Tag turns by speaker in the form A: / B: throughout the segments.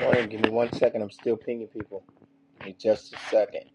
A: Morning, give me one second. I'm still pinging people. Give me just a second.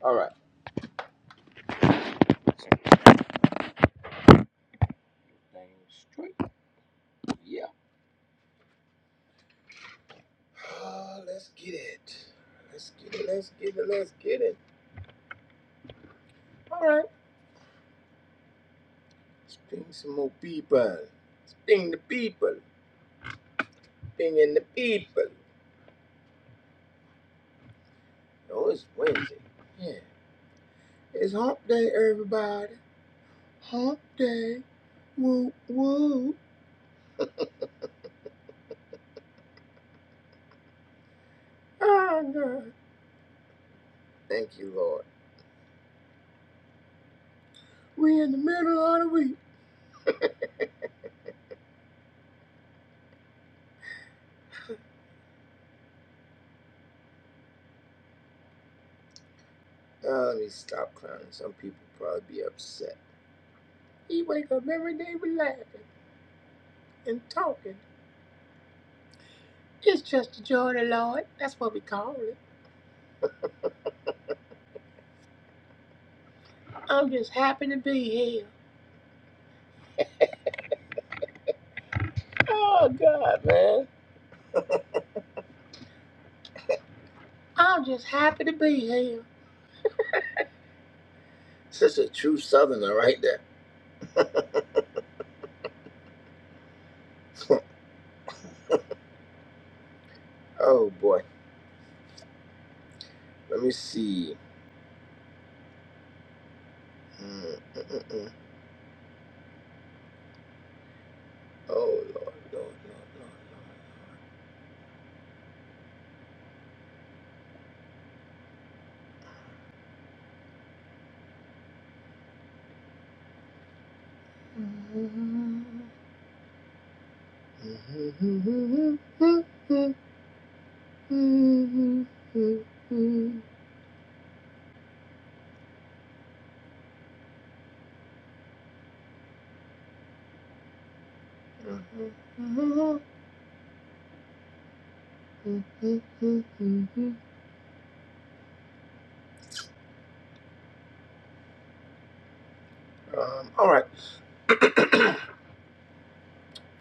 A: All right. Let's get Things straight. Yeah. Uh, let's get it. Let's get it. Let's get it. Let's get it. All right. Let's ping some more people. Let's ping the people. Pinging the people. Oh, it's Wednesday. Yeah. It's hump day, everybody. Hump day. Woo, woo. Oh, God. Thank you, Lord. We in the middle of the week. Uh, let me stop clowning. Some people probably be upset. He wake up every day with laughing and talking. It's just the joy of the Lord. That's what we call it. I'm just happy to be here. Oh God, man. I'm just happy to be here. Such a true Southerner right there. oh boy. Let me see. Mm, mm, mm, mm. Oh Lord, Lord, Lord, Lord, Lord. Mm. Um, all right.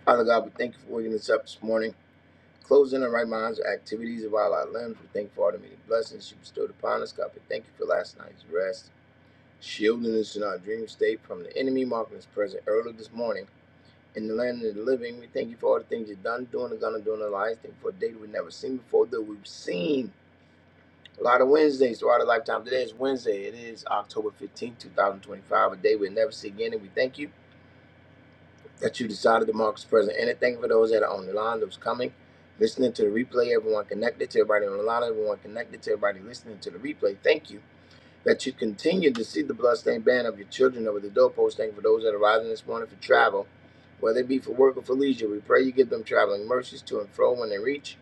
A: Father God, we thank you for waking us up this morning. Closing our right minds, our activities of all our limbs. We thank you for all the many blessings you bestowed upon us. God, we thank you for last night's rest, shielding us in our dream state from the enemy, marking us present early this morning. In the land of the living, we thank you for all the things you've done, doing, and gonna do in our lives. Thank you for a day that we've never seen before, that we've seen A lot of Wednesdays throughout our lifetime. Today is Wednesday. It is October 15th, 2025, a day we'll never see again. And we thank you that you decided to mark this present. And thank you for those that are on the line, those coming, listening to the replay, everyone connected to everybody on the line, everyone connected to everybody listening to the replay. Thank you that you continue to see the bloodstained banner of your children over the doorpost. Thank you for those that are rising this morning for travel, whether it be for work or for leisure. We pray you give them traveling mercies to and fro when they reach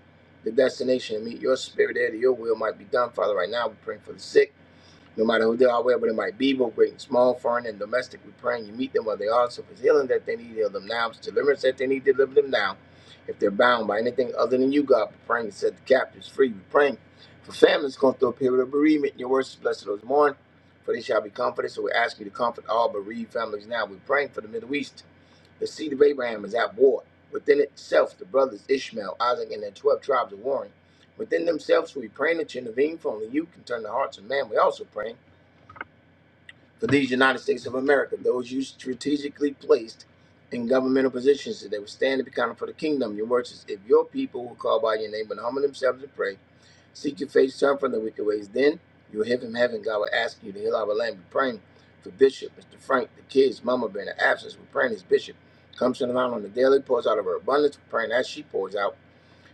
A: the destination and meet your spirit there that your will might be done. Father, right now we're praying for the sick. No matter who they are, wherever they might be, both great and small, foreign and domestic, we are praying. you meet them where they are. So if it's healing that they need, heal them now. If it's deliverance that they need, deliver them now. If they're bound by anything other than you, God, we are praying to set the captives free. We are praying for families going through a period of bereavement. Your words blessed those who mourn, for they shall be comforted. So we ask you to comfort all bereaved families now. We're praying for the Middle East. The seed of Abraham is at war. Within itself, the brothers Ishmael, Isaac, and their 12 tribes are warring. Within themselves, So we praying that you intervene, for only you can turn the hearts of man. We also praying. For these United States of America, those you strategically placed in governmental positions that they would stand and be counted for the kingdom. Your word says, if your people will call by your name and humble themselves and pray, seek your face, turn from the wicked ways, then you'll hear from heaven. God will ask you to heal our land. We're praying for Bishop, Mr. Frank, the kids, Mama being in absence. We're praying as Bishop comes to the line on the daily, pours out of her abundance. We're praying as she pours out.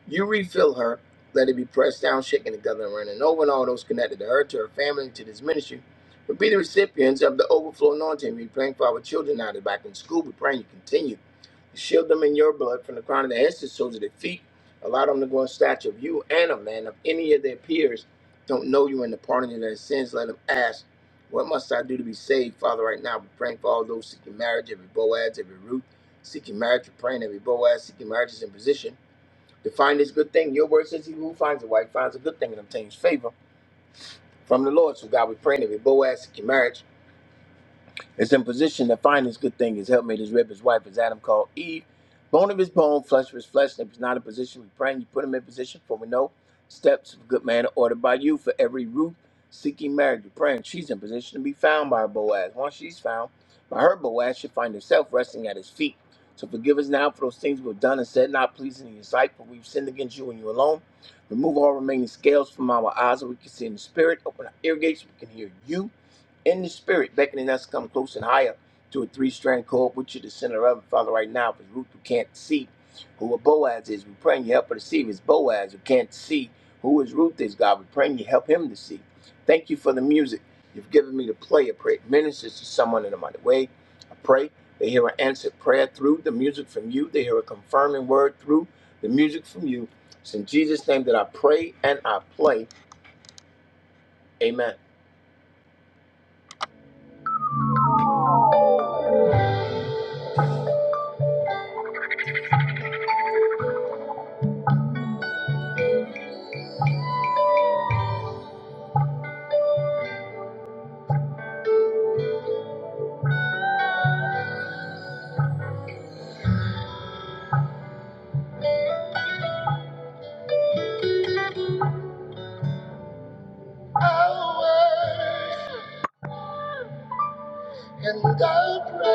A: You refill her, let it be pressed down, shaken together, and running over, and all those connected to her, to her family, to this ministry. But be the recipients of the overflow anointing. We praying for our children now that back in school. We are praying you continue to shield them in your blood from the crown of their heads to the soles of their feet. Allow them to grow in stature of you and of man. If any of their peers don't know you and the pardon of their sins, let them ask, What must I do to be saved? Father, right now, we're praying for all those seeking marriage, every Boaz, every Ruth, seeking marriage. We're praying every Boaz, seeking marriage is in position to find this good thing. Your word says he who finds a wife finds a good thing and obtains favor from the Lord. So God, we pray that we Boaz seek your marriage. It's in position to find his good thing. His helpmate, his rib, his wife, as Adam called Eve. Bone of his bone, flesh of his flesh. And if he's not in position, we pray and you put him in position, for we know steps of a good man are ordered by you. For every root seeking marriage, we pray. And she's in position to be found by her Boaz. Once she's found by her Boaz, she'll find herself resting at his feet. So forgive us now for those things we've done and said, not pleasing in your sight, for we've sinned against you and you alone. Remove all remaining scales from our eyes that we can see in the spirit. Open our ear gates, so we can hear you in the spirit, beckoning us to come close and higher to a three-strand cord, which is the center of it. Father, right now, for Ruth who can't see who a Boaz is, we praying you help her to see if it's Boaz who can't see who his Ruth is, God. we praying you help him to see. Thank you for the music you've given me to play. I pray it ministers to someone in a mighty way. I pray they hear an answered prayer through the music from you. They hear a confirming word through the music from you. It's in Jesus' name that I pray and I play. Amen. And the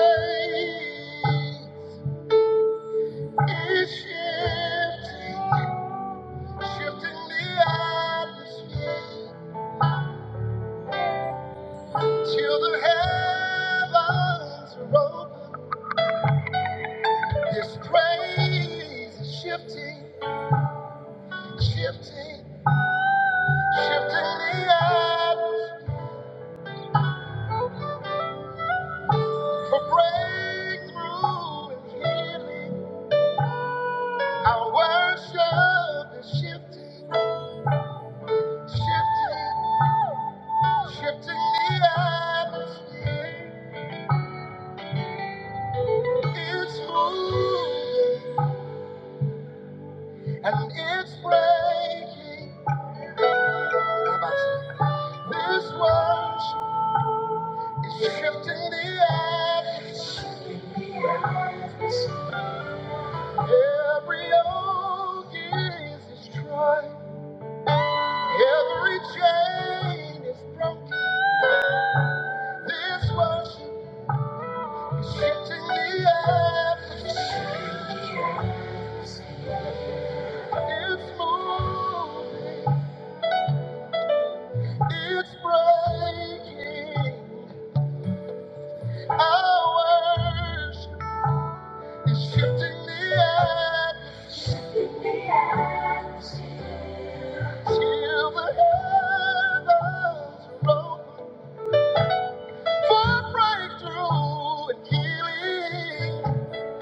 A: praise is shifting, shifting the atmosphere till the heavens are open. This praise is shifting, shifting, shifting the atmosphere for breakthrough and healing. Our worship is shifting, shifting, shifting the atmosphere. It's moving and it's breaking. This world is shifting the atmosphere. Every yoke is destroyed. Every chain is broken. This world is shifting the atmosphere. It's moving. It's breaking. I worship. He's shifting the atmosphere till the heavens are open for breakthrough and healing.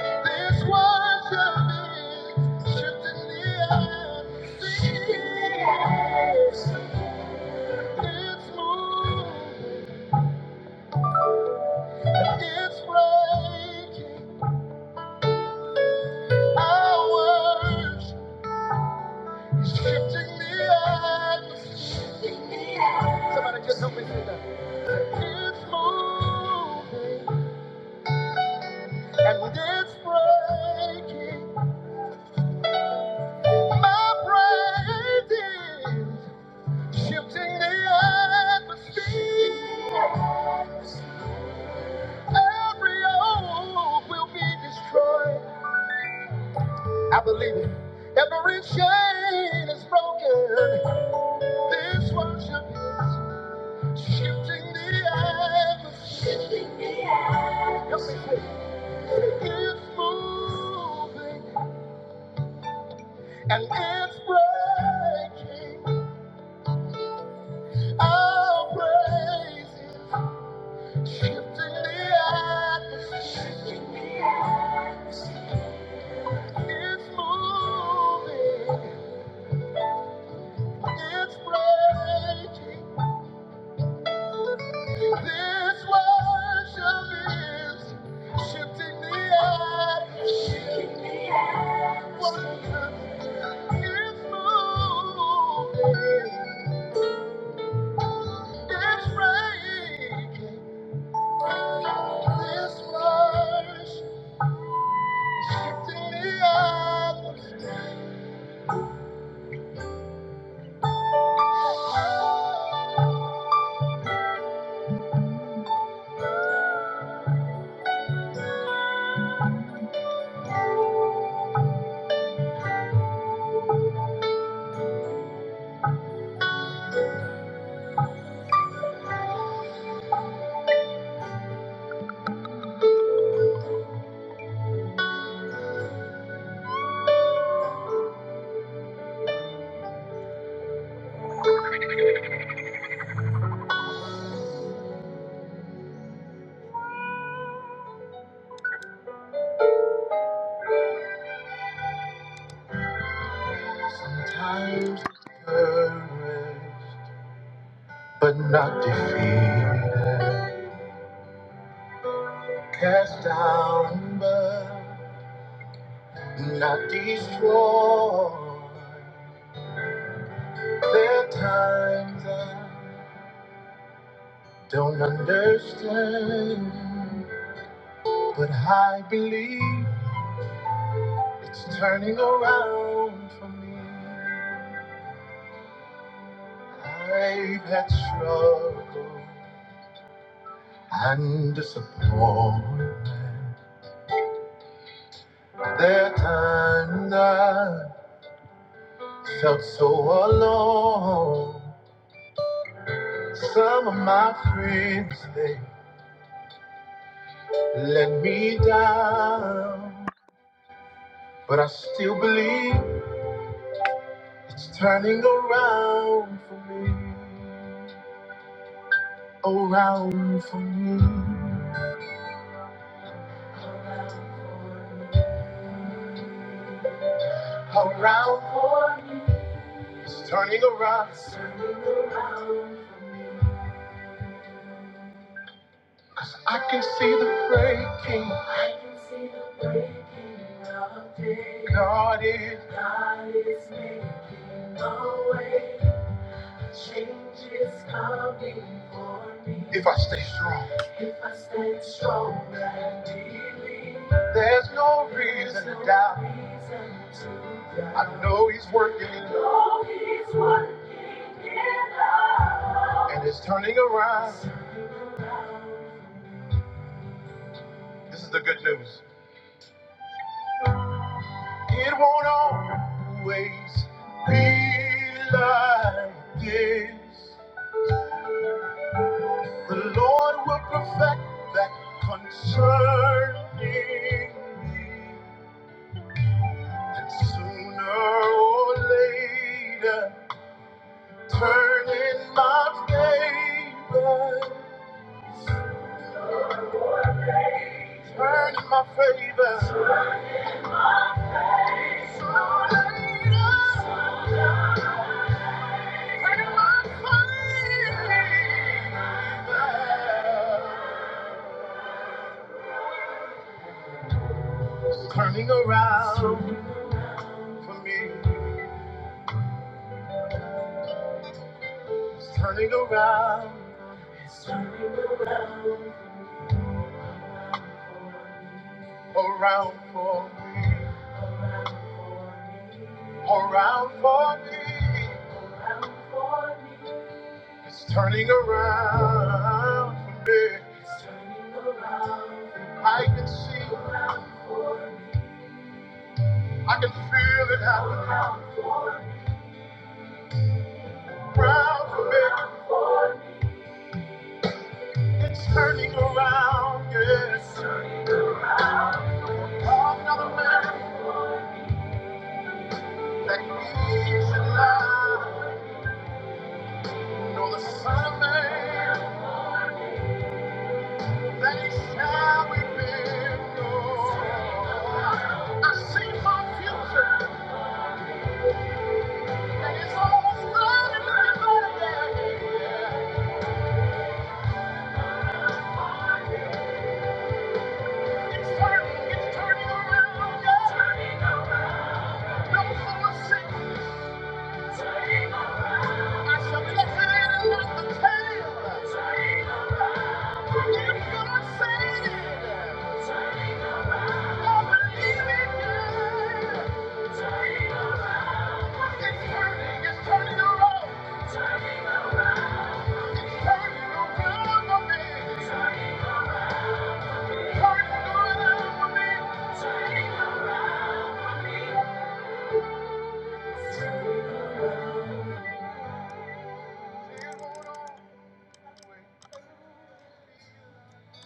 A: This worship is shifting the atmosphere. It's moving, it's breaking. Our worship is shifting the atmosphere. Somebody just help me say that. It's moving and it's breaking. My brain is shifting the atmosphere. Every old will be destroyed. I believe it. Every chain is broken. This worship is shifting the atmosphere. Shifting the atmosphere. It's moving and it's breaking. I'll praise you. Shifting the atmosphere. Shifting the atmosphere. It's moving. It's breaking. This worship is shifting the atmosphere. Shifting the atmosphere. It's moving. It's breaking. This worship. Sometimes discouraged, but not defeated. Cast down, but not destroyed. There are times I don't understand, but I believe it's turning around for me. I've had struggles. and disappointment. There are times I felt so alone. Some of my friends, they let me down. But I still believe it's turning around for me. Around for me. Around for me. It's turning around. Cause I can see the breaking. I can see the breaking of day. God is. God is making a way. Change is coming for me. If I stay strong. If I stay strong and believe. There's no reason to doubt. Reason to doubt. I know he's working. I know he's working in us. And it's turning around. This is the good news. It won't always be like this. The Lord will perfect that concerning me. And sooner or later, turn in my favor. Turn in my favor. Sooner or later, turn in my favor. Turning around. for me. It's turning around. It's turning around. Around for me. Around for me. Around for me. It's turning around for me. It's turning around. I can see, I can feel it happening around for me. It's turning around, yes. Oh, another man. that keeps it alive. Nor the Son of Man that he shall be bent I see my future and it's already looking better. than it. It's turning, it's turning around. oh Yeah. Turning around. No more sickness. I shall be the head and not the tail. If God said it.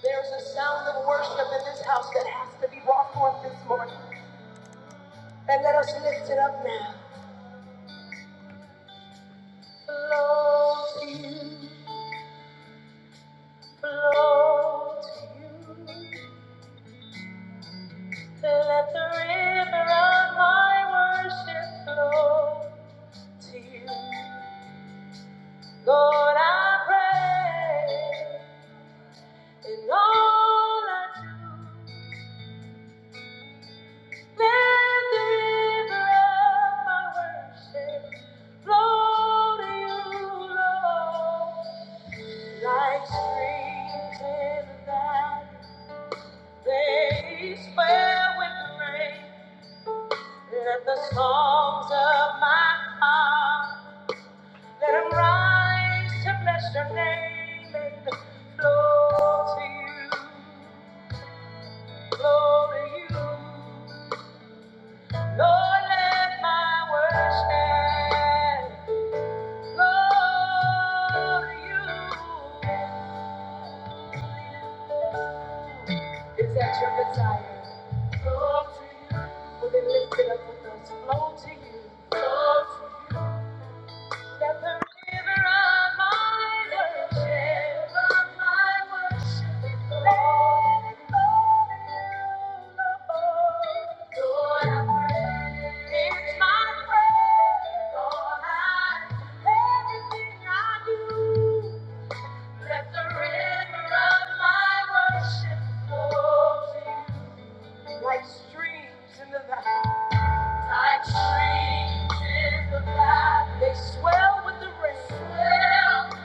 A: There's a sound of worship in this house that has to be brought forth this morning. And let us lift it up now. Lord, Lord, So let the river of my worship flow to you. Lord, I pray in all I do. Let the river of my worship flow to you, Lord. Like streams in the valley, they swell with the rain. Let the songs of my heart Let him rise to bless your name and flow to you, flow to you. Lord, let my worship flow to you. Is that your desire? Flow to you. Well, then lift it up with us. Flow to you. Flow to you. Let the river of my worship, flow in the Lord, I pray. It's my prayer, Lord, I, everything I do. Let the river of my worship flow to you. Like streams like streams in the valley, they swell with the rain. Swell with the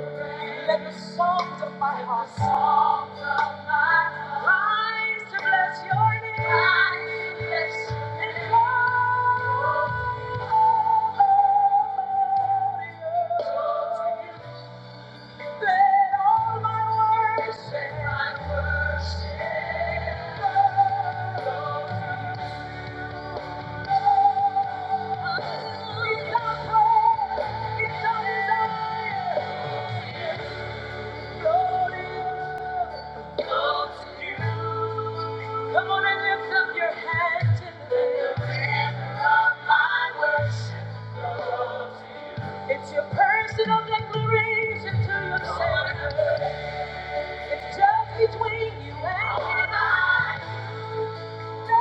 A: rain. Let the songs of my heart, songs of my heart, rise to bless your name. Rise to bless your name. And let all my worship, let my worship, flow to you. Come on and lift up your hands in the air. My worship It's your personal declaration to yourself. It's just between you and me. Thank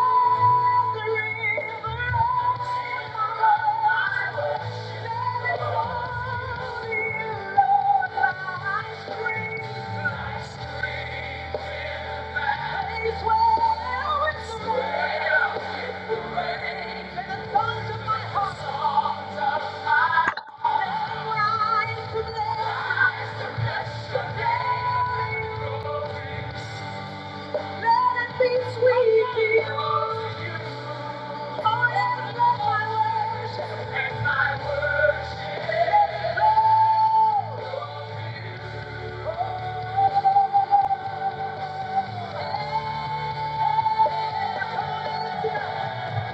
A: you. Let it be sweet before you. Oh, yes, let my worship Let my worship let it flow.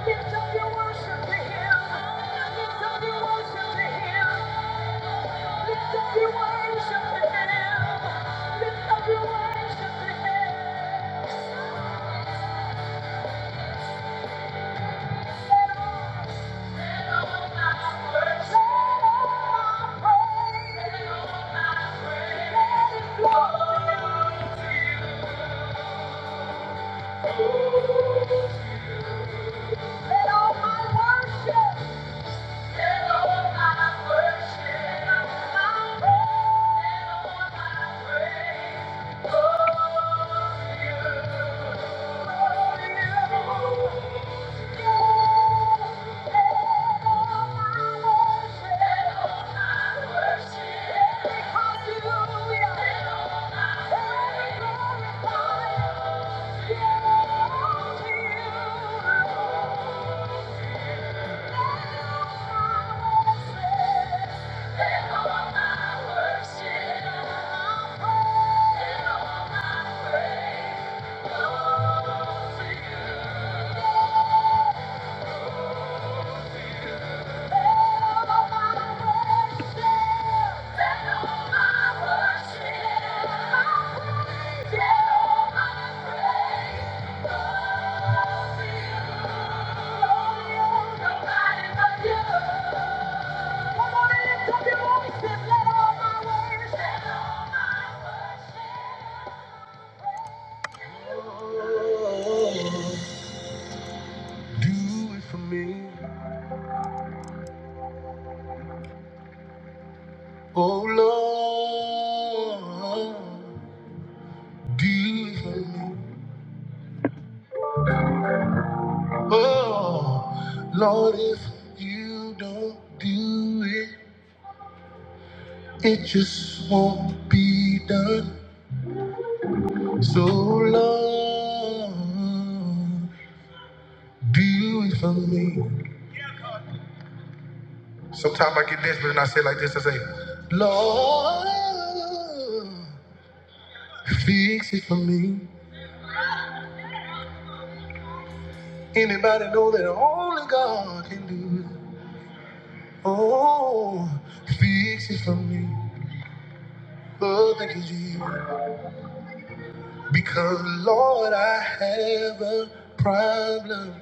A: Lift up your worship to Him. Lift up your worship to Him. Lift up your worship to Him. Lift up your worship to Him. Let all my praise, let it flow Let all my worship. Thank you. Come on, lift up your voice and let all my worship, let all my worship. do it for me. Oh Lord, do it for me. Oh Lord, if you don't do it, it just won't be done. So Lord, do it for me. Sometimes I get desperate and I say like this, I say, Lord, fix it for me. Anybody know that only God can do it? Oh, fix it for me. Lord, thank you, Jesus. Because, Lord, I have a problem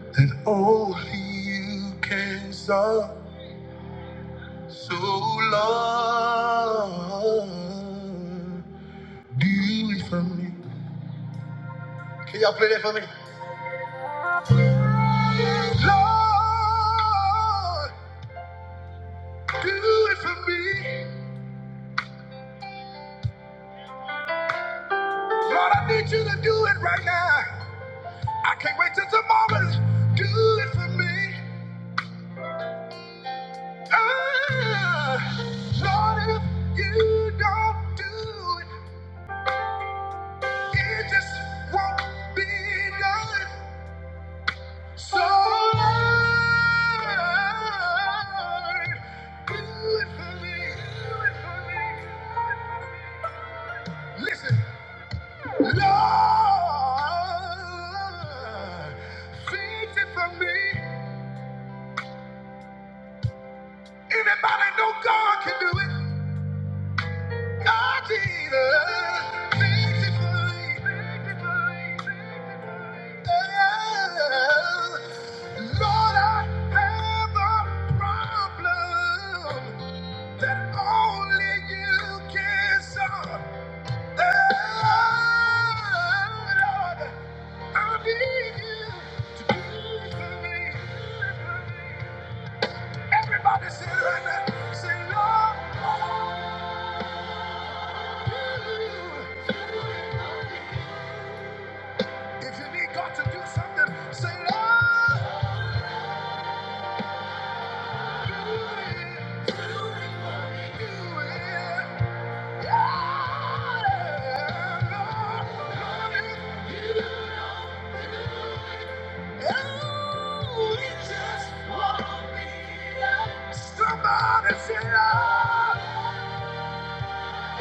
A: that only you can solve. So, Lord, do it for me. Can y'all play that for me? Lord, do it for me. Lord, I need you to do it right now. I can't wait till tomorrow's do it for me. Ah, Lord, if you don't do it, it just won't be done. So Lord, do it for me. Do it for me. Listen, Lord, fix it for me. Anybody know God can do it? God did it beautifully. Yeah. Lord, I have a problem that only you can solve. Yeah, Lord, I need you to do for me. Everybody say it right now. Say, Lord, I need you. If you need God to do something, say, Lord, do it, do it, do it. Yeah, Lord, Lord, if you just want me to- Somebody say, Lord,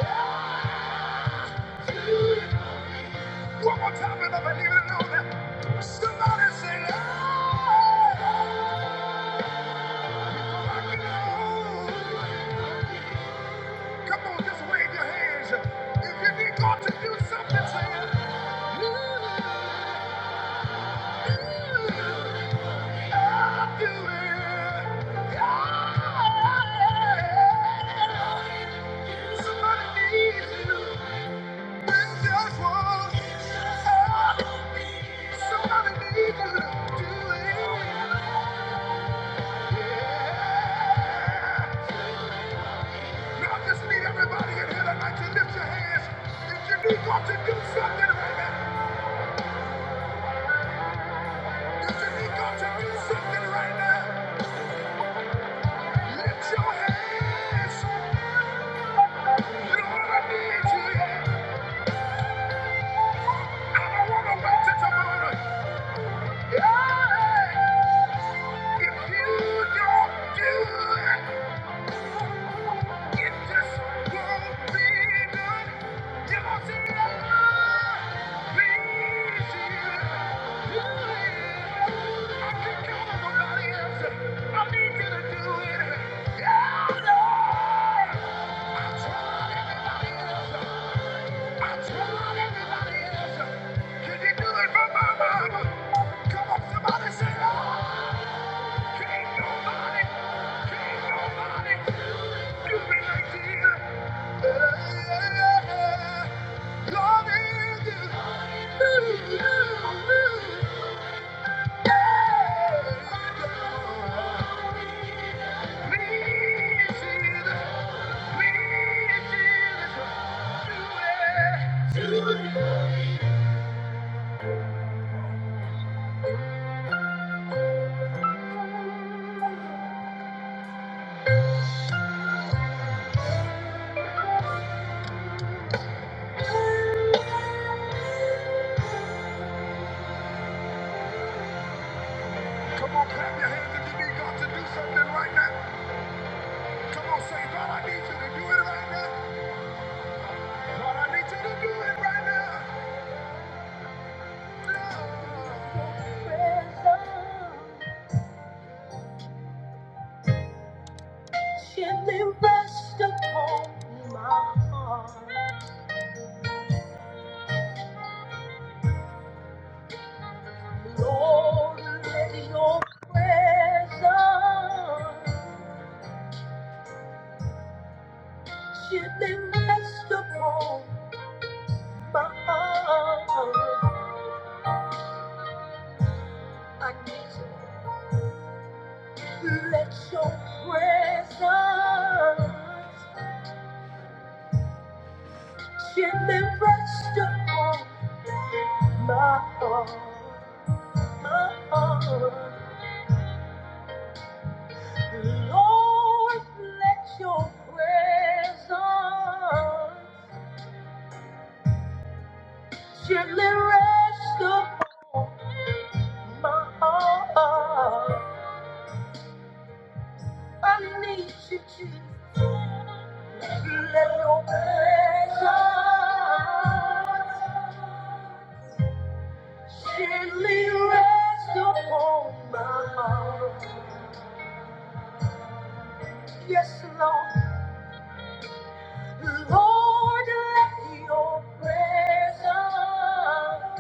A: yeah. One more time, and I believe it and know that. Somebody say, Lord, before I get old. Come on, just wave your hands. If you need God to do something, say it. I'll do it. Yeah. Somebody needs you. When there's one, somebody needs you. Do it. Yeah. Now I just need everybody in here tonight to lift your hands. If you need God to do something right now, if you need God to do something right now, lift your hands. Lord, I need you here. I don't want to wait till tomorrow. Yeah. If you don't do it, If this world be good, you won't see please you. I can't count on nobody else. I need you to do it. Yeah, Lord. I tried everybody else. I tried everybody else. Can you do it for my mama? Come on, somebody say, Lord. Can't nobody, can't nobody do me like you. Love is Come on, clap your hands if you need God to do something right now. Come on, say, God, I need you to do it right now. God, I need you to do it right now. Gently rest upon my heart. Lord, let your presence gently rest upon my heart. I need you. Let your presence gently rest upon my heart. My heart. Lord, let your presence gently rest upon my heart. I need you, Jesus. Let your presence gently rest upon my heart. Yes, Lord. Lord, let your presence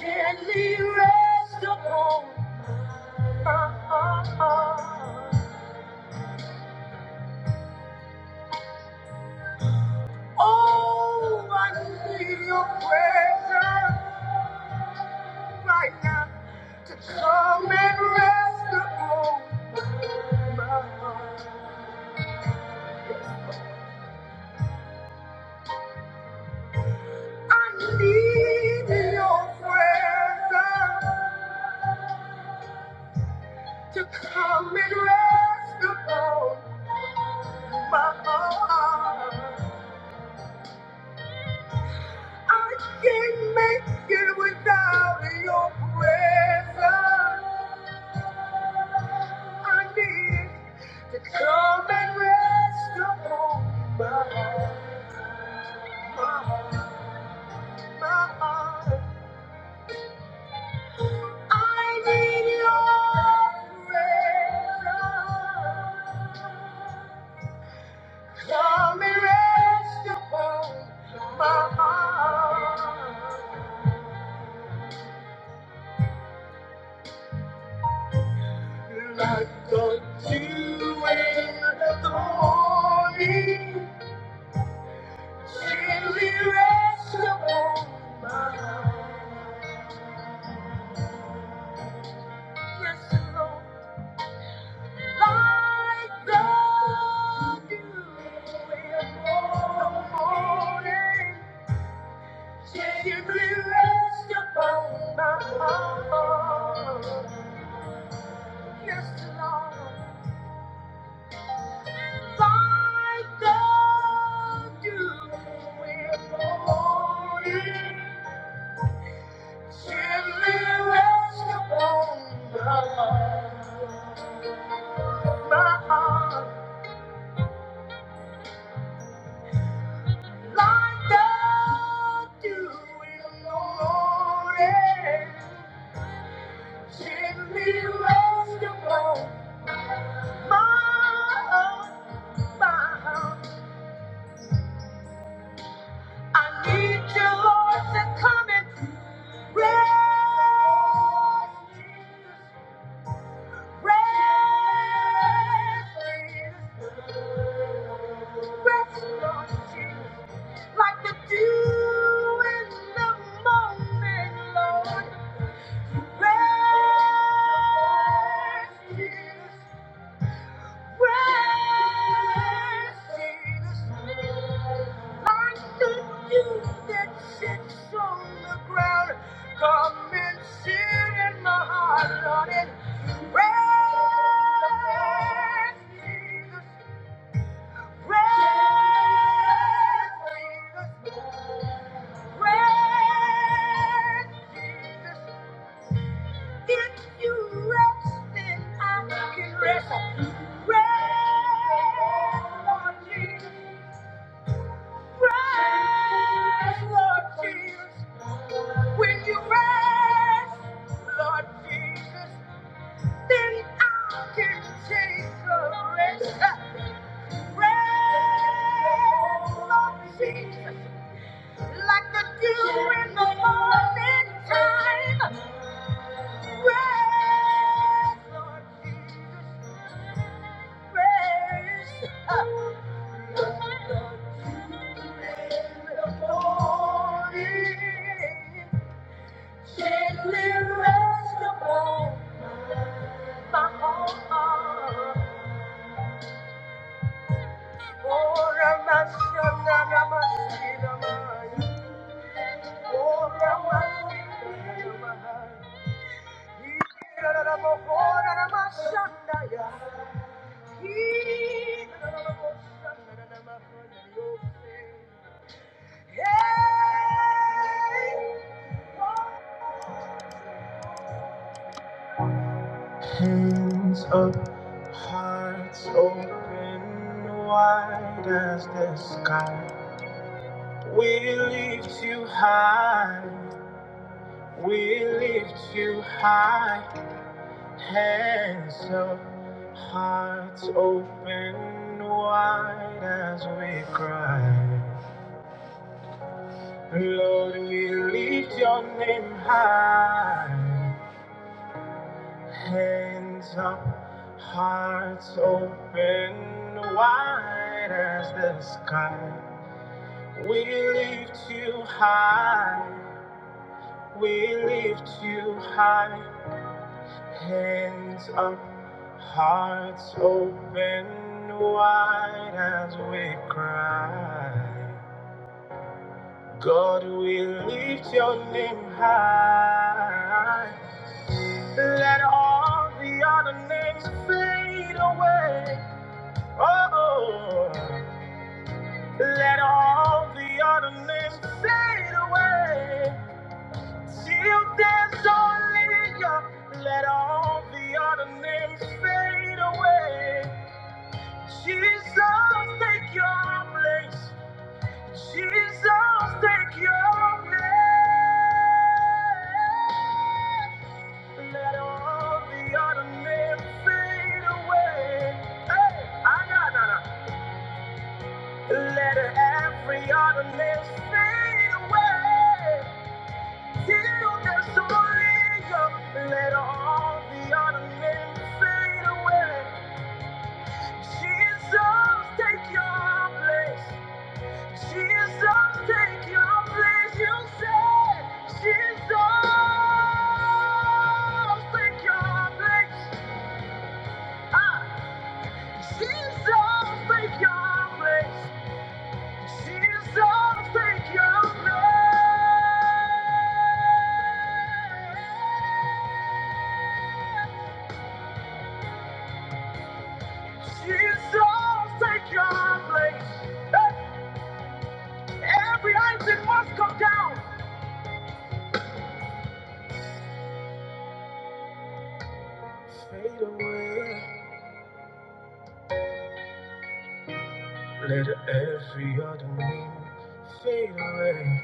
A: Gently rest upon my heart. Oh, I need your presence right now to come and rest upon my heart. I need your presence to come and rest upon my heart. I can't make it without your presence. I need to come and rest upon my heart, my heart, my heart. I need your presence. Come and rest upon my heart. Like the dew in the morning, gently rest upon my heart. Yes, Lord, like the dew in the morning, gently rest upon my heart. Yes, Lord, like the dew in the morning. Gently rest upon the- my heart, like down to it no more. Gently rest upon my- heart, my- heart. I need you, Lord, to come and rest, Jesus. Rest, Jesus. Rest, Lord Jesus. Like the dew in the morning, Lord. Rest in us, Like the dew that sits on the ground. Come and sit in my heart, Lord, and rest in Jesus. like the dew in the morning time. Praise, Lord Jesus, praise. Uh, like the dew in the morning, gently rest upon my heart. Oh, Ramashana, Ramashina, Maya. Oh, Ramashina, Ramashina. Hands up, hearts open wide as the sky. We lift you high, we lift you high. Hands up, hearts open wide as we cry. Lord, we lift your name high. Hands up, hearts open wide as the sky. We lift you high. We lift you high. Hands up, hearts open wide as we cry. God, we lift your name high. Let all the other names fade away. Oh, let all the other names fade away. Till there's only you. Let all the other names fade away. Jesus, take your place. Jesus, take your place. Let all the other men fade away. Hey, I got none. Let every other man fade away. Till there's only you. Let all the other men fade away. Jesus, take your place. Jesus, take your place. You said, Jesus, take your place. Ah, Jesus, take your place. Jesus, take your place. Jesus, take your place. Every item must come down. Fade away. Let every other name fade away.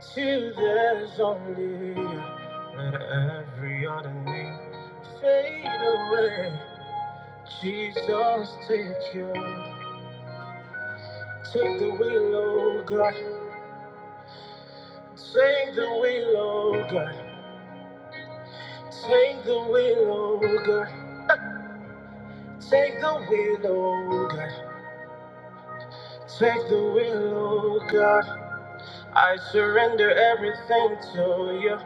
A: Till there's only let every other name fade away. Jesus, take you. Take the wheel, oh God. Take the wheel, oh God. Take the wheel, oh God. Take the wheel, oh God. Take the wheel, oh God. I surrender everything to you.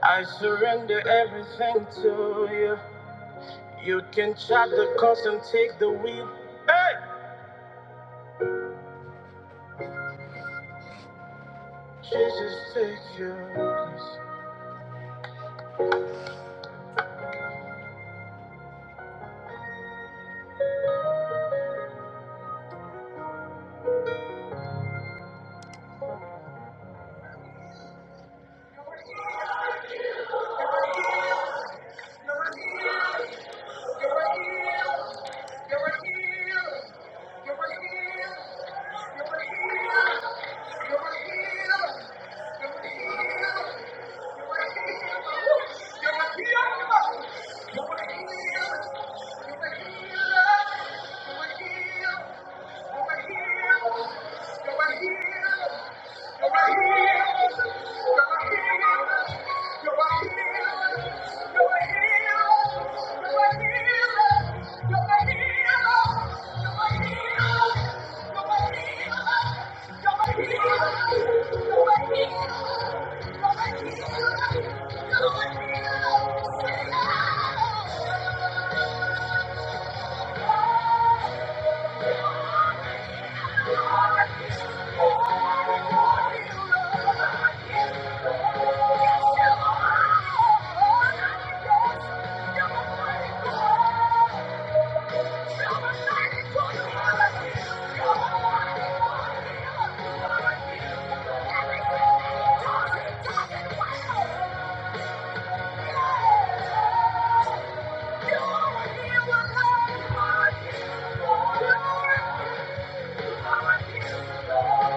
A: I surrender everything to you. You can chop the cost and take the wheel. Hey! Jesus, take your place. You're healed. You're healed. Thank you.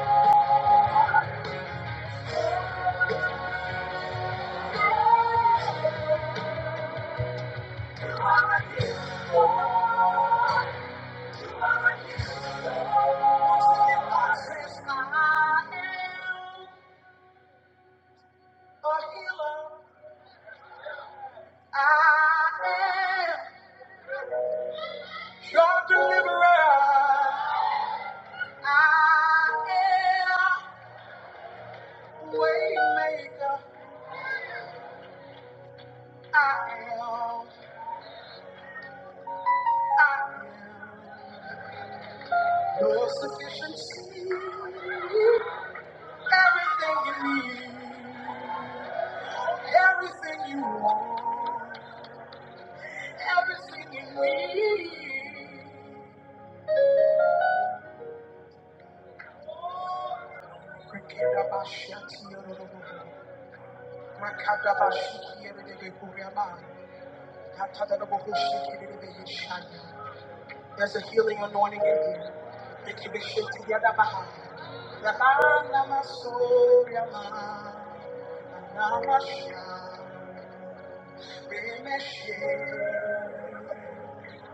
A: Sufficiency, everything you need. Everything you want, everything you need. There's a healing anointing in here. Rikideshitiyadabaha. Yabanamasoriyama. Anamasha. Remeshe.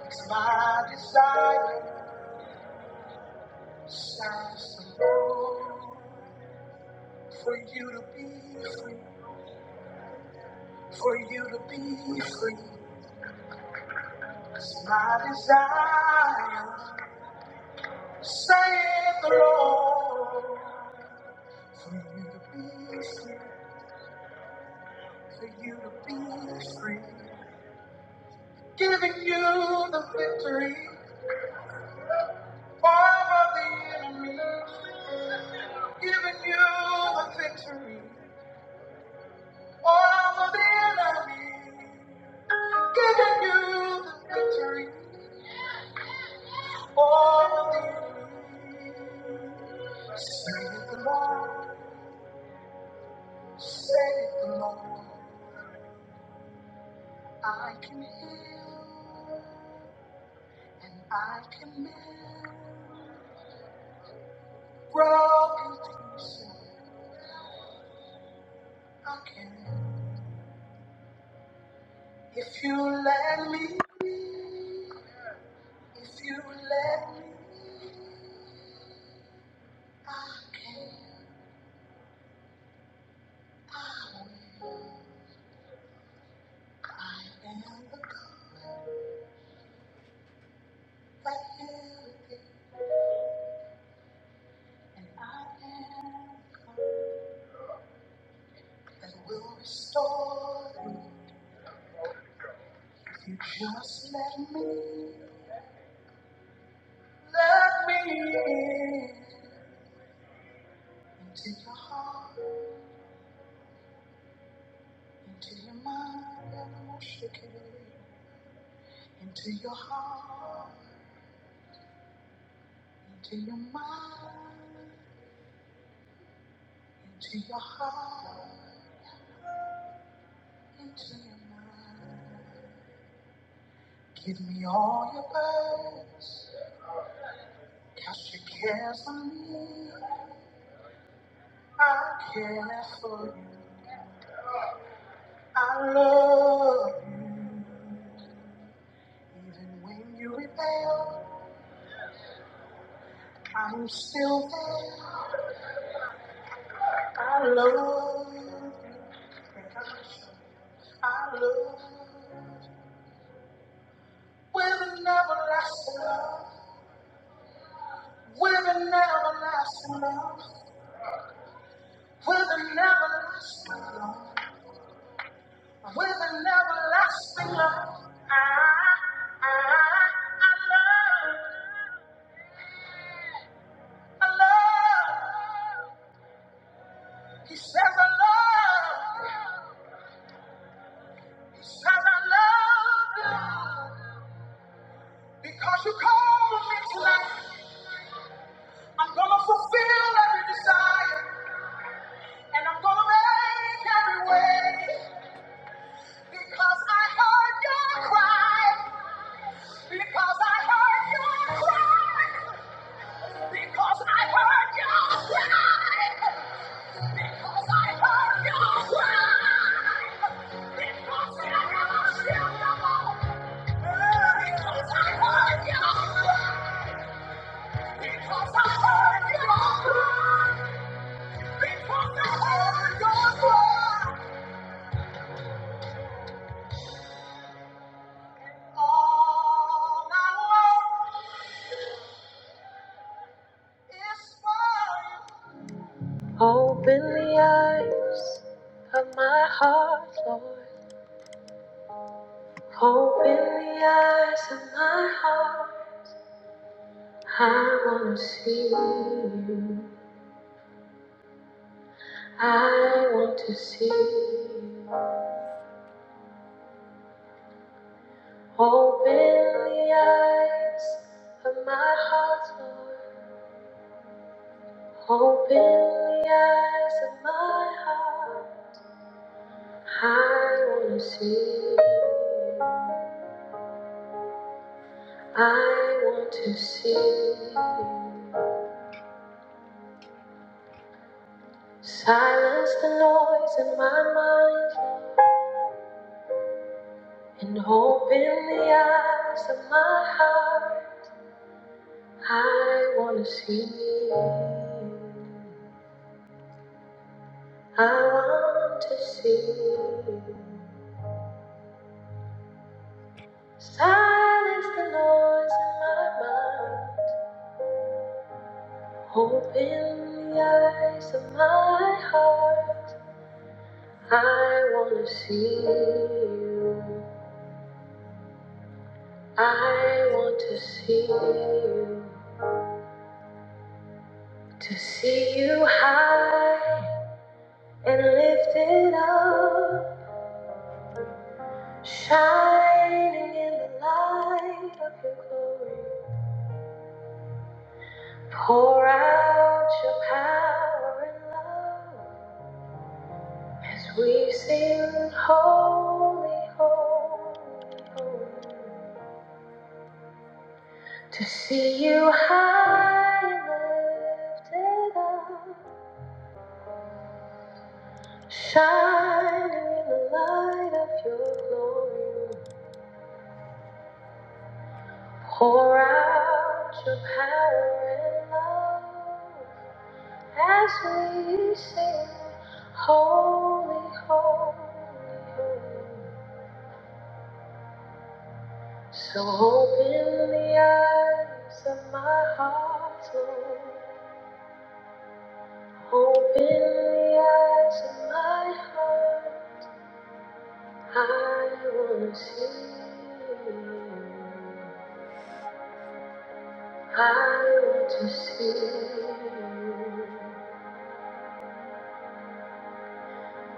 A: It's my desire, sounds the Lord. For you to be free, for you to be free. That's my desire, saith the Lord. For you to be free, for you to be free. Giving you the victory over the enemy. Giving you the victory over the enemy. Giving you the victory. Save the Lord, save the Lord. I can heal and I can mend broken pieces. I can. If you let me, if you let me, I can. I will. I am the God that healeth thee, and I am. and will restore. If you just let me, let me in. Into your heart, into your mind, Into your heart, into your mind, into your heart, into your mind. Give me all your best. Cast your cares on me. I care for you. I love you. Even when you rebel. I'm still there. I love you. I love you. With an everlasting love. With an everlasting love. With an everlasting love. With an everlasting love. I, I, I love. I love. He says I love. He says I love you. Because you called me tonight. I'm gonna fulfill every desire, and I'm gonna make every way. Because I heard your cry. Because I heard your cry. Because I heard your cry. Because I heard your cry. Because I never shall know, Because I heard your cry. Because I heard your cry. Because I heard your cry. All I want is for you. Open up. I want to see. you. Open the eyes of my heart, Lord. Open the eyes of my heart. I want to see. you. I want to see. you. Silence the noise in my mind. And open the eyes of my heart. I want to see you. I want to see you. Silence the noise in my mind. Open the eyes of my heart. I want to see you. I want to see you. To see you high and lifted up. Shining in the light of your glory, pour out your power and love as we sing, Holy, Holy, Holy. To see you high and lifted up, shining in the light of your glory. Pour out your power and love As we sing, holy, holy, holy. So open the eyes of my heart, Lord. Open the eyes of my heart. I want to see you. I want to see you.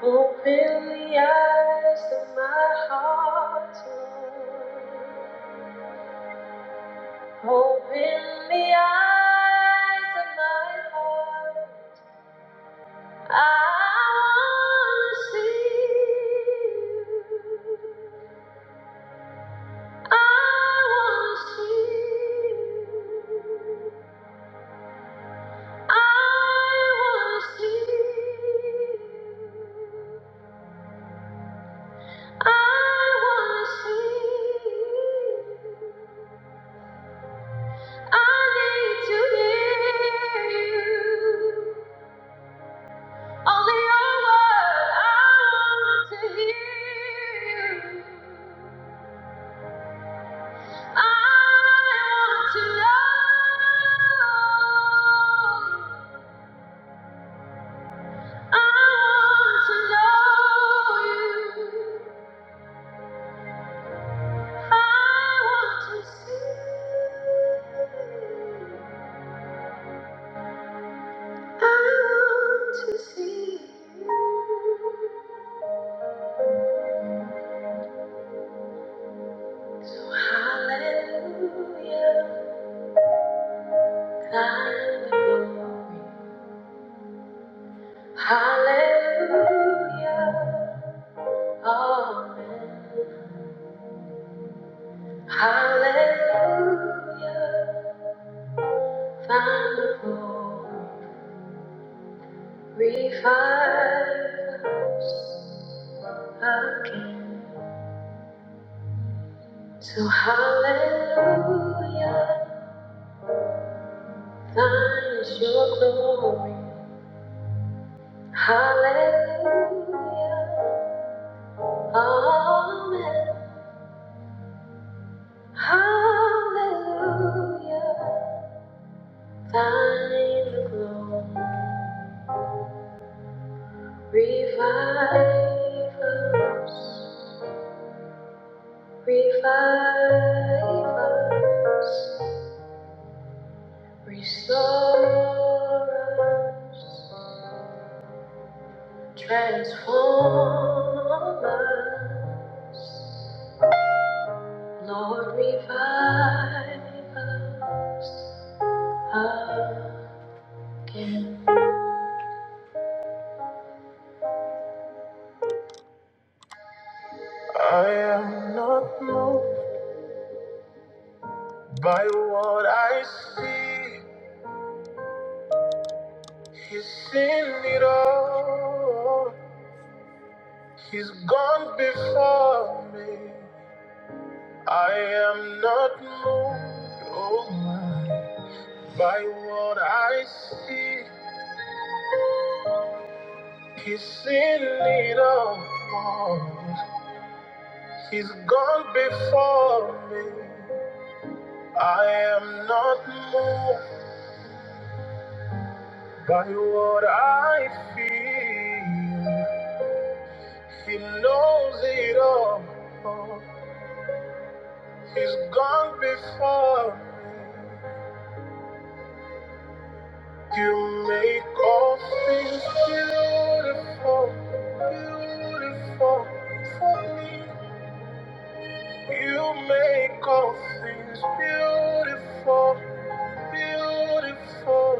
A: Open the eyes of my heart, Lord. Open the eyes of my heart. I wanna see you. I wanna see you. I I I wanna wanna to see see you. you. you. need to hear you. Only your word, I want to hear you. I want to know you. I want to know you. I want to see. I want to see. You. So hallelujah, thy glory. Hallelujah. Amen. Hallelujah. Final revive us again. So hallelujah. Thine is your glory. Hallelujah. Amen. Hallelujah. Thine the glory. Revive us, revive us, restore us, transform us. Lord, revive us again. I am not moved by what I see, He's seen it all. He's gone before me. I am not moved, oh my, by what I see. He's seen it all. He's gone before me. I am not moved by what I feel. He knows it all. He's gone before You make all things beautiful, beautiful for me. You make all things beautiful, beautiful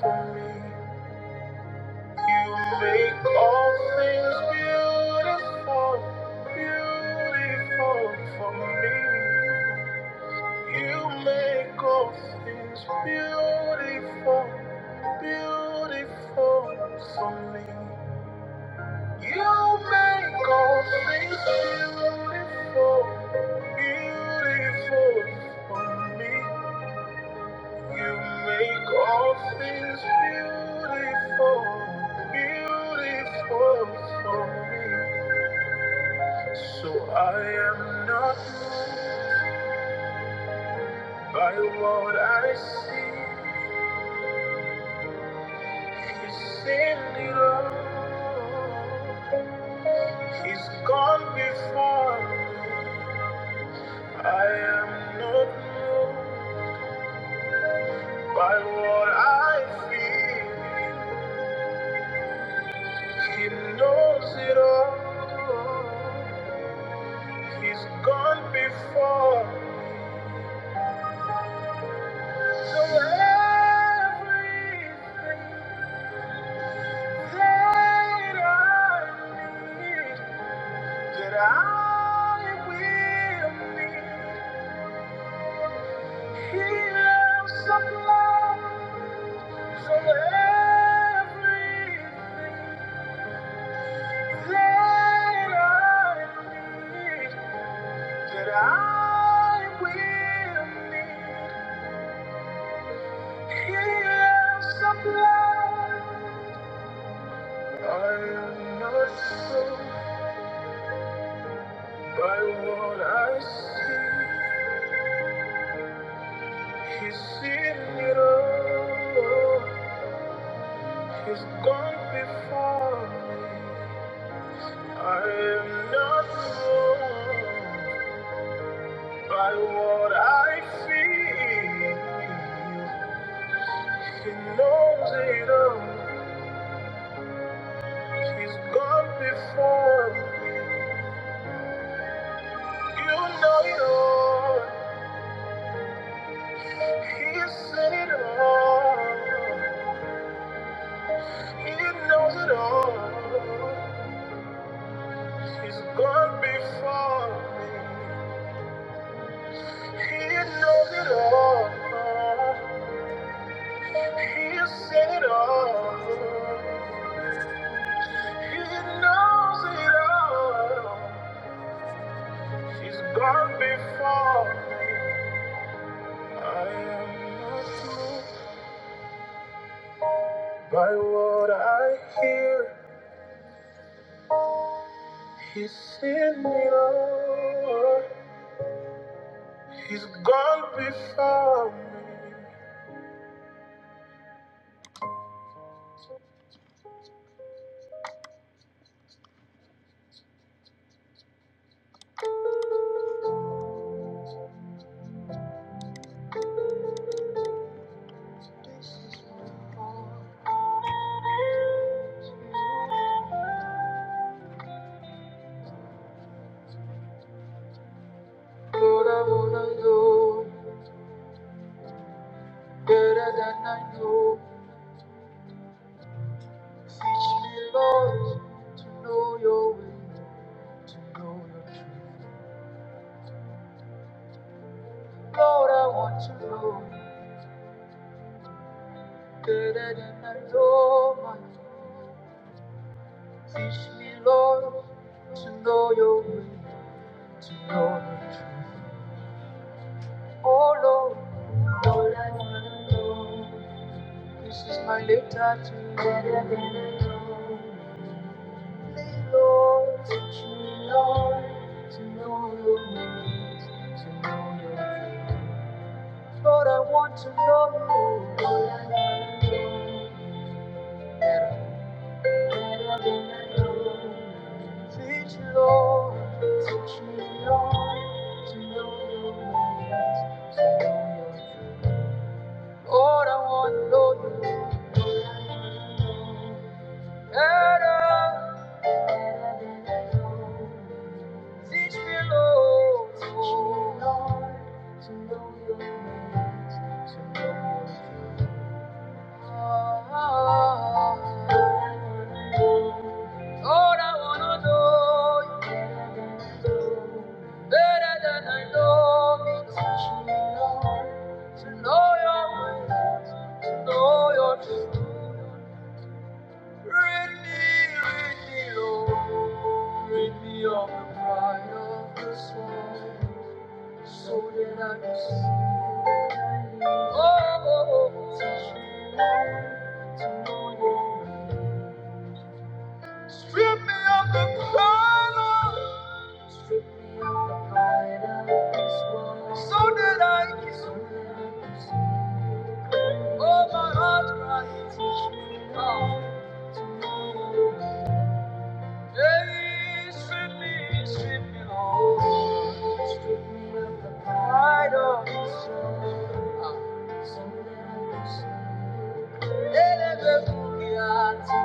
A: for me. You make all things beautiful, beautiful for me. You make all things beautiful, beautiful for me. You make all things beautiful, beautiful for me. You make all things beautiful, beautiful for me. So I am not moved by what I see. Send it all. He's gone before. I am not moved by what I feel. He knows it all. He's gone before. So everything that I need, that I will need, He will supply. So everything that I need, that I will need, He'll supply. I am not sold by what I see. He's seen it all. He's gone before. I am not wrong. By what I feel, she knows it all. She's gone before. You know it all. He's seen it all. He knows it all. She's gone before. me. He knows it all. He's seen it all. He knows it all. She's gone before me. I am not moved by what I hear. He's seen it all. He's gone before me. Oh you know better than I know my- Teach me, Lord, to know your way, to know your truth. Oh, Lord, Lord, I wanna know. This is my letter to you. Better than I know. Lord, I want to know you. Lord, I want to know you better than I know. Teach me, Lord, teach me, Lord, to know your ways, to know your truth. All I want to know you. Lord, I know better, better than I know. Teach me, Lord, to know to know your ways, to know your truth. Lord, I wanna know you better than I know me. Teach me, Lord, to know your ways, to know your truth. Rid me, Lord, of the pride of this world. So that I can see you. Oh, oh, oh. teach me to know you. Strip me of the color. Strip me of the pride of this world. So that I can so that I can see you. Oh, my heart cries. Teach me. Oh, hey, strip me of the pride of this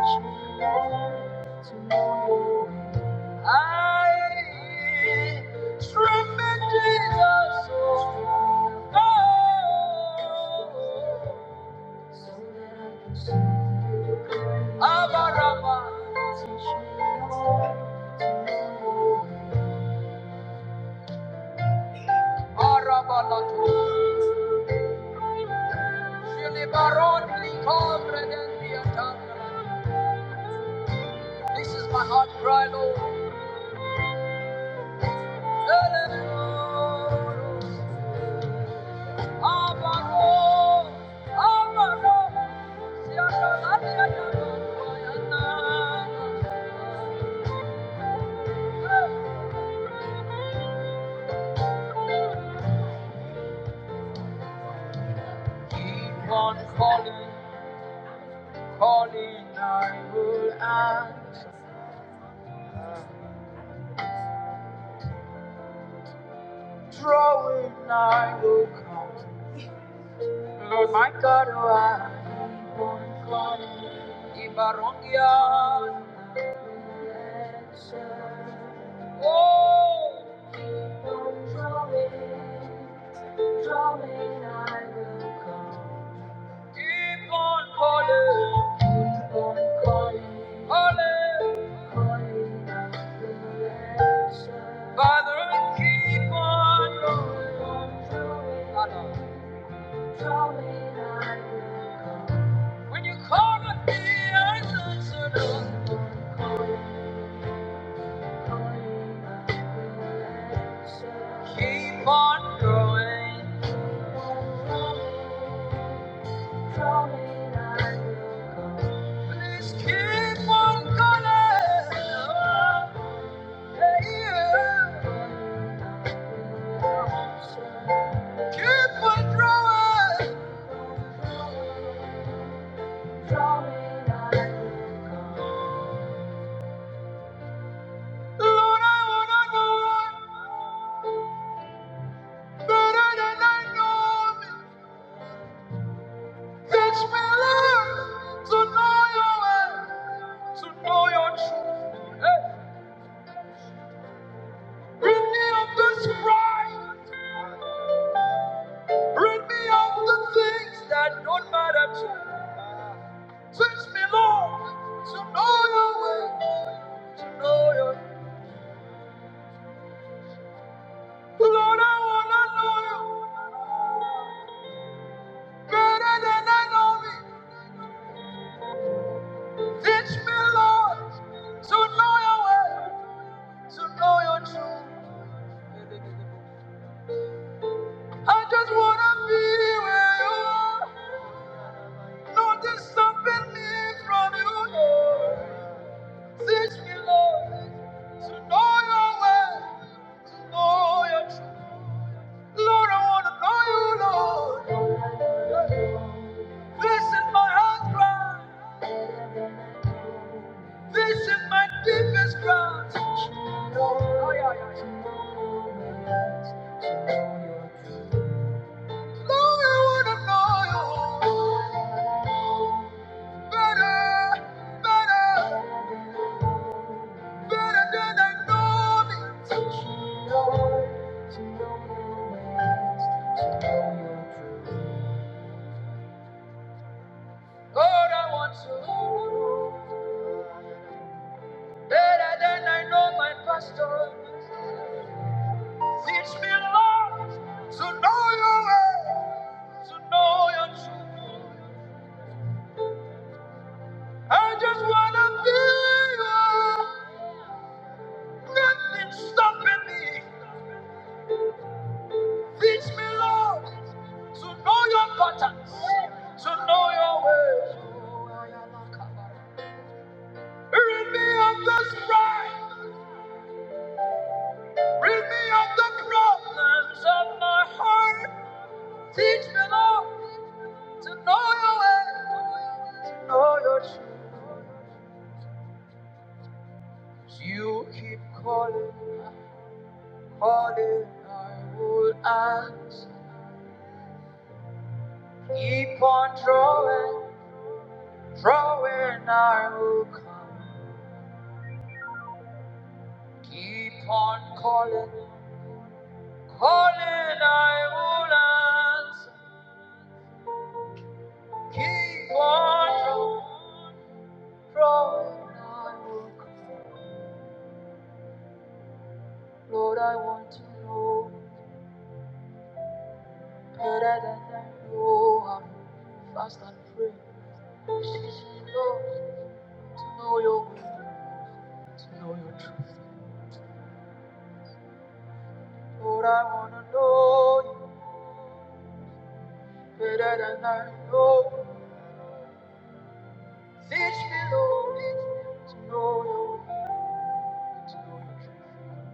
A: world. I strip me, Jesus. Oh, Abba, Rabba. This is my heart cry, Lord. Keep on calling, calling, I will answer. Lord, draw in, draw drawing, I will come. Keep on calling. Father, keep on going. When you call on me, I answer. no. Keep on going. Please keep on calling. Oh, Yeah. Keep on drawing. Lord, I wanna know better than I know me. Teach me, Lord, to know your way, to know your truth. Hey, me of this pride. Rid me of the things that don't matter to me. Teach me, Lord, to know your way, to know your Lord, I wanna know you better than I know me. Teach me, Lord, to know your way, to know your truth. I just wanna be where you are. Know there's me from you, Lord. Teach me, Lord, to know your way, to know your truth. Lord, I wanna know you, Lord. This is my heart cry. This is my deepest cry. Lord, I wanna know you. Better, better, better than I know me. Lord, I want to know better than I know my pastor. Teach me, Lord, to know your way, to know your truth. I just wanna be you. Nothing stopping me. Teach me, Lord, to know your patterns, to know your ways. Rid me of the strife. Rid me of the problems of my heart. Teach me, Lord, to know your way, to know your truth. You keep calling, calling. I will answer. Keep on drawing, drawing. I will come. Keep on calling, calling. I will answer. Keep on drawing, drawing. I will. Lord, I want to know better than I know how to fast and pray. Seek you, Lord, to know your will. Lord, I want to know you better than I know. Teach me, Lord, teach me to know your will, to know your truth.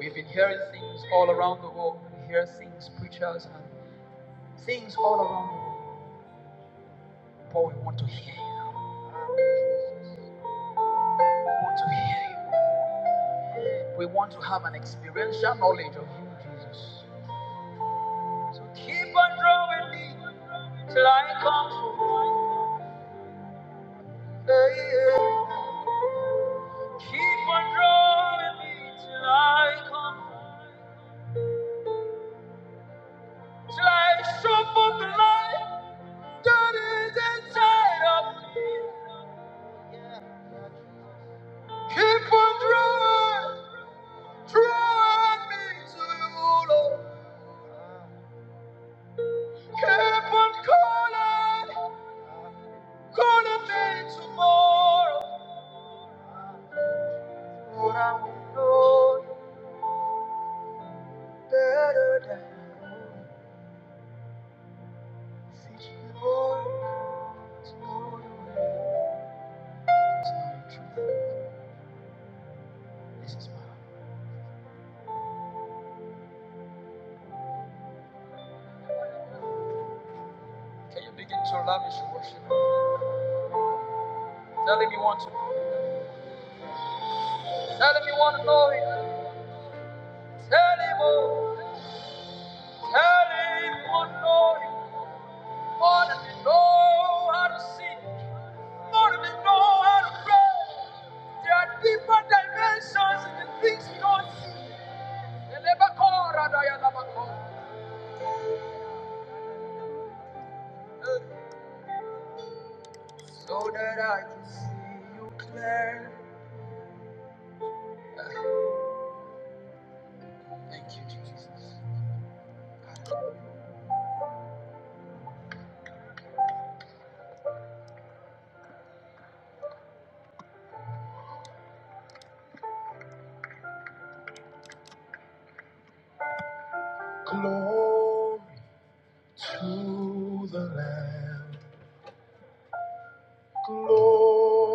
A: We've been hearing things all around the world. We hear things, preachers, and things all around the world. But we want to hear you. We want to hear you. We want to have an experiential knowledge of you, Jesus. So keep on drawing me till I come full. Hey, yeah. Keep on drawing me till I come full. Till I show forth the light that is inside of me. Yeah. Keep on drawing, drawing me to you, Lord. Keep on calling, calling me tomorrow. Lord, I will know. better than teach me more. Tell me more than know how to see, more than know how to pray. There are deeper dimensions in things we don't see. So that I can see you clear. Thank you, Jesus.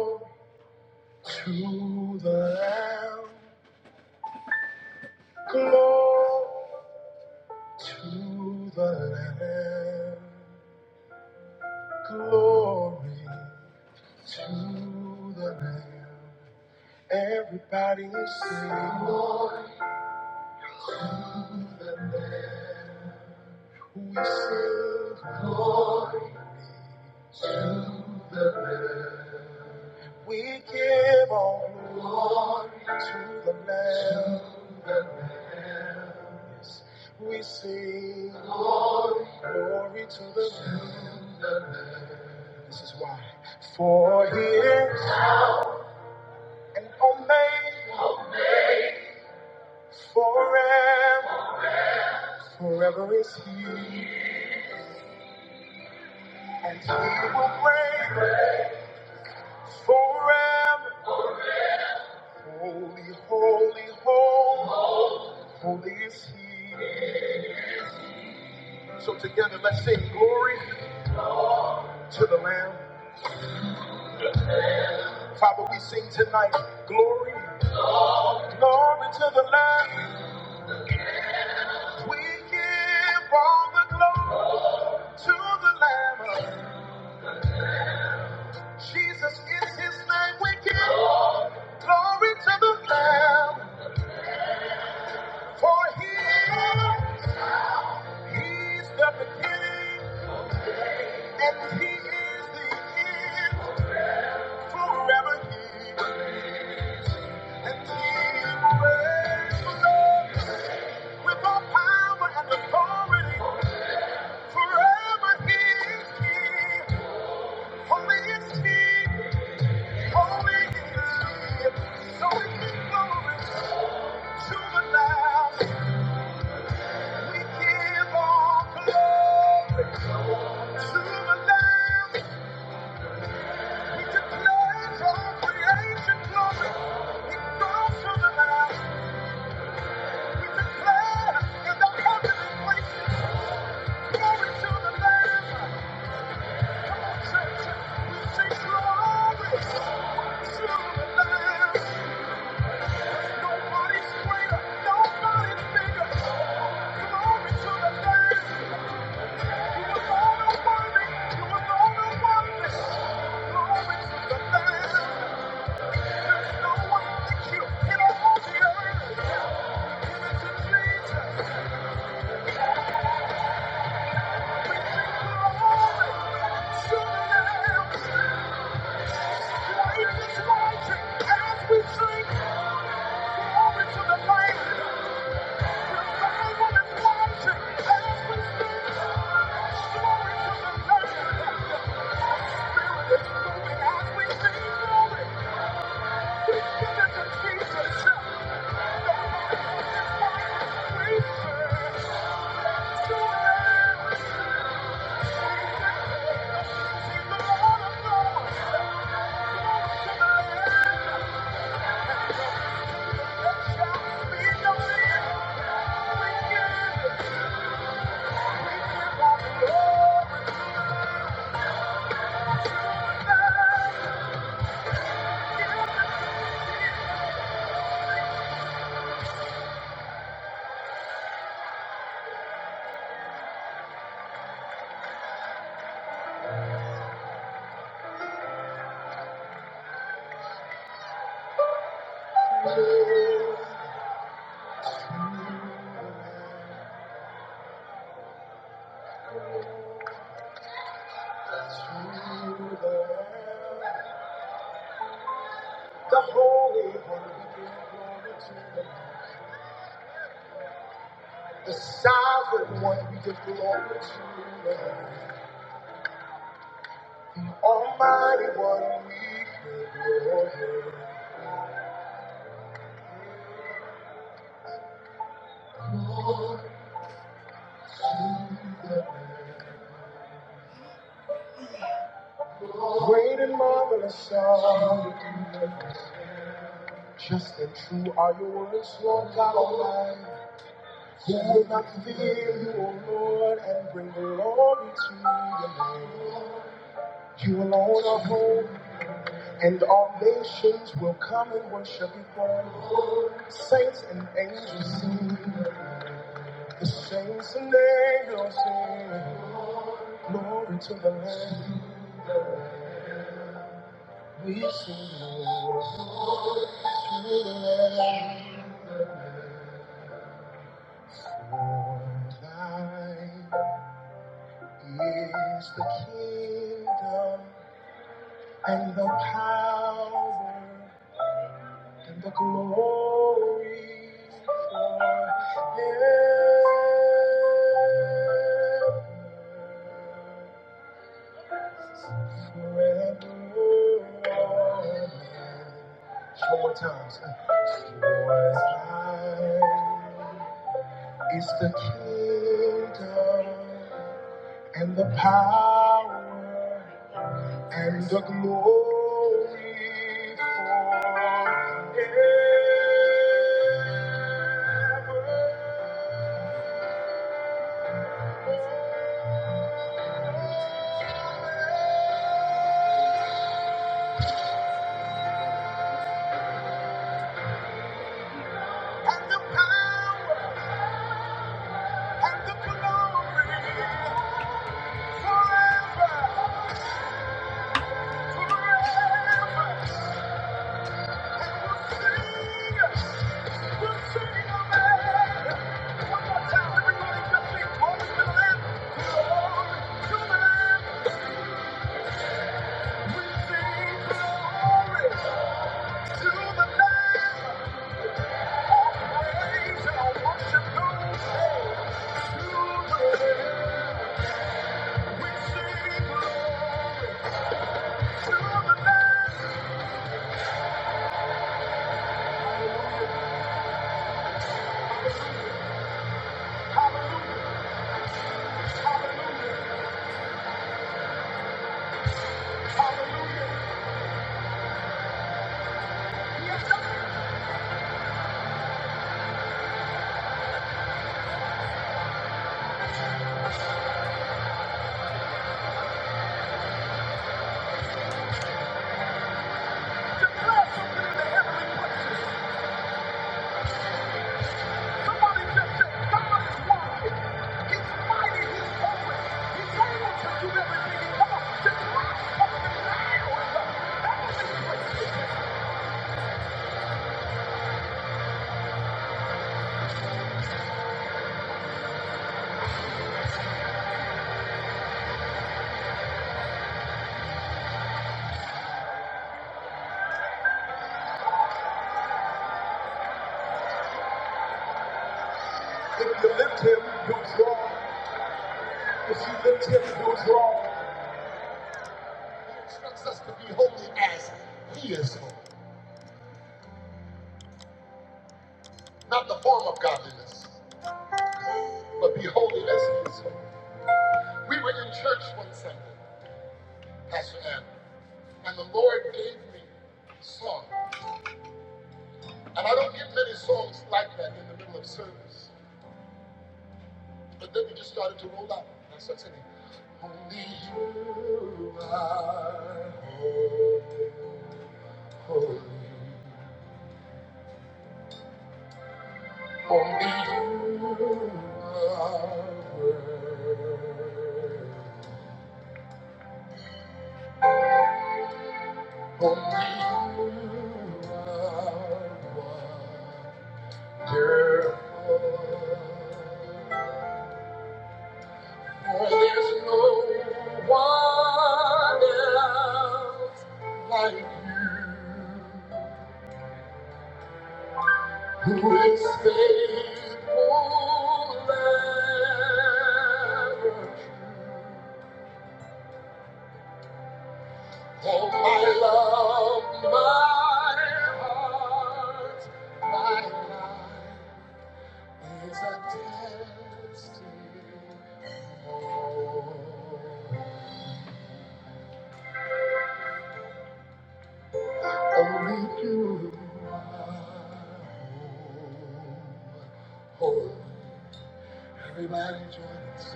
A: Glory to the Lamb. Glory to the Lamb. And I didn't see We give all glory to the Lamb. We sing glory to the Lamb. This is why. For He is an Omega, forever, forever is He, and He will reign forever. Holy, holy, holy, holy is He. So together, let's sing glory to the Lamb. Father, we sing tonight glory. Glory to the Lamb. We give all the glory to the Lamb. Jesus is his name. We give glory to the Lamb. For he, he's the beginning and he is the end. Forever he and he reigns forever. with all power and authority. Forever he is king. Holy is he. Come on, church, we say glory to on Thank you. Nobody's greater, nobody's bigger. Come on into the dance. You was born to worry, you was born to worry. Glory to the dance. There's no one like you. Get up on the earth. Give it to We sing glory to the Lamb. is His as we sing glory to the Lamb. The Holy One, we give glory to. The Sovereign One, we give glory to. Almighty one, great and marvelous are you. Just and true are your words, Lord God Almighty. Who will not fear you, O Lord, and bring glory to your name? You alone are holy, and all nations will come and worship before you. Saints and angels sing, the saints and angels sing, glory to the Lamb. We sing glory to the Lamb. Tonight. is the kingdom and the power and the glory forever. One more time. Yours is the kingdom and the power and the glory forever. Hallelujah, hallelujah. Yes, I'm declare something in the heavenly places. If you lift him, you'll If you lift him, you'll He instructs us to be holy as he is holy. Not the form of godliness, but be holy as he is holy. We were in church one Sunday, Pastor Andrew, and the Lord gave me a song. And I don't get many songs like that in the middle of service. But then we just started to roll out. And I started singing, Only you are holy. Only you are worthy. Only you are wonderful. For there's no one else like you. His faithful ever. Oh, my love, my heart, my life is a testimony. Only you Everybody join us.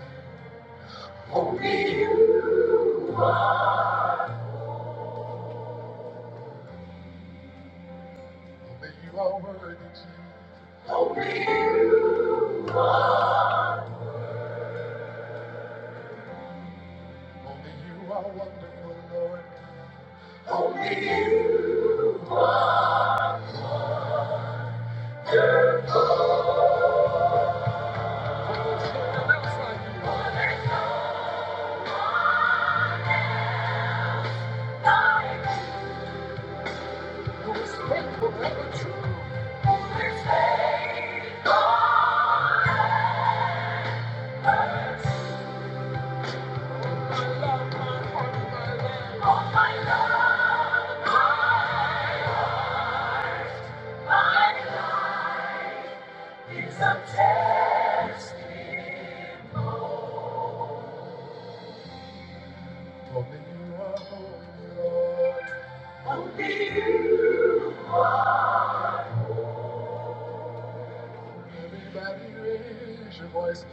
A: Only you. Only you are worthy. Is your voice.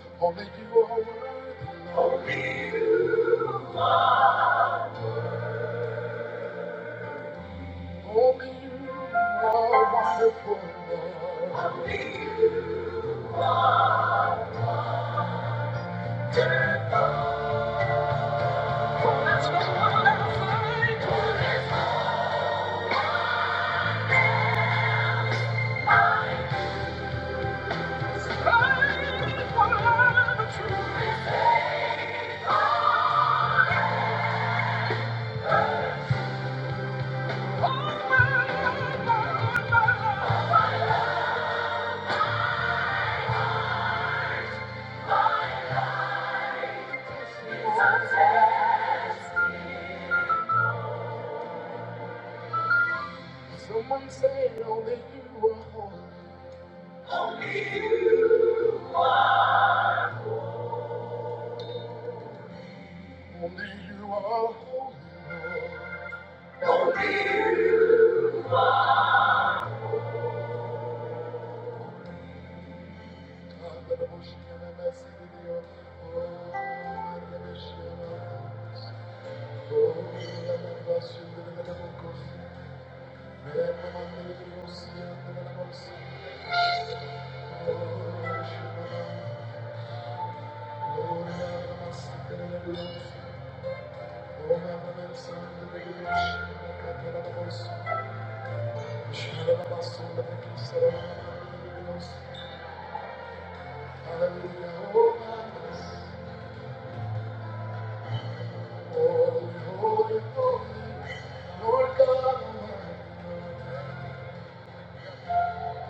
A: oh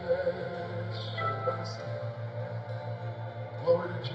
A: yes, yes. Glory to Jesus.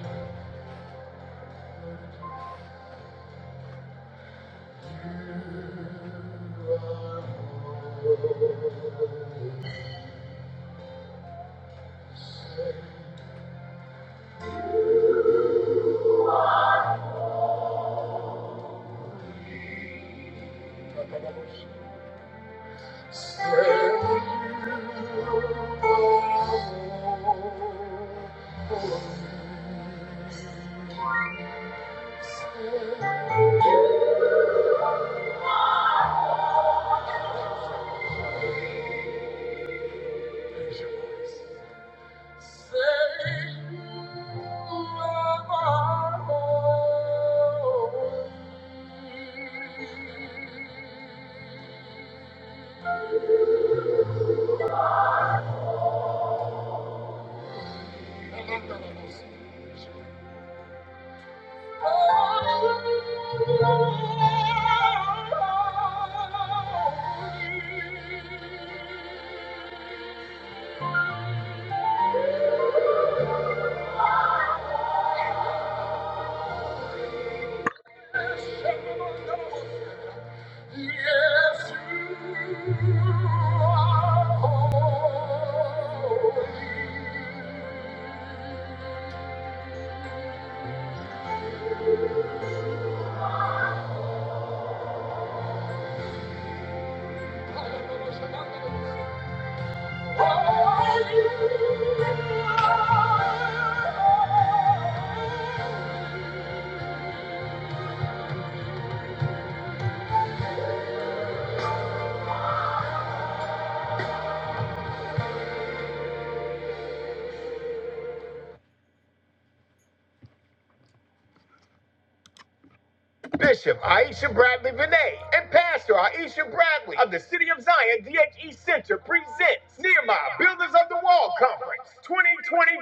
A: Bishop Aisha Bradley Vinay and Pastor Aisha Bradley of the City of Zion DHE Center presents Nehemiah Builders of the Wall Conference 2025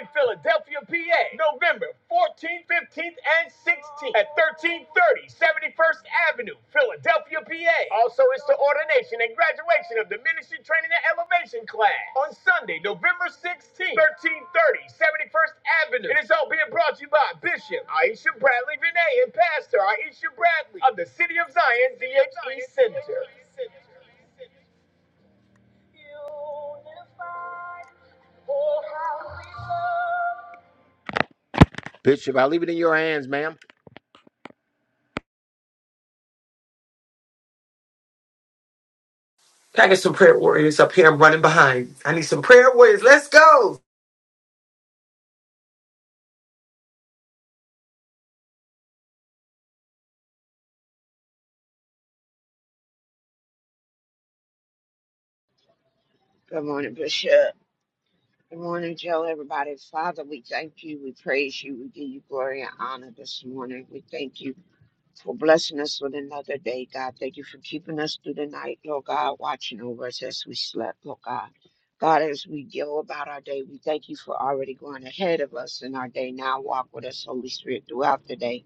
A: in Philadelphia, PA, November 14th, 15th, and 16th at 1330 71st Avenue Philadelphia, PA. Also, it's the ordination and graduation of the Ministry Training and Elevation class on Sunday, November 16th, 1330, 71st Avenue. And it's all being brought to you by Bishop Aisha Bradley Vinay and Pastor Aisha Bradley of the City of Zion DHE Center.
B: Can I get some prayer warriors up here? I'm running behind. I need some prayer warriors. Let's go.
C: Good morning, Bishop. Good morning, Joe, everybody. Father, we thank you. We praise you. We give you glory and honor this morning. We thank you for blessing us with another day, God. Thank you for keeping us through the night, Lord God, watching over us as we slept, Lord God. God, as we go about our day, we thank you for already going ahead of us in our day. Now walk with us, Holy Spirit, throughout the day.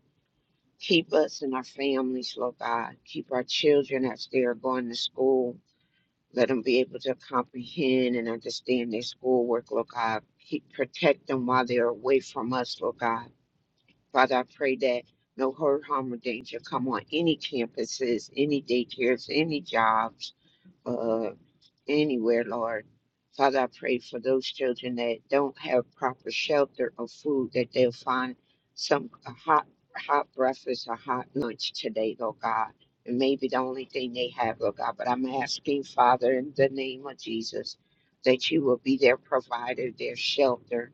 C: Keep us and our families, Lord God. Keep our children as they are going to school let them be able to comprehend and understand their schoolwork, Lord God. Keep, protect them while they're away from us, Lord God. Father, I pray that no hurt, harm, or danger come on any campuses, any daycares, any jobs uh, anywhere, Lord. Father, I pray for those children that don't have proper shelter or food, that they'll find some a hot hot breakfast or hot lunch today, Lord God. And maybe the only thing they have, Lord God. But I'm asking, Father, in the name of Jesus, that you will be their provider, their shelter,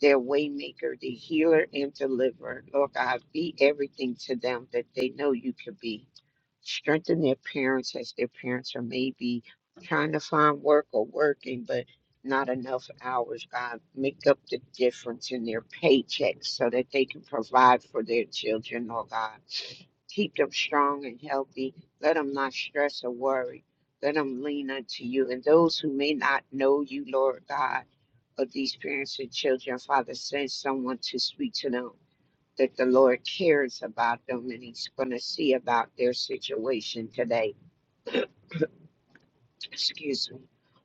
C: their waymaker, the healer and deliverer. Lord God, be everything to them that they know you could be strengthen their parents as their parents are maybe trying to find work or working, but not enough hours. God, make up the difference in their paychecks so that they can provide for their children, oh God. Keep them strong and healthy. Let them not stress or worry. Let them lean unto you. And those who may not know you, Lord God, of these parents and children, Father, send someone to speak to them that the Lord cares about them and He's going to see about their situation today. Excuse me.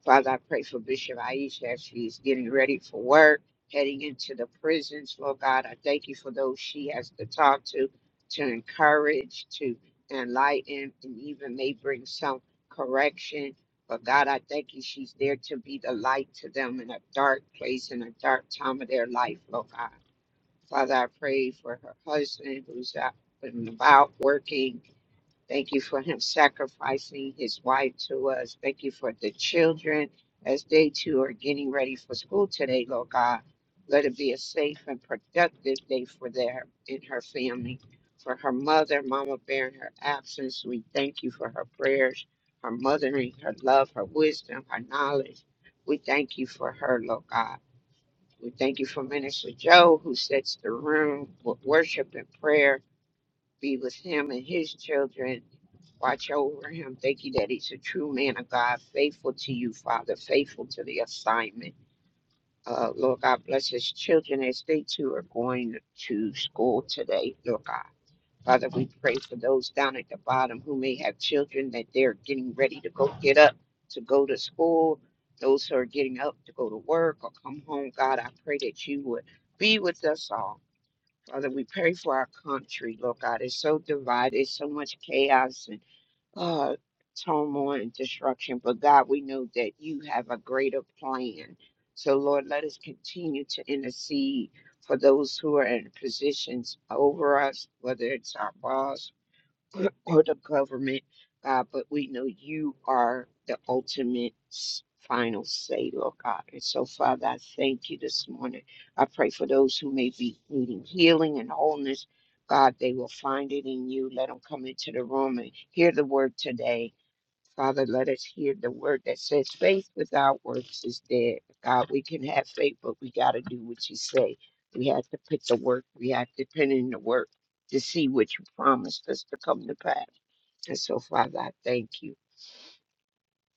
C: Father, I pray for Bishop Aisha as she's getting ready for work, heading into the prisons. Lord God, I thank you for those she has to talk to, to encourage, to enlighten, and even may bring some correction. But God, I thank you she's there to be the light to them in a dark place, in a dark time of their life, Lord God. Father, I pray for her husband who's out and about working. Thank you for him sacrificing his wife to us. Thank you for the children as they too are getting ready for school today, Lord God. Let it be a safe and productive day for their and her family. For her mother, Mama Bear, in her absence, we thank you for her prayers, her mothering, her love, her wisdom, her knowledge. We thank you for her, Lord God. We thank you for Minister Joe, who sets the room. Wo- Worship and prayer be with him and his children. Watch over him. Thank you that he's a true man of God, faithful to you, Father, faithful to the assignment. Uh, Lord God, bless his children as they too are going to school today, Lord God. Father, we pray for those down at the bottom who may have children that they're getting ready to go get up to go to school, those who are getting up to go to work or come home. God, I pray that you would be with us all. Father, we pray for our country. Lord God, it's so divided, so much chaos and uh, turmoil and disruption. But God, we know that you have a greater plan. So, Lord, let us continue to intercede for those who are in positions over us, whether it's our boss, or the government, God, but we know you are the ultimate s- final say, Lord God. And so, Father, I thank you this morning. I pray for those who may be needing healing and wholeness. God, they will find it in you. Let them come into the room and hear the word today Father, let us hear the word that says faith without works is dead. God, we can have faith, but we got to do what you say. We have to put the work, we have to put in the work to see what you promised us to come to pass. And so, Father, I thank you.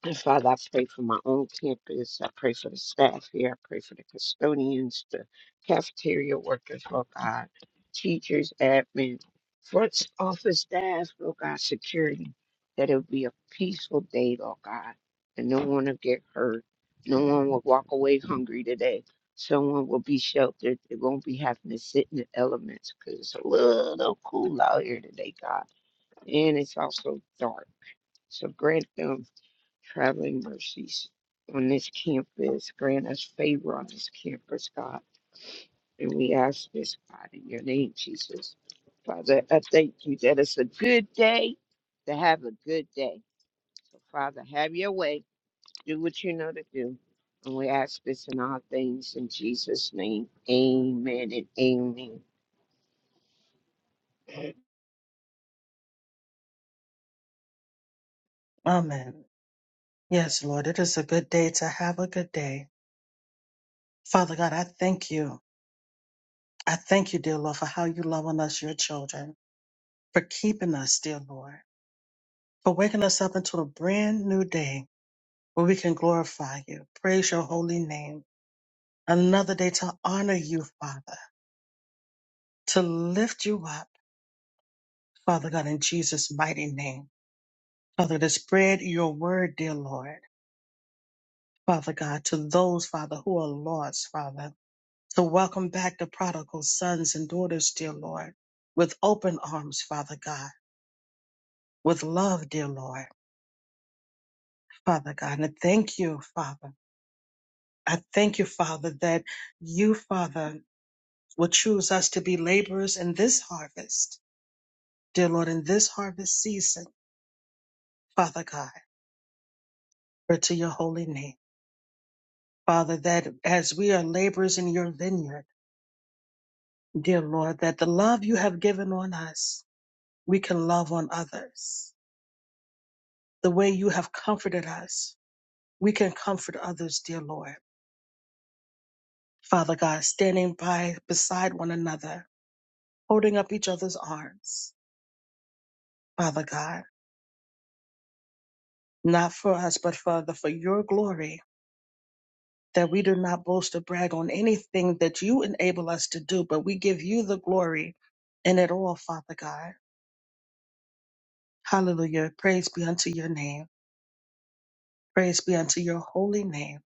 C: And Father, I pray for my own campus. I pray for the staff here. I pray for the custodians, the cafeteria workers, Lord God, teachers, admin, front office staff, Lord God, security, that it will be a peaceful day, Lord God, and no one will get hurt. No one will walk away hungry today. Someone will be sheltered. They won't be having to sit in the elements because it's a little cool out here today, God. And it's also dark. So grant them traveling mercies on this campus. Grant us favor on this campus, God. And we ask this, God, in your name, Jesus. Father, I thank you that it's a good day to have a good day. So, Father, have your way. Do what you know to do. And we ask this in all things in Jesus' name. Amen and amen.
D: Amen. Yes, Lord, it is a good day to have a good day. Father God, I thank you. I thank you, dear Lord, for how you love on us, your children, for keeping us, dear Lord, for waking us up into a brand new day where we can glorify you, praise your holy name. Another day to honor you, Father, to lift you up, Father God, in Jesus' mighty name. Father, to spread your word, dear Lord, Father God, to those, Father, who are lost, Father. So welcome back the prodigal sons and daughters, dear Lord, with open arms, Father God, with love, dear Lord, Father God. And I thank you, Father. I thank you, Father, that you, Father, will choose us to be laborers in this harvest, dear Lord, in this harvest season, Father God, for to your holy name. Father, that as we are laborers in your vineyard, dear Lord, that the love you have given on us, we can love on others. The way you have comforted us, we can comfort others, dear Lord. Father God, standing by beside one another, holding up each other's arms. Father God, not for us, but Father, for your glory, that we do not boast or brag on anything that you enable us to do, but we give you the glory in it all, Father God. Hallelujah. Praise be unto your name. Praise be unto your holy name.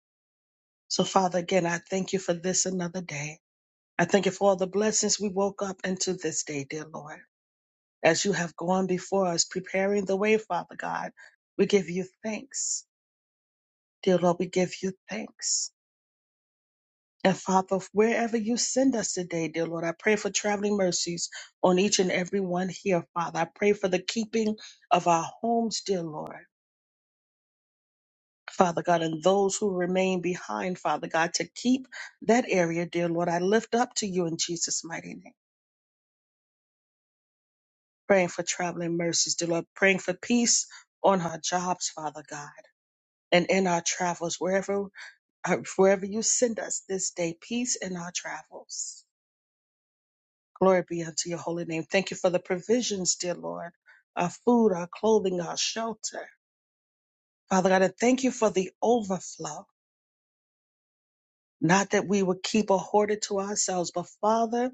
D: So, Father, again, I thank you for this another day. I thank you for all the blessings we woke up into this day, dear Lord. as you have gone before us, preparing the way, Father God. We give you thanks, dear Lord. We give you thanks. And Father, wherever you send us today, dear Lord, I pray for traveling mercies on each and every one here, Father. I pray for the keeping of our homes, dear Lord. Father God, and those who remain behind, Father God, to keep that area, dear Lord, I lift up to you in Jesus' mighty name. Praying for traveling mercies, dear Lord, praying for peace on our jobs, Father God and in our travels, wherever uh, wherever you send us this day, peace in our travels. Glory be unto your holy name. Thank you for the provisions, dear Lord, our food, our clothing, our shelter. Father God, and thank you for the overflow. Not that we would keep or hoard it to ourselves, but Father,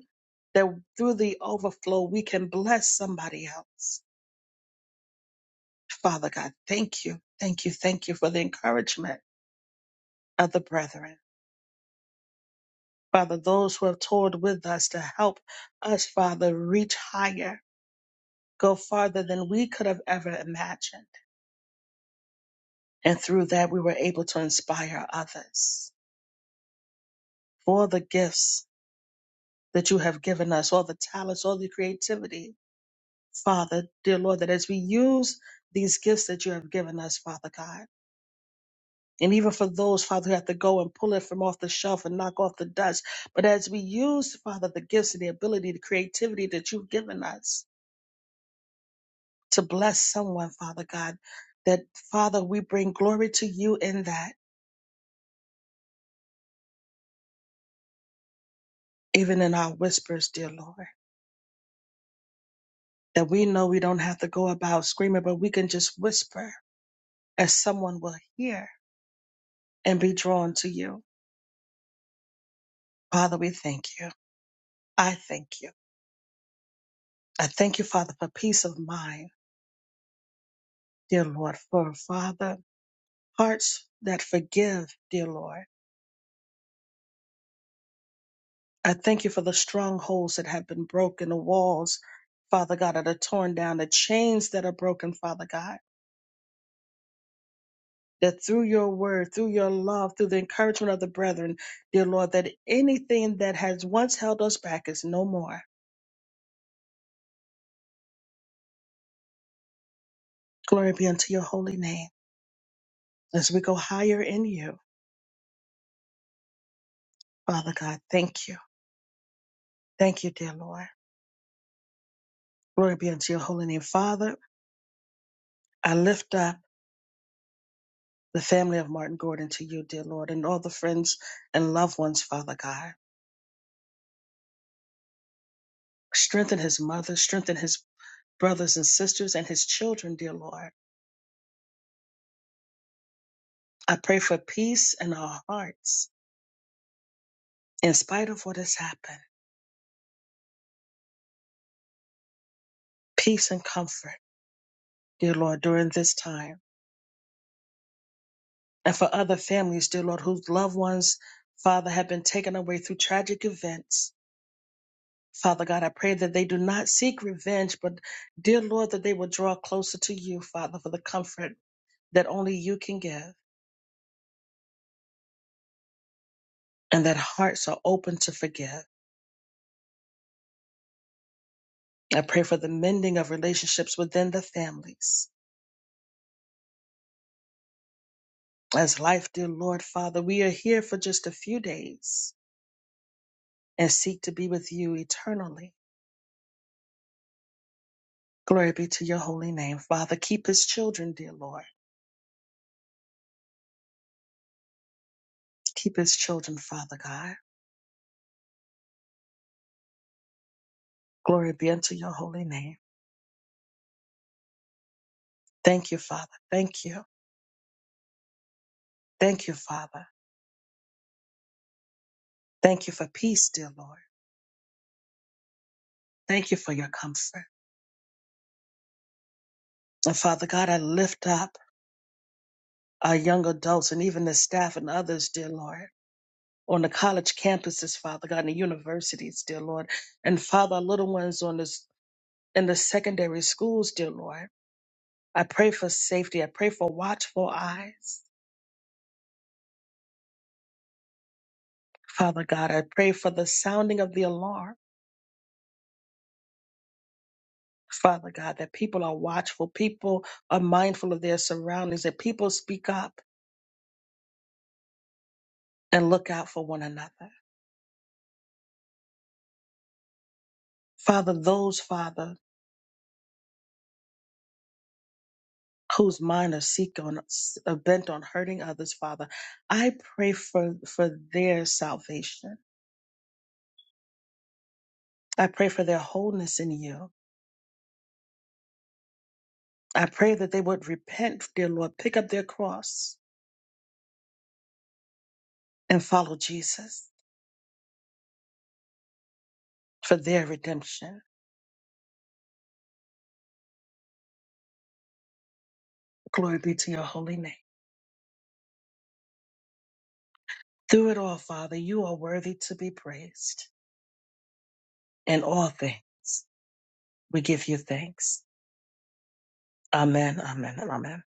D: that through the overflow we can bless somebody else. Father God, thank you, thank you, thank you for the encouragement of the brethren. Father, those who have toured with us to help us, Father, reach higher, go farther than we could have ever imagined. And through that, we were able to inspire others for the gifts that you have given us, all the talents, all the creativity. Father, dear Lord, that as we use these gifts that you have given us, Father God, and even for those, Father, who have to go and pull it from off the shelf and knock off the dust, but as we use, Father, the gifts and the ability, the creativity that you've given us, to bless someone, Father God, that, Father, we bring glory to you in that, even in our whispers, dear Lord, that we know we don't have to go about screaming, but we can just whisper as someone will hear and be drawn to you. Father, we thank you. I thank you. I thank you, Father, for peace of mind, dear Lord, for, Father, hearts that forgive, dear Lord. I thank you for the strongholds that have been broken, the walls, Father God, that are torn down, the chains that are broken, Father God. that through your word, through your love, through the encouragement of the brethren, dear Lord, that anything that has once held us back is no more. Glory be unto your holy name as we go higher in you. Father God, thank you. Thank you, dear Lord. Glory be unto your holy name. Father, I lift up the family of Martin Gordon to you, dear Lord, and all the friends and loved ones, Father God. Strengthen his mother, strengthen his brothers and sisters and his children, dear Lord. I pray for peace in our hearts in spite of what has happened, peace and comfort, dear Lord, during this time. And for other families, dear Lord, whose loved ones, Father, have been taken away through tragic events. Father God, I pray that they do not seek revenge, but dear Lord, that they will draw closer to you, Father, for the comfort that only you can give and that hearts are open to forgive. I pray for the mending of relationships within the families. As life, dear Lord, Father, we are here for just a few days and seek to be with you eternally. Glory be to your holy name, Father. Keep his children, dear Lord. Keep his children, Father God. Glory be unto your holy name. Thank you, Father. Thank you. Thank you, Father. Thank you for peace, dear Lord. Thank you for your comfort. And Father God, I lift up our young adults and even the staff and others, dear Lord, on the college campuses, Father God, and the universities, dear Lord. And Father, our little ones on this in the secondary schools, dear Lord. I pray for safety. I pray for watchful eyes. Father God, I pray for the sounding of the alarm. Father God, that people are watchful, people are mindful of their surroundings, that people speak up and look out for one another. Father, those, Father, whose mind are seek on are bent on hurting others, Father, I pray for, for their salvation. I pray for their wholeness in you. I pray that they would repent, dear Lord, pick up their cross and follow Jesus for their redemption. Glory be to your holy name. Through it all, Father, you are worthy to be praised. In all things, we give you thanks. Amen, amen, and amen.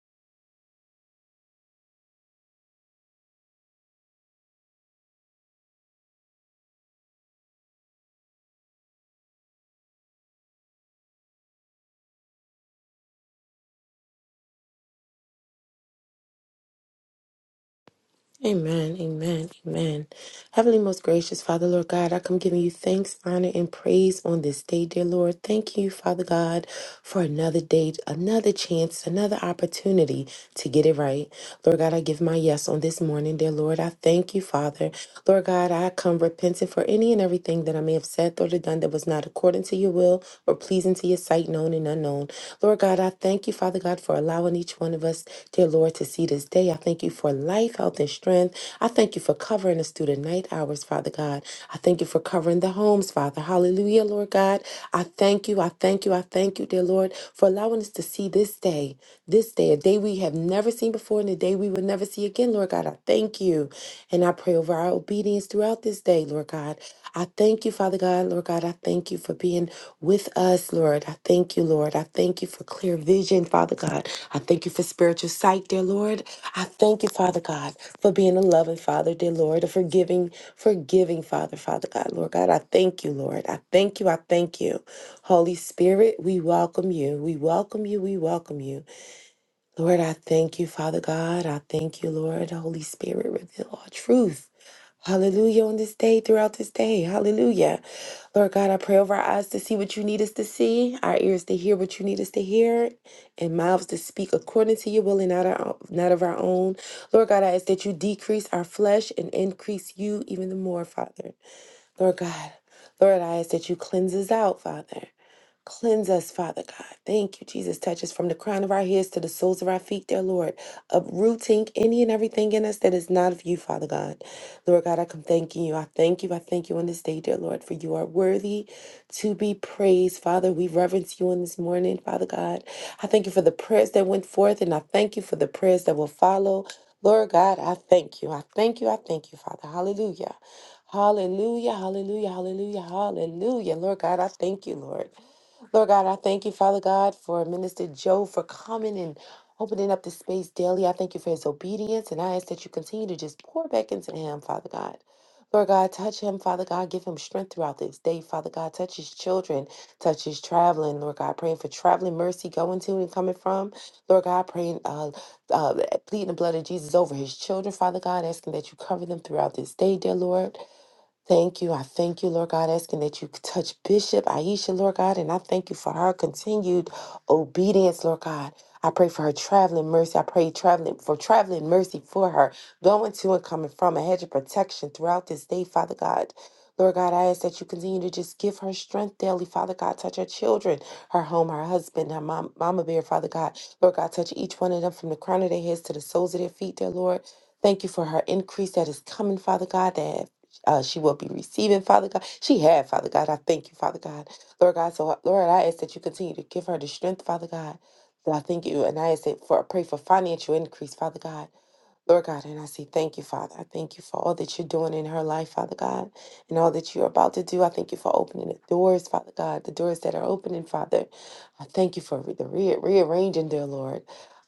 E: Amen, amen, amen. Heavenly, most gracious Father, Lord God, I come giving you thanks, honor, and praise on this day, dear Lord. Thank you, Father God, for another day, another chance, another opportunity to get it right. Lord God, I give my yes on this morning, dear Lord. I thank you, Father. Lord God, I come repentant for any and everything that I may have said, thought, or done that was not according to you to your will or pleasing to your sight, known and unknown. Lord God, I thank you, Father God, for allowing each one of us, dear Lord, to see this day. I thank you for life, health, and strength. I thank you for covering us through the night hours, Father God. I thank you for covering the homes, Father. Hallelujah, Lord God. I thank you. I thank you. I thank you, dear Lord, for allowing us to see this day this day, a day we have never seen before and a day we will never see again. Lord God, I thank you. And I pray over our obedience throughout this day, Lord God. I thank you, Father God. Lord God, I thank you for being with us, Lord. I thank you, Lord. I thank you for clear vision, Father God. I thank you for spiritual sight, dear Lord. I thank you, Father God, for being a loving Father, dear Lord, a forgiving, forgiving Father, Father God, Lord God. I thank you, Lord. I thank you. I thank you. Holy Spirit, we welcome you. We welcome you. We welcome you. Lord, I thank you, Father God. I thank you, Lord. Holy Spirit, reveal all truth. Hallelujah on this day, throughout this day. Hallelujah. Lord God, I pray over our eyes to see what you need us to see, our ears to hear what you need us to hear, and mouths to speak according to your will and not, our, not of our own. Lord God, I ask that you decrease our flesh and increase you even the more, Father. Lord God, Lord, I ask that you cleanse us out, Father. Cleanse us, Father God. Thank you, Jesus. Touch us from the crown of our heads to the soles of our feet, dear Lord. Uprooting any and everything in us that is not of you, Father God. Lord God, I come thanking you. I thank you. I thank you on this day, dear Lord, for you are worthy to be praised. Father, we reverence you on this morning, Father God. I thank you for the prayers that went forth, and I thank you for the prayers that will follow. Lord God, I thank you. I thank you. I thank you, Father. Hallelujah. Hallelujah, hallelujah, hallelujah, hallelujah. Lord God, I thank you, Lord. Lord God, I thank you, Father God, for Minister Joe for coming and opening up the space daily. I thank you for his obedience, and I ask that you continue to just pour back into him, Father God. Lord God, touch him, Father God. Give him strength throughout this day, Father God. Touch his children. Touch his traveling, Lord God. Praying for traveling mercy going to and coming from. Lord God, praying, uh, uh, pleading the blood of Jesus over his children, Father God. Asking that you cover them throughout this day, dear Lord. Thank you. I thank you, Lord God, asking that you touch Bishop Aisha, Lord God, and I thank you for her continued obedience, Lord God. I pray for her traveling mercy. I pray traveling for traveling mercy for her, going to and coming from a hedge of protection throughout this day, Father God. Lord God, I ask that you continue to just give her strength daily, Father God. Touch her children, her home, her husband, her mom, mama bear, Father God. Lord God, touch each one of them from the crown of their heads to the soles of their feet, dear Lord. Thank you for her increase that is coming, Father God, that uh, she will be receiving, Father God. She had, Father God. I thank you, Father God. Lord God, so Lord, I ask that you continue to give her the strength, Father God. That I thank you, and I ask that for I pray for financial increase, Father God. Lord God, and I say thank you, Father. I thank you for all that you're doing in her life, Father God, and all that you're about to do. I thank you for opening the doors, Father God, the doors that are opening, Father. I thank you for the re- rearranging, dear Lord.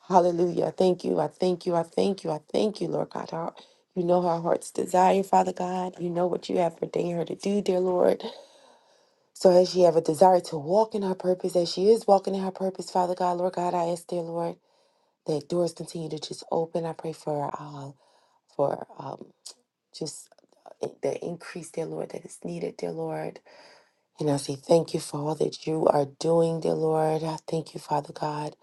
E: Hallelujah. I thank you. I thank you. I thank you. I thank you, Lord God. Our- you know her heart's desire, Father God. You know what you have ordained her to do, dear Lord. So as she have a desire to walk in her purpose, as she is walking in her purpose, Father God, Lord God, I ask, dear Lord, that doors continue to just open. I pray for her for um, just uh, the increase, dear Lord, that is needed, dear Lord. And I say thank you for all that you are doing, dear Lord. I thank you, Father God,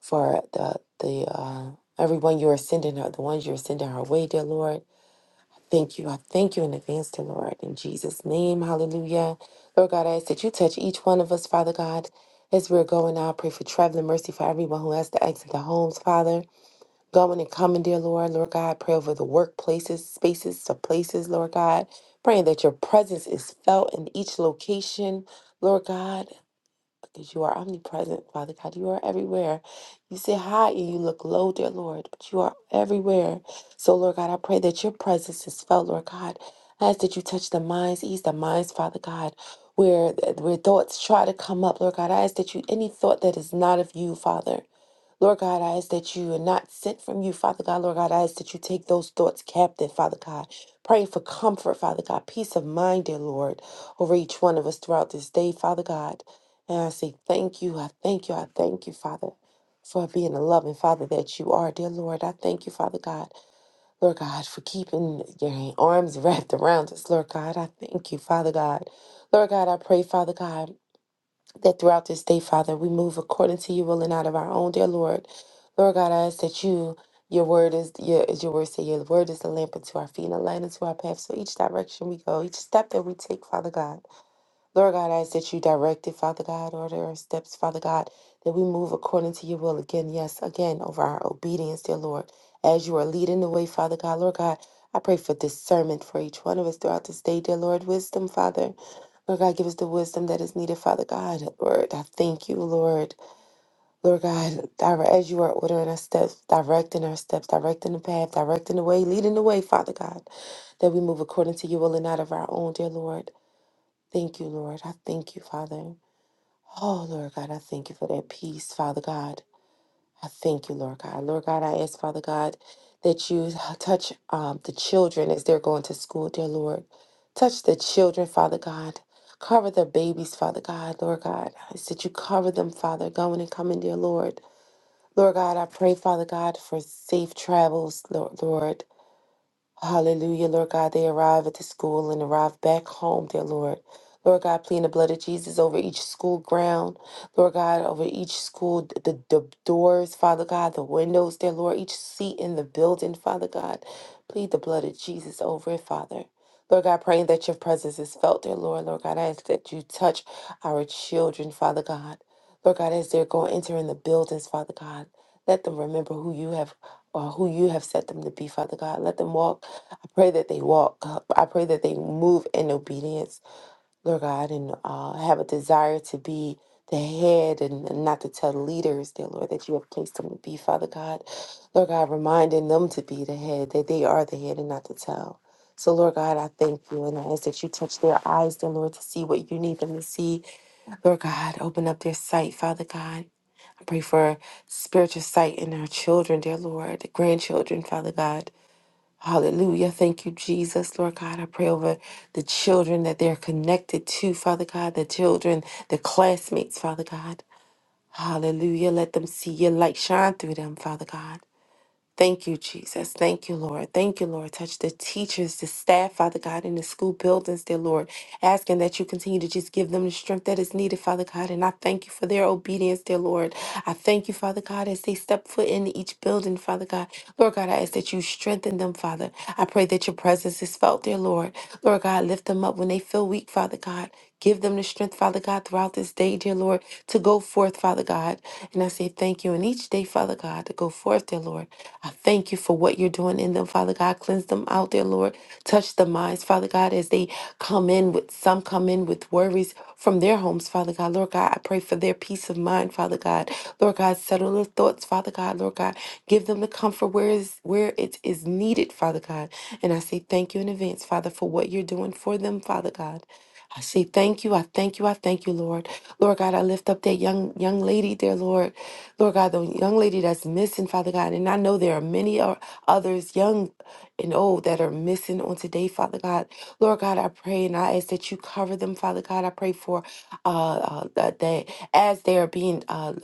E: for the the uh, everyone you are sending her, the ones you are sending her way, dear Lord. Thank you. I thank you in advance, dear Lord. In Jesus' name, hallelujah. Lord God, I ask that you touch each one of us, Father God. As we're going out, I pray for traveling mercy for everyone who has to exit the homes, Father going and coming, dear Lord. Lord God, pray over the workplaces, spaces, the places, Lord God. Praying that your presence is felt in each location, Lord God, because you are omnipresent, Father God. You are everywhere. You sit high and you look low, dear Lord, but you are everywhere. So, Lord God, I pray that your presence is felt, Lord God. I ask that you touch the minds, ease the minds, Father God, where where thoughts try to come up, Lord God. I ask that you any thought that is not of you, Father. Lord God, I ask that you are not sent from you, Father God. Lord God, I ask that you take those thoughts captive, Father God. Praying for comfort, Father God, peace of mind, dear Lord, over each one of us throughout this day, Father God. And I say thank you, I thank you, I thank you, Father, for being a loving Father that you are, dear Lord. I thank you, Father God, Lord God, for keeping your arms wrapped around us, Lord God. I thank you, Father God. Lord God, I pray, Father God that throughout this day, Father, we move according to your will and out of our own, dear Lord. Lord God, I ask that you, your word is your as your word say, your word is a lamp unto our feet and a light unto our path. So each direction we go, each step that we take, Father God. Lord God, I ask that you direct it, Father God, order our steps, Father God, that we move according to your will again, yes, again, over our obedience, dear Lord. As you are leading the way, Father God, Lord God, I pray for discernment for each one of us throughout this day, dear Lord. Wisdom, Father. Lord God, give us the wisdom that is needed, Father God. Lord, I thank you, Lord. Lord God, dire- as you are ordering our steps, directing our steps, directing the path, directing the way, leading the way, Father God, that we move according to your will and not of our own, dear Lord. Thank you, Lord. I thank you, Father. Oh, Lord God, I thank you for that peace, Father God. I thank you, Lord God. Lord God, I ask, Father God, that you touch um, the children as they're going to school, dear Lord. Touch the children, Father God. Cover the babies, Father God, Lord God. I ask that you cover them, Father, going and coming, dear Lord. Lord God, I pray, Father God, for safe travels, Lord. Lord. Hallelujah, Lord God. They arrive at the school and arrive back home, dear Lord. Lord God, plead the blood of Jesus over each school ground. Lord God, over each school, th- the, the doors, Father God, the windows, dear Lord, each seat in the building, Father God. Plead the blood of Jesus over it, Father. Lord God, praying that your presence is felt, dear Lord. Lord God, I ask that you touch our children, Father God. Lord God, as they're going entering the buildings, Father God, let them remember who you have or who you have set them to be, Father God. Let them walk Pray that they walk. I pray that they move in obedience, Lord God, and uh, have a desire to be the head and and not to tell the leaders, dear Lord, that you have placed them to be, Father God. Lord God, reminding them to be the head, that they are the head and not to tell. So, Lord God, I thank you and I ask that you touch their eyes, dear Lord, to see what you need them to see. Lord God, open up their sight, Father God. I pray for spiritual sight in our children, dear Lord, grandchildren, Father God. Hallelujah. Thank you, Jesus. Lord God, I pray over the children that they're connected to, Father God, the children, the classmates, Father God. Hallelujah. Let them see your light shine through them, Father God. Thank you, Jesus. Thank you, Lord. Thank you, Lord. Touch the teachers, the staff, Father God, in the school buildings, dear Lord. Asking that you continue to just give them the strength that is needed, Father God. And I thank you for their obedience, dear Lord. I thank you, Father God, as they step foot into each building, Father God. Lord God, I ask that you strengthen them, Father. I pray that your presence is felt, dear Lord. Lord God, lift them up when they feel weak, Father God. Give them the strength, Father God, throughout this day, dear Lord, to go forth, Father God. And I say thank you. And each day, Father God, to go forth, dear Lord. I thank you for what you're doing in them, Father God. Cleanse them out, dear Lord. Touch the minds, Father God, as they come in with some come in with worries from their homes, Father God. Lord God, I pray for their peace of mind, Father God. Lord God, settle their thoughts, Father God. Lord God, give them the comfort where is where it is needed, Father God. And I say thank you in advance, Father, for what you're doing for them, Father God. I say thank you. I thank you. I thank you, Lord. Lord God, I lift up that young young lady there, Lord. Lord God, the young lady that's missing, Father God. And I know there are many o- others, young and old, that are missing on today, Father God. Lord God, I pray and I ask that you cover them, Father God. I pray for uh, uh that that as they are being uh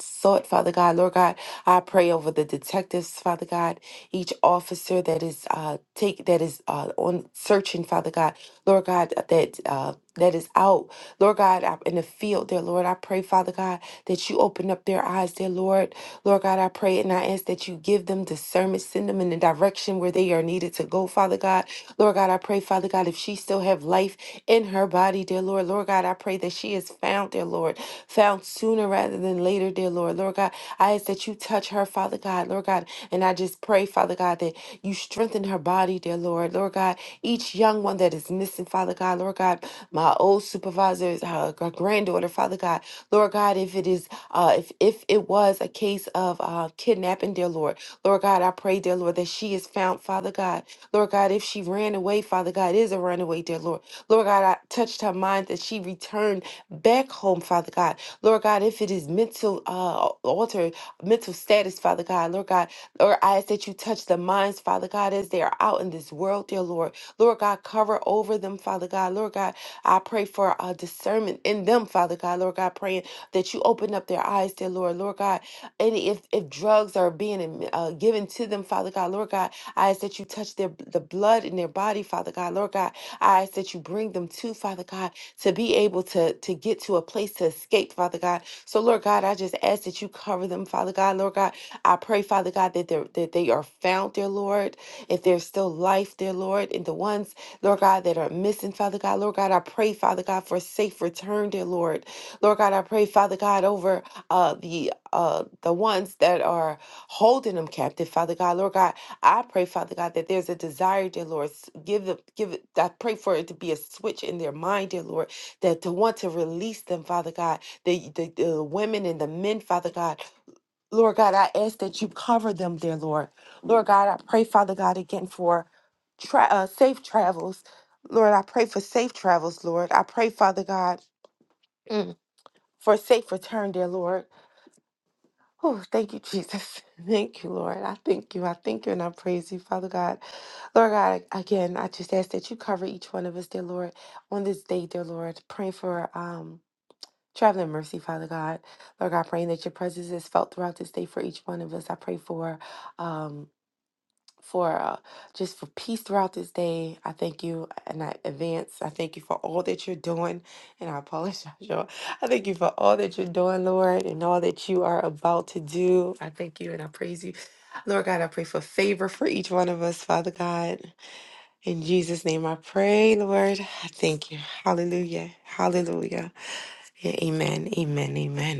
E: sought, Father God. Lord God, I pray over the detectives, Father God, each officer that is uh take that is uh on searching, Father God. Lord God, that uh that is out, Lord God, I- in the field, dear Lord. I pray, Father God, that you open up their eyes, dear Lord. Lord God, I pray and I ask that you give them discernment, send them in the direction where they are needed to go, Father God. Lord God, I pray, Father God, if she still have life in her body, dear Lord. Lord God, I pray that she is found, dear Lord, found sooner rather than later, dear Lord. Lord God, I ask that you touch her, Father God, Lord God, and I just pray, Father God, that you strengthen her body, dear Lord. Lord God, each young one that is missing, Father God, Lord God my old supervisors, uh, gr- granddaughter, Father God, Lord God, if it is, uh, if if it was a case of uh, kidnapping, dear Lord, Lord God, I pray, dear Lord, that she is found, Father God, Lord God, if she ran away, Father God, is a runaway, dear Lord, Lord God, I touched her mind that she returned back home, Father God, Lord God, if it is mental uh, altered mental status, Father God, Lord God, Lord, I ask that you touch the minds, Father God, as they are out in this world, dear Lord. Lord God, cover over them, Father God. Lord God, I pray for uh, discernment in them, Father God, Lord God, praying that you open up their eyes, dear Lord, Lord God. And if, if drugs are being um, uh, given to them, Father God, Lord God, I ask that you touch their the blood in their body, Father God, Lord God. I ask that you bring them to, Father God, to be able to, to get to a place to escape, Father God. So, Lord God, I just ask that you cover them, Father God, Lord God. I pray, Father God, that, they're, that they are found, dear Lord, if there's still life, dear Lord, in the ones Lord God, that are missing, Father God. Lord God, I pray, Father God, for a safe return, dear Lord. Lord God, I pray, Father God, over uh, the uh, the ones that are holding them captive, Father God. Lord God, I pray, Father God, that there's a desire, dear Lord. S- Give them, give it. I pray for it to be a switch in their mind, dear Lord, that to want to release them, Father God. The the, the women and the men, Father God Lord God, I ask that you cover them there, Lord. Lord God, I pray, Father God, again for tra- uh, safe travels. Lord, I pray for safe travels, Lord. I pray, Father God, mm, for a safe return there, Lord. Oh, thank you, Jesus. Thank you, Lord. I thank you. I thank you and I praise you, Father God. Lord God, again, I just ask that you cover each one of us, dear Lord, on this day, dear Lord. Praying for um Traveling mercy, Father God. Lord God, praying that your presence is felt throughout this day for each one of us. I pray for um for uh, just for peace throughout this day. I thank you and I advance. I thank you for all that you're doing. And I apologize, y'all. I thank you for all that you're doing, Lord, and all that you are about to do. I thank you and I praise you. Lord God, I pray for favor for each one of us, Father God. In Jesus' name I pray, Lord. I thank you. Hallelujah. Hallelujah. Amen. Amen. Amen.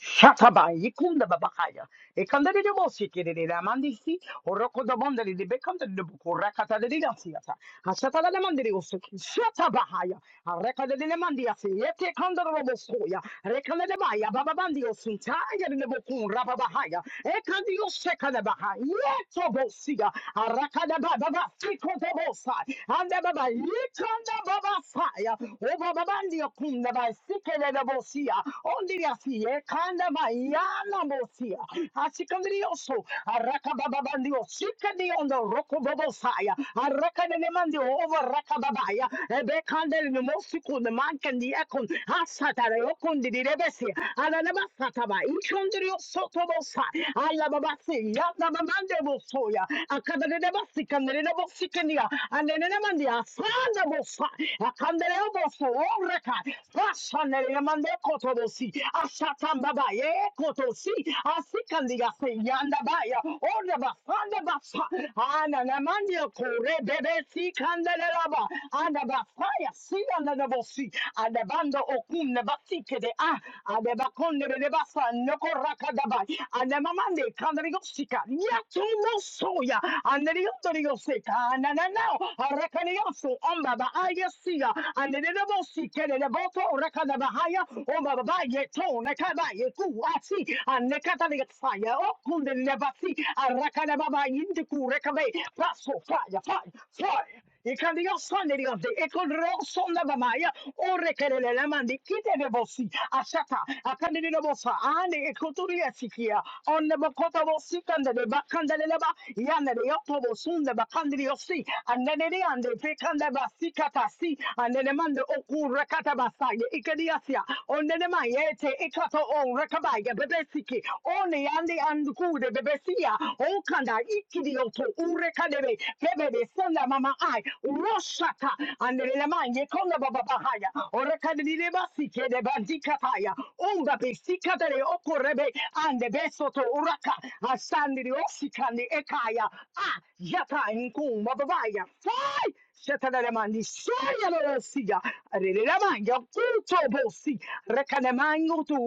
F: Shataba, Yikunda Babakaya, Ekandari de Bosiki, the Mandisi, Oroko the Mondari, the Bekanda de Bukurakata de Diasiata, Ashatala de Mandiosi, Shatabahaya, Areka de Mandiasi, Yete Kanda Rekanadabaya, Bababandio Suntaya, Nebokun, Rababahaya, Ekandio Shekanabaha, Yetobosia, Arakadaba, Baba, Fikotobosa, and the Baba, Yikanda Babasaya, Obabandio Kundaba, Sikanabosia, Ondiasia, Kandaba, Yana Bosia, Asikandrioso, Arakababandio, Sikandi on the Rokobosaya, Arakanemandio over Rakababaya, Ebekandel, Mosiko, the Mankan, the Ekon, Asatare Rondi di rebesi. Anana basata ba. İçöndürüyor soto bosa. Alla babası. Yalla babanda boso ya. Akadere ne basi kandere ne bosi kendiya. Annene ne Sanda bosa. Akandere ne boso. Orreka. Başa nere ne mandi koto bosi. Aşatan baba ye koto si. Asi kandiya se yanda ba ya. Orda ba sanda basa. Anana mandi ya kore bebesi kandere raba. Ana ba faya si yanda ne bosi. and the bando okum ne basi kede ah adebakonde belebasa noko rakadaba anemamande kandarigosika yatuno soya aneriyondoriyoseka anananao arakaniyoso ombaba ayesiya anerebosi keleleboto rakadaba haya ombaba yeto nekaba yeku asi anekataligosaya okundelebasi arakanababa yindikurekame paso fire fire fire Ikandiyo sonde diyo de. Ekondro sonda babaya. Ore kerele lamandi. Kite bebosi. Ashaka. Akande di bosa. Ane ekoturi esikia. Onne bokota bosi kandele de bakande de leba. Yande de yopo bosunde bakande di yosi. Ande de de ande pekande basi katasi. Ande mande okure katabasa. Ikadiyasia. Onne de ma yete ikato on rekabaya bebesiki. One yande andukude bebesia. Okanda ikidioto ure kadebe konda mama ai roshata andele manje konda baba bahaya orakadile basi kede bandika paya unga besika dele okorebe ande besoto uraka asandile osikande ekaya ah yata inkumba babaya fai Shataramanishayalosia. Ariramanya kutobosi. Rekanamangutu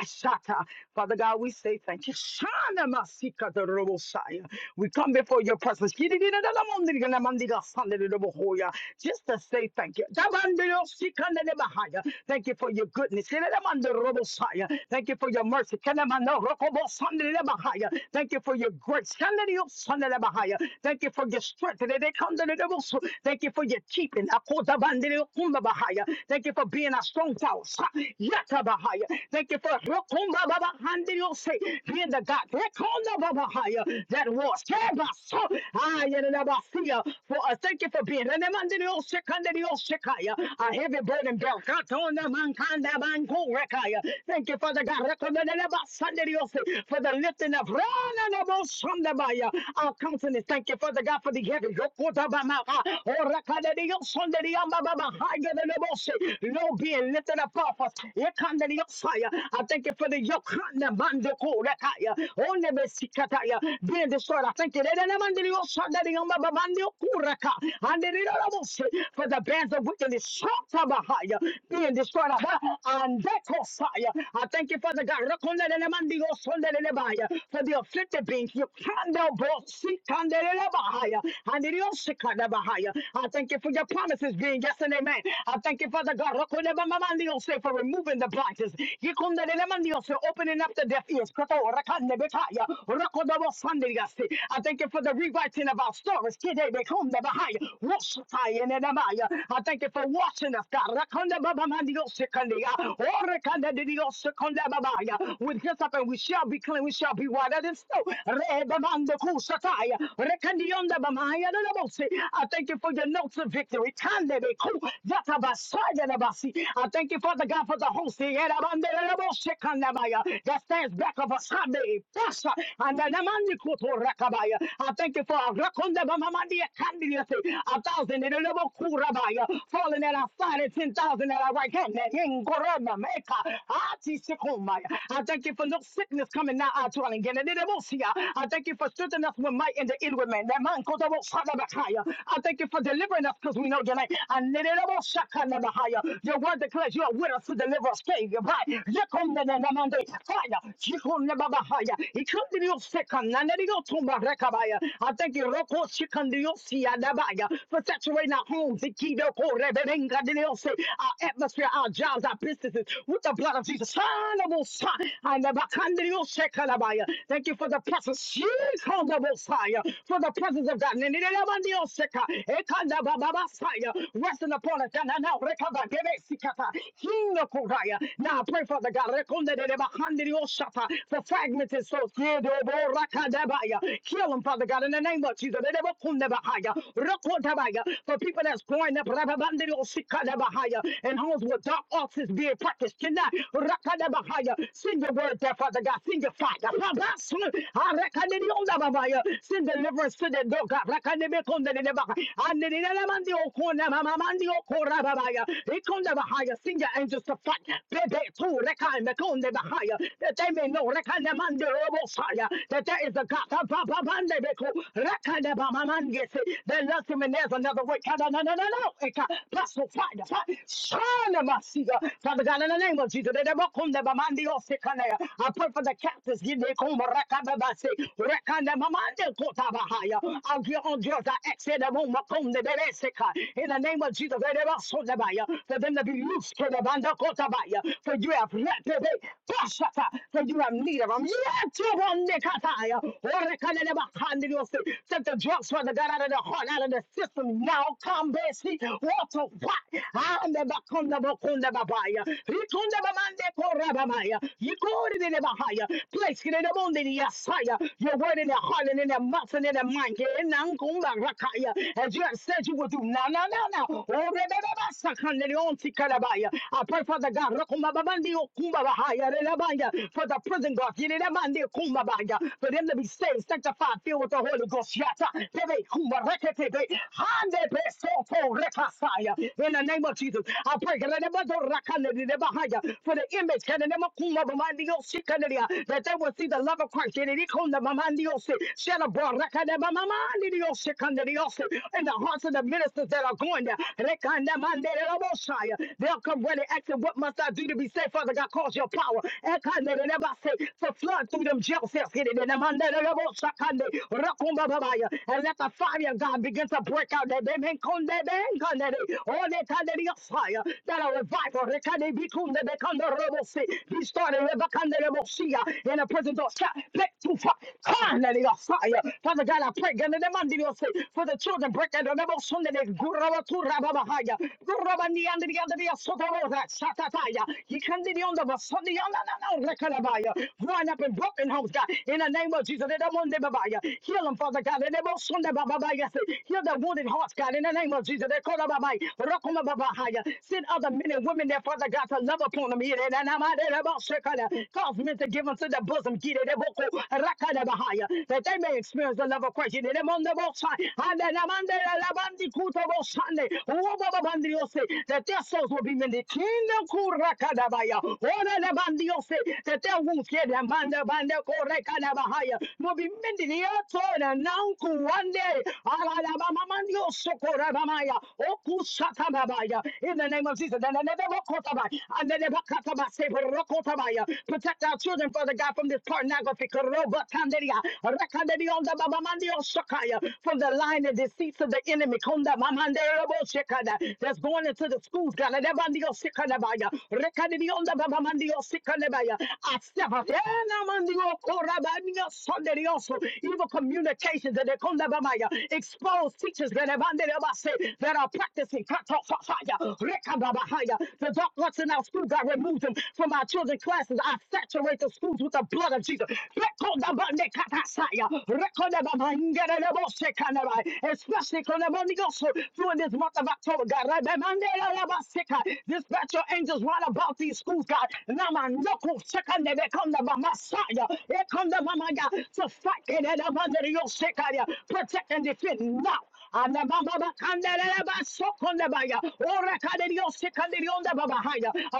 F: ashata. Father God, we say thank you. Shanamasikadorobosaya. We come before your presence. Kiririnadalamandiriganamandirasanderebohoya. Just to say thank you. Dabandirosikanelebahaya. Thank you for your goodness. Kiririnadamandirobosaya. Thank you for your mercy. Kanamanorokobosanderebahaya. Thank you for your grace. Kanadiosandere- Thank you for your strength. Thank you for your keeping. Akotabandere kumbabahaya. Thank you for being a strong tower. Sa- yatabahaya. Thank you for rokumbababandere se, being the God rekondababahaya, that was. Sebasa. Ayenabasiya. For us, thank you for being renemandere sekandere sekaya, a heavy burden belt. Katonamankandabankurekaya. Thank you, Father God, rekomendabasandere se, for the lifting of Ranabosandabaya, our countenance. Thank you, Father God, for the heavy. Low being lifted up off us. Here come the yoke fire. I thank you for the yoke. Hana mando ko rekaya. Only the being destroyed. I thank you. Rena mando yo sonda di yamba ba mando ko reka. And the little for the bands of wickedness. Shota bahaya being destroyed. And that fire. I thank you for the God. Rakonda rena mando yo For the afflicted beings. You can now both see. Kandere bahaya. Shikadabahaya. I thank you for your promises being yes and amen. I thank you, Father God, Rokonebamandiose, for removing the blinders. Yikundelelemandiose, Opening up the deaf ears. Koto Rakandebekaya, Rokodobosandiase. I thank you for the rewriting of our stories. Kidebekondebahaya, Roshatayenenemaya. I thank you for watching us, God. Rakondebamandiose, Kandiya, Orekandediose, Kondebabaya. With this up and we shall be clean, we shall be whiter than snow. Rebamando Kushataya, I thank you for your notes of victory. Kandebeku, yatabasayanabasi. I thank you, Father God, for the host Yerabandelebose kandabaya, that stands back of us. Habe, Pasha, and Rakabaya. I thank you for a Rakondabamamandia candidacy, a thousand in a level Kurabaya, falling at our side and ten thousand at our right hand. That in Gorama Meka, Ati Sikomaya. I thank you for no sickness coming now our dwelling. in the Mosia, I thank you for strengthening us with might in the inward man. Father Bakaya. I thank you for delivering us because we know your name. And Your word declares you are with us to deliver us, Savior. Right. Yekondenenamande. Fire. Yekondebabahaya. Ikundiriyosekananeriyotumbarekabaya. I thank you Roko Shikandiyosiyadabaya, for saturating our homes, Ikidokoreberengadiyose, our atmosphere, our jobs, our businesses with the blood of Jesus. Sanabosa. And the Bakandiyosekalabaya. Thank you for the presence. Shikondabosaya. For the presence of God. Nenelebandioseka, ekandabababasaya, Resting upon us. Nananao, rekabagebesikata, hinokoraya. Now I pray, Father God, rekondedebahandiriosata, for fragmented souls. Kedoborakadabaya. Kill them, Father God, in the name of Jesus. Dedebokundabahaya, rokodabaya, For people that's growing up rababandiriosikadabahaya, in homes with dark arts is being practiced. Tonight, rakadabahaya, send your word there, Father God. Send your fire. Rabasu, arekadiriondababaya, Send deliverance deliverance to the dog. Send your angels to fight. Bebe tu rekai mekonde bahaya. That they may know rekane mande robo fire. That there is a God. Ba- ba- ba- bande beko. Rekane man him and there's another way. Kada- na- na- na- na. Eka. Paso fire. Fire. Shana masiga. Father God, in the name of Jesus. they walk on the Bamandi Osekanea. I pray for the captives. Give me Kumba Rakababase oh In the name of Jesus, let it also the buyer. For them to be loose to the band of Kotabaya. For you have let them be. For you have need of them. Yet you want the Kataya. Or the Kanabahandi. Set the drugs for the God out of the heart, out of the system. Now come, Bessie. Water, what? I'm the Bakunda Bakunda Babaya. Rikunda Bamande Korabamaya. You go to the Bahaya. Place it in the Mundi, Yasaya. Your word in the heart running in their mouth and in their mind. Get in and go back, Rakaya. As you have said you will do. No, no, no, no. Oh, re- re- re- ba- sa- kan- de- de- on- ti- ka- da- ba- I pray for the God. Rakuma babandi okumba bahaya. Re- re- ba- ya. For the prison guard. Ye- re- re- mandi okumba ba- ya. For them to be saved, sanctified, filled with the Holy Ghost. Yata. Tebe kumba rekete be. Hande be soto rekasaya. In the name of Jesus, I pray re- re- re- ba- do- rakane- de- de- bahaya. for the image. re- re- re- ma- kumba babandi o- shi- ka- de- de- ya. that they will see the love of Christ. Ye- re- re- kumba babandi in the hearts of the ministers that are going there. Rekandamandelelobosaya. They'll come ready asking, What must I do to be saved? Father God, cause your power. Ekandelelebase. To flood through them jail cells. Hidenemandelelobosakande. Rakumbababaya. And let the fire, God, begin to break out. That they may come, they may come, they may- Oh, they can, they be a fire. That a revival. Rekandebikunde, bekandorobose. He started Rebekandorobosea in the prison door. Shut. Let to fire. Father God, I pray. God, in the name of Jesus, For the children, break and remember Sunday. Guravaturabahaya. Guravaniandriandria Sotorora. Satataya. He can be on the Sunday. Rekarabaya. Wind up in broken homes, God. In the name of Jesus. in the name of Babaya. Heal them, Father God. In the name of Sunday, Babaya. Heal the wounded hearts, God. In the name of Jesus. They call them Babaya. Rakuma Babahaya. Send other men and women there, Father God, to love upon them. Yeah, and I'm out there about Shekada. Cause men to give them to the bosom. Get it that they may experience the love of Christ. In the name of the and the name Kuto Most High, who above that their souls will be mended. Kingdom Kurakadabaya, all the Lamb of the earth, that their wounds get them and the band of Korekadabahaya will be mended. The earth and now one day, Alabamamandio Sokorabamaya, Okusatababaya, in the name of Jesus, and the Nebuchadnezzar, and the Nebuchadnezzar, Protect our children, Father God, from this pornography. Kanderia, the Baba Mandi on Shakaya, from the line and deceits of the enemy. Konda Mamande Robo Shekada, that's going into the schools. God, and Ebandi on Shikanabaya, Rekanderi on the Baba Mandi on Shikanabaya. I step up. Eh, na Mandi on Korabani on Sonderi also. Evil communications that they Konda Bamaya expose teachers that Ebandi Rabase that are practicing Kato Fafaya, Rekababahaya. The dark ones in our school, God, remove them from our children's classes. I saturate the schools with the blood of Jesus. Rekodabandekatasaya. Rekodababangerelebosekanabai. Especially konabondigos, during this month of October, God. Rebemanderelabaseka. Dispatch your angels right about these schools, God. Namandokosekanebekondabamasa. Ekondabamaya. To fight Kenedabanderiosekaya. protect and defend now. Anda baba bakanda la ba sokonda baya. Ora kaderio sekanderionda baba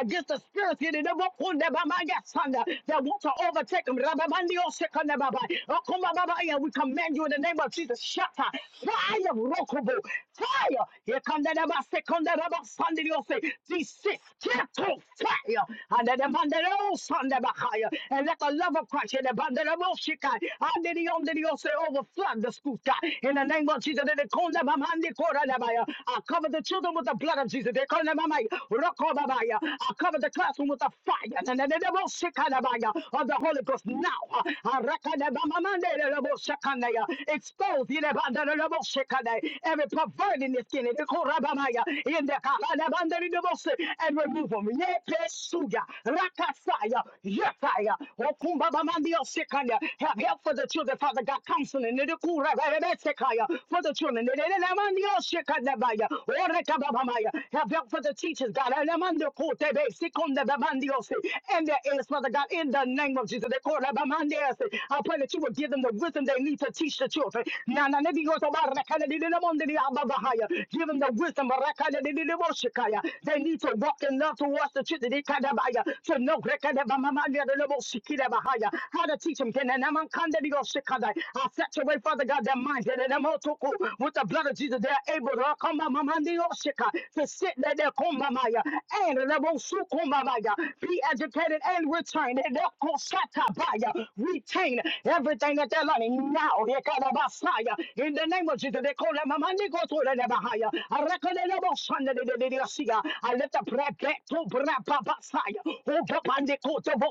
F: Against the spirits in the bokunda baba ya sanda that want to overtake them. Rababandio sekanda baba. Okuma baba We command you in the name of Jesus. Shatta. Fire rokobo. Fire. Here come the baba sekanda baba sanderio se. Desist. Gentle fire. And the bandero sanda bahaya. And let the love of Christ in the bandero shikai. Anderio anderio se overflood the school truth. In the name of Jesus, they call them a man, they I cover the children with the blood of Jesus. They call them a man. Rock I cover the classroom with the fire. And then they will shake on of the Holy Ghost now. uh, I reckon them a the man. Expose you know, and then they will shake on the- every pervert in the skin. They In the car, and the man, they and remove them. Yeah, Pesuya, Rakasaya, Yefaya, Okumba Mandio Sekanya. Have help for the children, Father. Father God, counseling in Nidukura, Rebesekaya, for the children. Nidelamania, Shekadabaya, Orekababamaya. Have help for the teachers, God. Alamandokote, Sekundabamandiose, And their ears, Father God, in the name of Jesus. Dekorabamandiase. I pray that you would give them the wisdom they need to teach the children. Nana, Nidiotobarakadidilamondiliababahaya. Give them the wisdom Barakadididiboshikaya. they need to walk in love towards the children. Dikadabaya. To know Rekadabamamandiyadoloboshikidabahaya. how to teach them I set away, Father God, their minds eh, na mo toko, with the blood of Jesus. They are able to come to sit there there, come, mama, ya, and na mo su, come, mama, ya, be educated and return. eh, na ko sata ya, Retain everything that they're learning now. eh, ka, na ba, ya, In the name of Jesus, they call them mama, ni go to the neba, ya. I reckon they never son, de- de- de- de- see, ya. I let the bread get to bread, ba, ba, ya. Oh, ba, ba, ni ko to bo,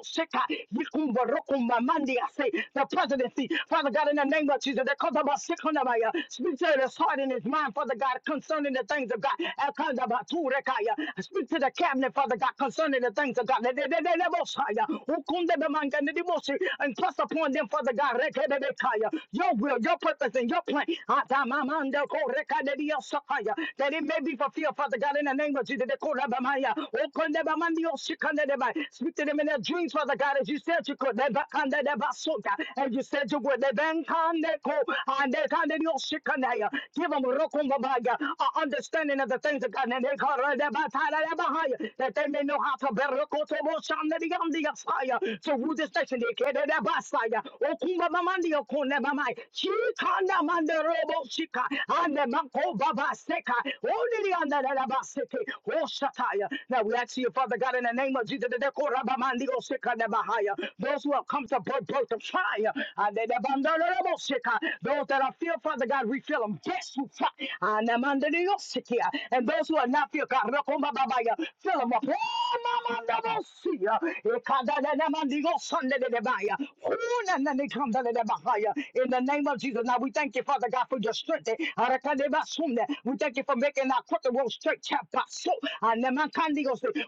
F: the presidency. Father God, in the name of Jesus, that comes about Sikonamaya, speak to his heart and his mind, Father God, concerning the things of God. Akandaba, Turekaya, Speak to the cabinet, Father God, concerning the things of God. They- they- they- they- they will say, uh, Ukunda, the man, and the devotion, and press upon them, Father God, Rekedebekaya, your will, your purpose, and your plan. Atamamanda, Korekadediosakaya, That it may be fulfilled, Father God, in the name of Jesus. Korabamaya, Okondebamandiosikandeba. Speak to lifted him in their dreams, Father God, as you said you could. They back on that, they back so you said you would. They bang on that go, and they can they don't shake on that, yeah. Give them a understanding of the things of God. And they call right, they back, tie that they behind you, that may know how to better look to watch on the young the fire. So who this nation they care that they back fire. Oh, Kumba Mamandi, oh, Kumba Mamai. She can't the robo shika, and the Mako Baba Seka. Only the under the Basiki. Oh, Shataya. Now we ask you, Father. Father God, in the name of Jesus, the Korabamandigo those who have come to birth, birth of fire, and they- they- those that are filled, Father God, refill them. Yes, you fire. And them under the Yosikia. And those who are not filled, God, fill them up. Oh, Mama, double see ya. Ekada da da man, Sunday de de baya. Oh, na na, they come da da da bahaya. In the name of Jesus, now we thank you, Father God, for your strength. We thank you for making our crooked road straight.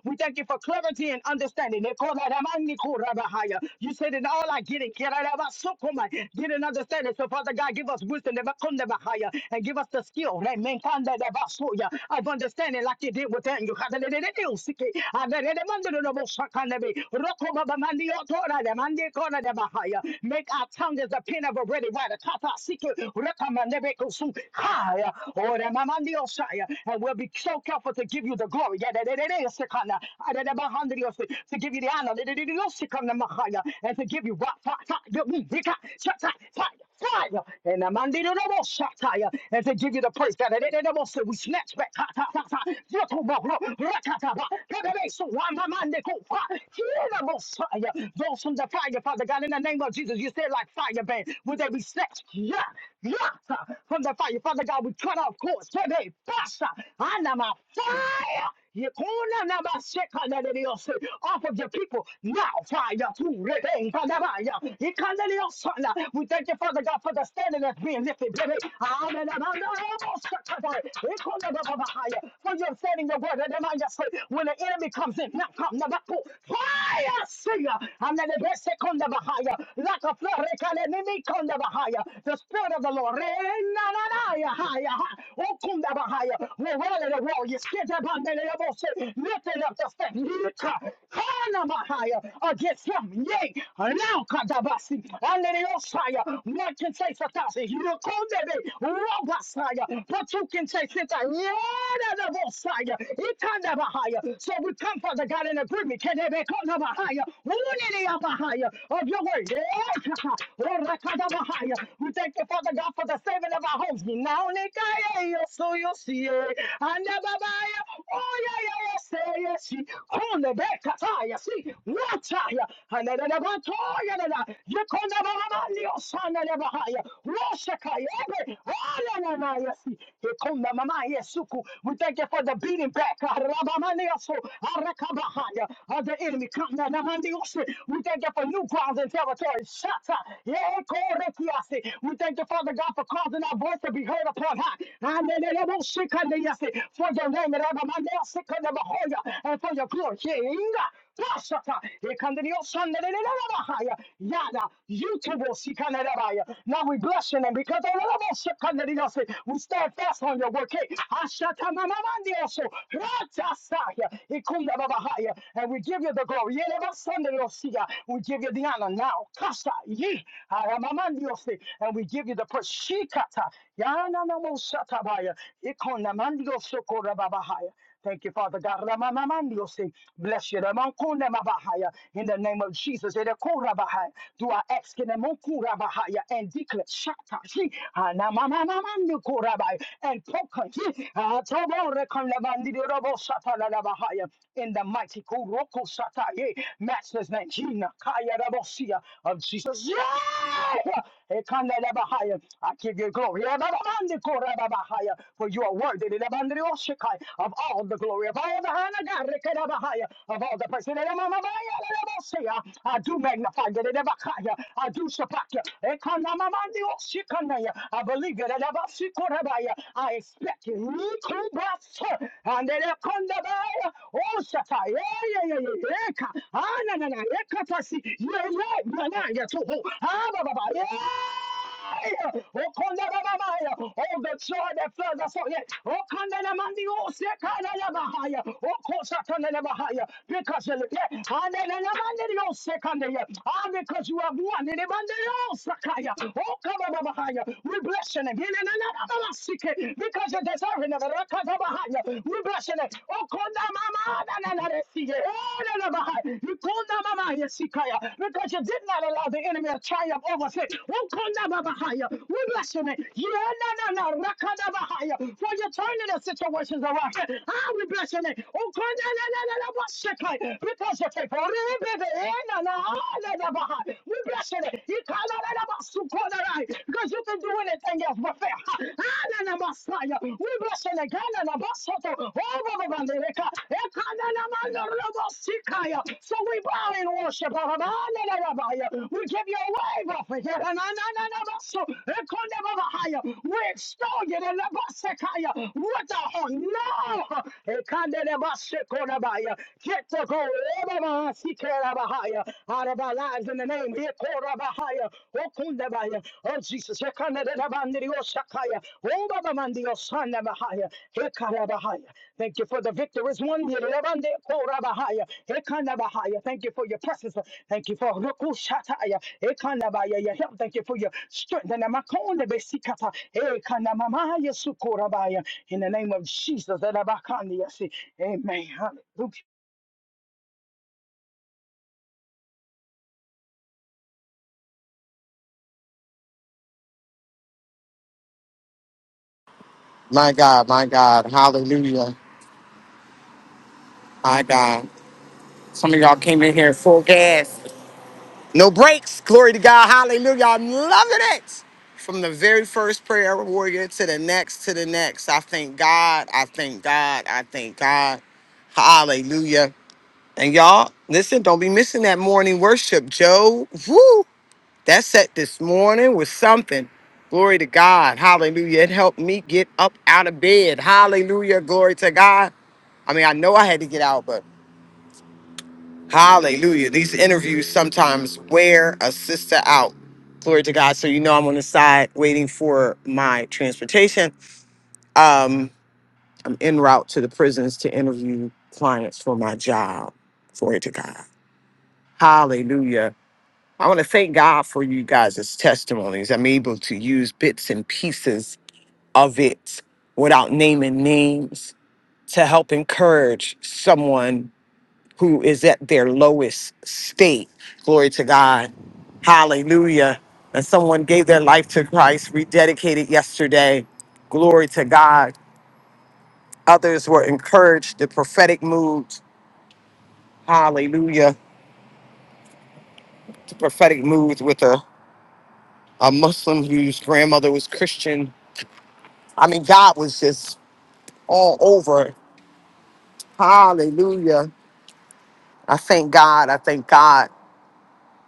F: We thank you for clarity and understanding. You said in all I get it. Kerabasokoma. Get an understanding. So Father God, give us wisdom and give us the skill Nemenkandabasoya, of understanding like you did with Daniel. Make our tongue as the pen of a ready writer. Tata sike, rekamanebekusu. Haya. Oremamandioshaya. And we'll be will be so careful to give you the glory. Yeah, that- that- that is the kind of- uh, that- that behind the earth, To give you the honor. that- that- that is the kind of Messiah, And to give you what? Fi- fi- the- mm, the kind- shut- shut- fire. Fire and the man did it almost shut tire and to give you the praise that it it almost we snatch back. Ha, ha, ha, ha. You talk about rock, rock, ha, ha, ha. Put it in, So why my man they go fire? Hear the most fire. Those from the fire, Father God, in the name of Jesus, you said like fire, man. Would they be snatched? Yeah, yeah, ha, from the fire, Father God. We cut off course sebe pasa anama fire. Yekuna nama seka nederiosi off of your people now fire to rebeng panabaya. Yekaneliosana. We thank you, Father God, for the standing that's being lifted, baby. Amen. For your standing your word, and I just say, when the enemy comes in, now come the battle. Fire, see ya. And then the best second of a higher. Like a flood, rekale, come konda higher. The spirit of the Lord. Haya, haya, ha- Okunda bahaya. We're rolling the wall. You skid up on the level, shit. Lifting up the step. Yika. Hana bahaya. Against him. Yay. Now kadabasi. Under the Osaya. What can say Satasi? You will call baby. Robasaya. But you can say Sita. Yada the Osaya. Itanda higher. So we come, Father God, in agreement. Can they be called a higher? bahaya? Unity of higher? Of your word. Yeah. We thank thank you, Father God, for the saving of our homes. Now, Nikaya, so you see it. And Ababaya, oh, yeah, yeah, yeah, say, yes, on the back, Kataya, see, water, and then the Batoya, you can never your son, and ever higher, Roshakaya, every, oh, no, no, yes, you come, Mama, yes, Suku. We thank you for the beating back, Rabamaneoso, Arakabahaya, of the enemy, come, Namanioso. We thank you for new grounds and territories, Shata, we thank you, Father God, for causing our voice to be heard upon high. Aneleleboshikaneyasi. For your name, Erabamaneyasikanebohoya. and for your glory. Yeinga. Pashata. Ekandeyoshanelelelebahaya. Yada. Yutubosikanelebaya. Now we bless your name because Eleleboshikaneyasi. we stand fast on your word. Hey, Ashatamamamandeyoso. Ratasaya. Ikundababaha. Messiah, and we give you the glory. Yeleba Sunday Lord, see We give you the honor now now. Kasa ye aramamandiosi, and we give you the praise. Shikata yana namosatabaya ikonamandiosoko Thank you, Father God. Ramamamandiosi. Bless you. Ramakonemabahaya. In the name of Jesus. Erekorabahaya. Do I ask in the Mokurabahaya and declare Shata Shi Anamamamamandiokorabaya and Poka Shi Atoborekonlebandiorobosatalalabahaya. in the mighty Kuroko Sataye Regina Kaya Rabosia of Jesus. Yeah! Ekanda Rabahaya. I give you glory. Rababandi Ko Rababahaya. For you are worthy Rabandri Oshikai, of all the glory of all the honor, God, of all the praise. Rabamamamaya, Rabosia. I do magnify you. Rabakaya. I do support you. Ekanda Mamandi Oshikanaya. I believe you. Rabasikorabaya. I expect you. Rikubasa. And Ekanda Baya. Oh, Shatai. Yeah, yeah, yeah, yeah. Eka. Ah, na na na. Eka pasi. Ye ye. Na na ya to ho. Ah, ba Yeah. Oh, konda ba ba Oh, the joy that floods us out. Yeah. Oh, konda na mandi o se kana na ba Oh, kosa kana na ba Because you look yeah. Ah, na na na mandi o se kana ya. Ah, because you have won. Ne mandi o sakaya. Oh, kaba ba ba We bless your name. Ye na na na na ba sike. Because you deserve it. Ne ba ra ka We bless your name. Oh, konda mama. Because you did not allow the enemy to triumph over sin. We bless your name. For you turning the situations around. I will bless your name. Because you're faithful. We bless your name. Because you can do anything else but fail. We bless your name. Oh, so we bow in worship. We give you a wave up here. We extol you in the Basekaya with the horn. No! Get to go out of our lives in the name Ekorabahaya, Okundabaya, Oh Jesus, Ekanadabandriosakaya, Obabamandiosanabahaya, Ekarabahaya. Thank you for the victor is one. Yerabande korabahaya. Ekanabahaya. Thank you for your presence. Thank you for rukushataya. Ekanabaya. Your help. Thank you for your strength. And amakonde besikata. Ekanamamaya sukorabaya. In the name of Jesus. Erabakandi yasi. Amen.
B: My God, my God. Hallelujah. My God. Some of y'all came in here full gas. No breaks. Glory to God. Hallelujah. I'm loving it. From the very first prayer warrior to the next, to the next. I thank God. I thank God. I thank God. Hallelujah. And y'all, listen, don't be missing that morning worship, Joe. Woo! That set this morning was something. Glory to God. Hallelujah. It helped me get up out of bed. Hallelujah. Glory to God. I mean, I know I had to get out, but hallelujah. These interviews sometimes wear a sister out. Glory to God. So you know I'm on the side waiting for my transportation. Um, I'm en route to the prisons to interview clients for my job. Glory to God. Hallelujah. I want to thank God for you guys' testimonies. I'm able to use bits and pieces of it without naming names to help encourage someone who is at their lowest state. Glory to God. Hallelujah. And someone gave their life to Christ, rededicated yesterday. Glory to God. Others were encouraged, the prophetic moods. Hallelujah. The prophetic moods with a, a Muslim whose grandmother was Christian I mean, God was just all over. it. Hallelujah. I thank God. I thank God.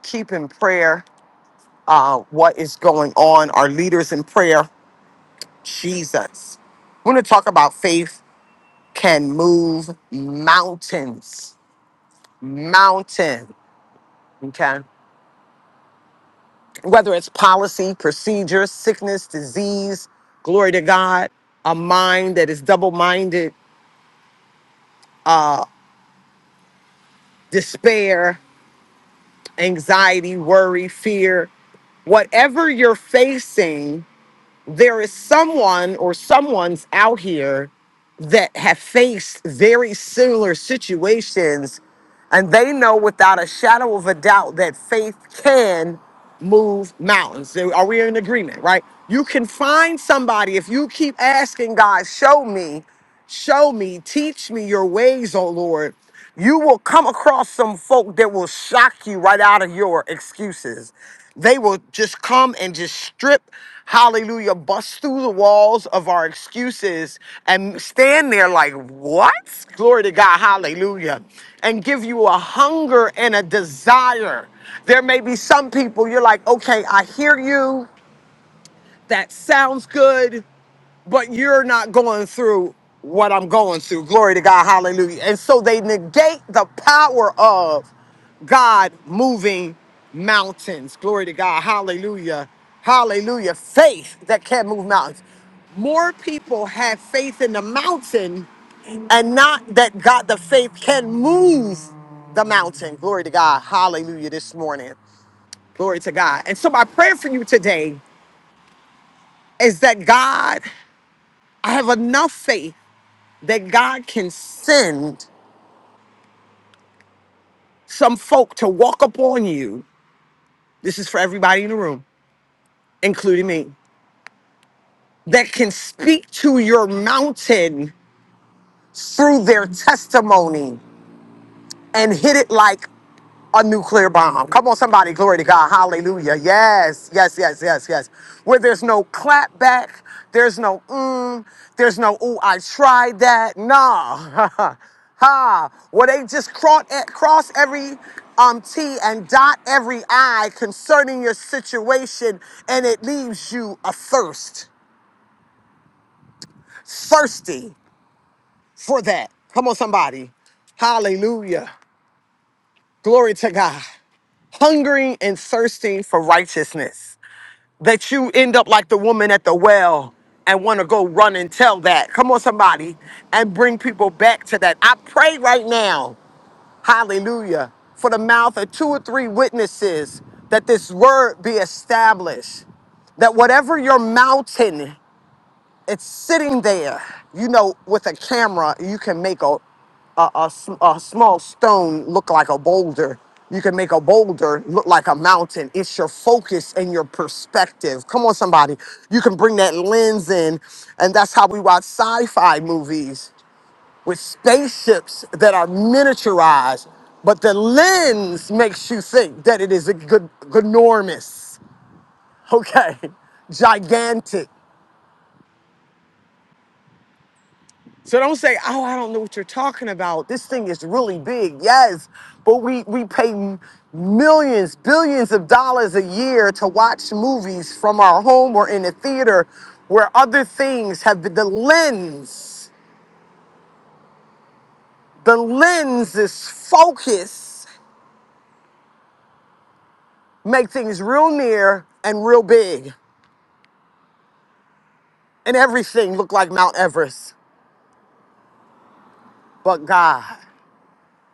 B: Keep in prayer uh, what is going on. Our leaders in prayer, Jesus. We're going to talk about faith can move mountains. Mountain. Okay. Whether it's policy, procedure, sickness, disease, glory to God, a mind that is double minded, uh, despair, anxiety, worry, fear, whatever you're facing, there is someone or someone's out here that have faced very similar situations and they know without a shadow of a doubt that faith can move mountains. So, Are we in agreement, right? You can find somebody if you keep asking God, show me, show me, teach me your ways, oh Lord. You will come across some folk that will shock you right out of your excuses. They will just come and just strip, hallelujah, bust through the walls of our excuses and stand there like, what? Glory to God, hallelujah. And give you a hunger and a desire. There may be some people you're like, okay, I hear you. That sounds good but you're not going through what I'm going through. Glory to God. Hallelujah. And so they negate the power of God moving mountains. Glory to God. Hallelujah. Hallelujah. Faith that can move mountains. More people have faith in the mountain and not that God, the faith can move the mountain. Glory to God. Hallelujah this morning. Glory to God. And so my prayer for you today is that God, I have enough faith that God can send some folk to walk upon you. This is for everybody in the room, including me, that can speak to your mountain through their testimony and hit it like a nuclear bomb. Come on, somebody, glory to God. Hallelujah. Yes, yes, yes, yes, yes. Where there's no clap back, there's no mm, there's no, ooh, I tried that. Nah. ha. Where they just cross, eh, cross every um T and dot every I concerning your situation, and it leaves you athirst, thirsty for that. Come on, somebody. Hallelujah. Glory to God. Hungering and thirsting for righteousness. that you end up like the woman at the well and want to go run and tell that. Come on, somebody, and bring people back to that. I pray right now, hallelujah, for the mouth of two or three witnesses that this word be established. That whatever your mountain it's sitting there. You know, with a camera, you can make a a, a sm- a small stone look like a boulder. You can make a boulder look like a mountain. It's your focus and your perspective. Come on, somebody. You can bring that lens in, and that's how we watch sci-fi movies with spaceships that are miniaturized, but the lens makes you think that it is a good, enormous, okay, gigantic. So don't say, "Oh, I don't know what you're talking about. This thing is really big." Yes, but we we pay m- millions, billions of dollars a year to watch movies from our home or in a theater where other things have been the lens. The lens is focus make things real near and real big and everything look like Mount Everest but God.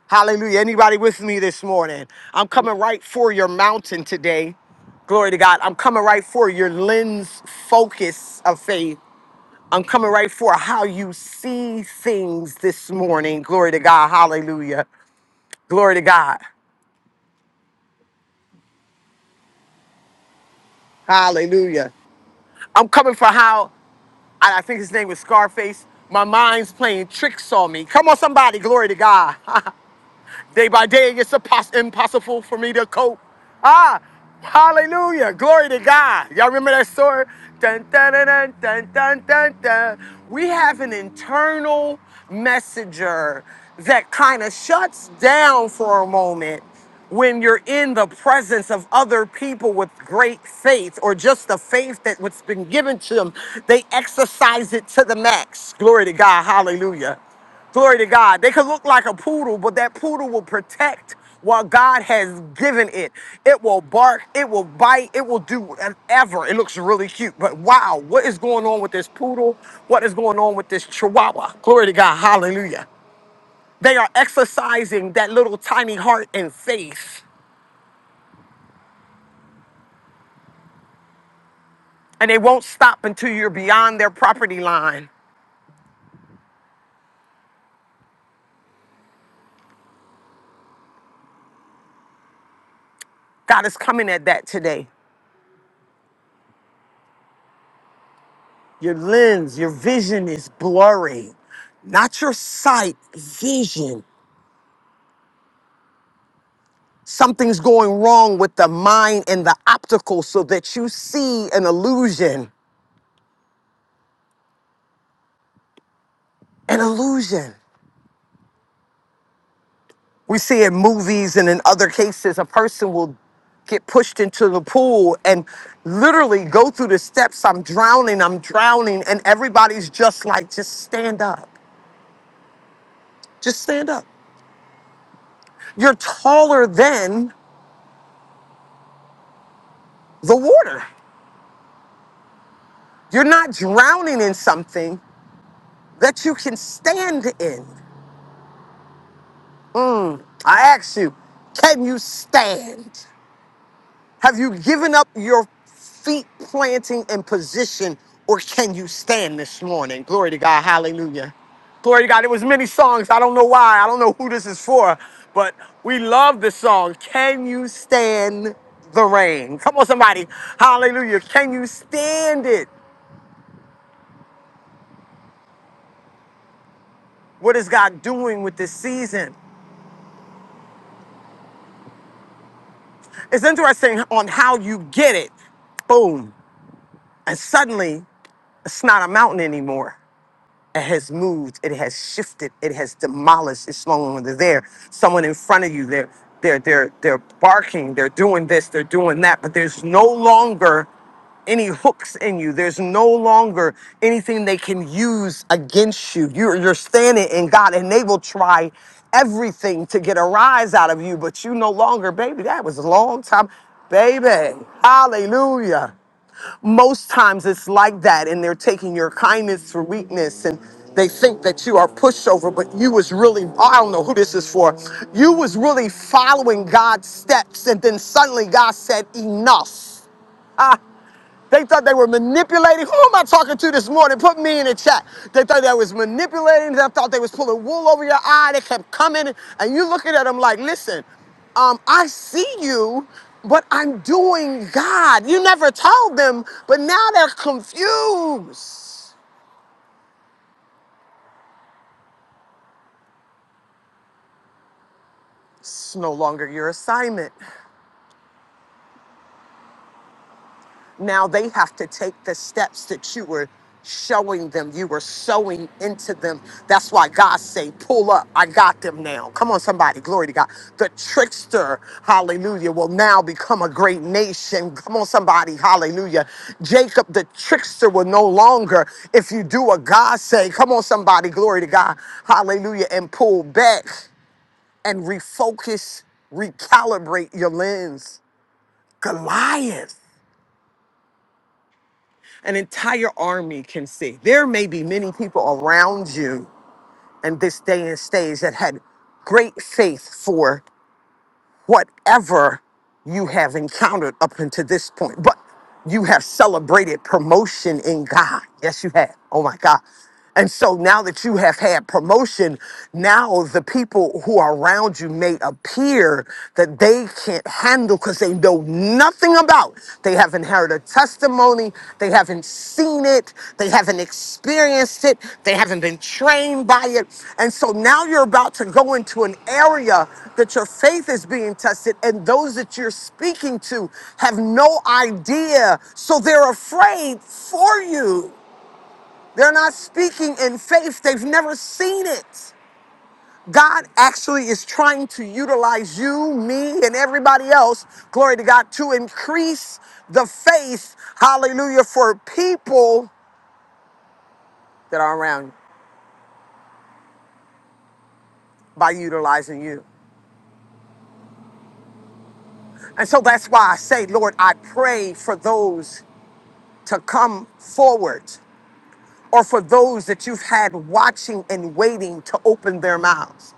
B: Hallelujah. Anybody with me this morning? I'm coming right for your mountain today. Glory to God. I'm coming right for your lens focus of faith. I'm coming right for how you see things this morning. Glory to God. Hallelujah. Glory to God. Hallelujah. I'm coming for how, I I think his name was Scarface. My mind's playing tricks on me. Come on, somebody. Glory to God. Day by day, it's impossible for me to cope. Ah, hallelujah. Glory to God. Y'all remember that story? Dun, dun, dun, dun, dun, dun, dun, dun. We have an internal messenger that kind of shuts down for a moment when you're in the presence of other people with great faith or just the faith that what's been given to them they exercise it to the max glory to god hallelujah Glory to God. They could look like a poodle, but that poodle will protect what God has given it. It will bark, it will bite, it will do whatever. It looks really cute. But wow, what is going on with this poodle? What is going on with this chihuahua? Glory to God. Hallelujah. They are exercising that little tiny heart and faith, and they won't stop until you're beyond their property line. God is coming at that today. Your lens, your vision is blurry. Not your sight, vision. Something's going wrong with the mind and the optical so that you see an illusion. An illusion. We see in movies and in other cases, a person will get pushed into the pool and literally go through the steps. I'm drowning, I'm drowning. And everybody's just like, just stand up. Just stand up. You're taller than the water. You're not drowning in something that you can stand in. Mm, I ask you, can you stand? Have you given up your feet planting and position, or can you stand this morning? Glory to God. Hallelujah. Glory to God. It was many songs. I don't know why. I don't know who this is for, but we love this song. Can you stand the rain? Come on, somebody. Hallelujah. Can you stand it? What is God doing with this season? It's interesting on how you get it. Boom. And suddenly It's not a mountain anymore. It has moved. It has shifted. It has demolished. It's no longer there. Someone in front of you, they're they're they're they're barking. They're doing this. They're doing that. But there's no longer any hooks in you. There's no longer anything they can use against you. You're, you're standing in God, and they will try everything to get a rise out of you, but you no longer, baby, that was a long time. Baby, hallelujah. Most times it's like that, and they're taking your kindness for weakness and they think that you are pushover, but you was really, I don't know who this is for. You was really following God's steps, and then suddenly God said, enough. They thought they were manipulating. Who am I talking to this morning? Put me in the chat. They thought they was manipulating. They thought they was pulling wool over your eye. They kept coming, and you looking at them like, listen, um, I see you, but I'm doing God. You never told them, but now they're confused. It's no longer your assignment. Now they have to take the steps that you were showing them, you were sowing into them. That's why God say, pull up. I got them now. Come on, somebody. Glory to God. The trickster, hallelujah, will now become a great nation. Come on, somebody. Hallelujah. Jacob, the trickster, will no longer, if you do what God say, come on, somebody. Glory to God. Hallelujah. And pull back and refocus, recalibrate your lens. Goliath. an entire army can see. There may be many people around you in this day and stage that had great faith for whatever you have encountered up until this point, but you have celebrated promotion in God. Yes, you have. Oh my God. And so now that you have had promotion, now the people who are around you may appear that they can't handle because they know nothing about. They haven't heard a testimony. They haven't seen it. They haven't experienced it. They haven't been trained by it. And so now you're about to go into an area that your faith is being tested, and those that you're speaking to have no idea. So they're afraid for you. They're not speaking in faith, they've never seen it. God actually is trying to utilize you, me, and everybody else, glory to God, to increase the faith, hallelujah, for people that are around you by utilizing you. And so that's why I say, Lord, I pray for those to come forward or for those that you've had watching and waiting to open their mouths.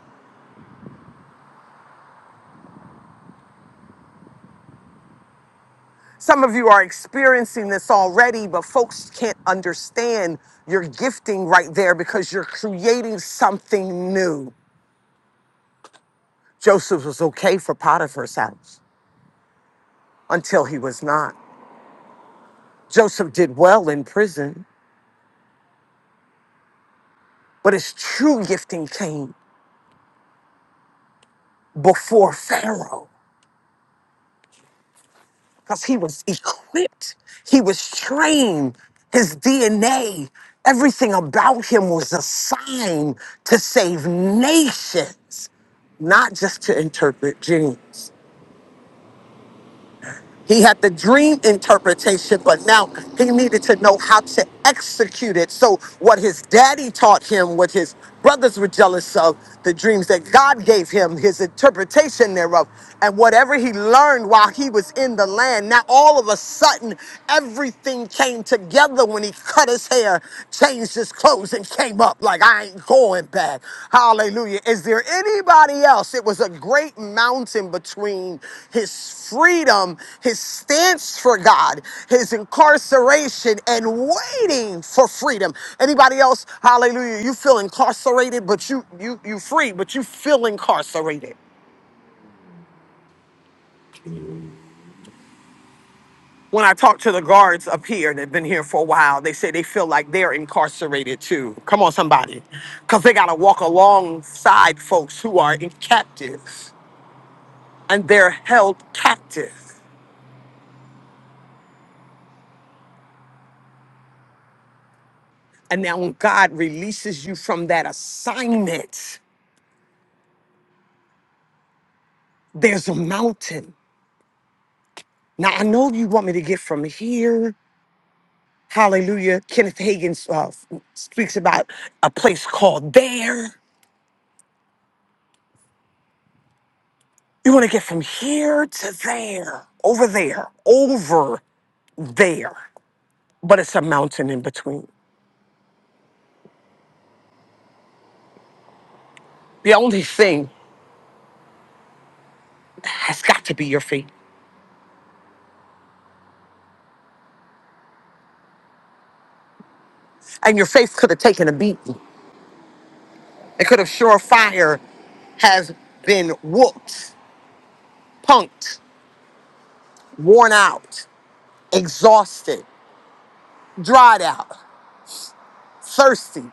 B: Some of you are experiencing this already, but folks can't understand your gifting right there because you're creating something new. Joseph was okay for Potiphar's house until he was not. Joseph did well in prison, but his true gifting came before Pharaoh. because he was equipped, he was trained, his DNA, everything about him was assigned to save nations, not just to interpret dreams. He had the dream interpretation, but now he needed to know how to execute it. So, what his daddy taught him, what his brothers were jealous of, the dreams that God gave him, his interpretation thereof, and whatever he learned while he was in the land. Now, all of a sudden, everything came together when he cut his hair, changed boxes closed and came up like I ain't going back. Hallelujah. Is there anybody else? It was a great mountain between his freedom, his stance for God, his incarceration, and waiting for freedom. Anybody else? Hallelujah. You feel incarcerated, but you you you free, but you feel incarcerated. when I talk to the guards up here that've been here for a while, they say they feel like they're incarcerated too. Come on, somebody. Because they got to walk alongside folks who are in captives and they're held captive. And now when God releases you from that assignment, there's a mountain. Now, I know you want me to get from here. Hallelujah. Kenneth Hagin uh, speaks about a place called there. You want to get from here to there, over there, over. there, but it's a mountain in between. The only thing has got to be your faith. And your faith could have taken a beating. It could have surefire has been whooped, punked, worn out, exhausted, dried out, thirsty,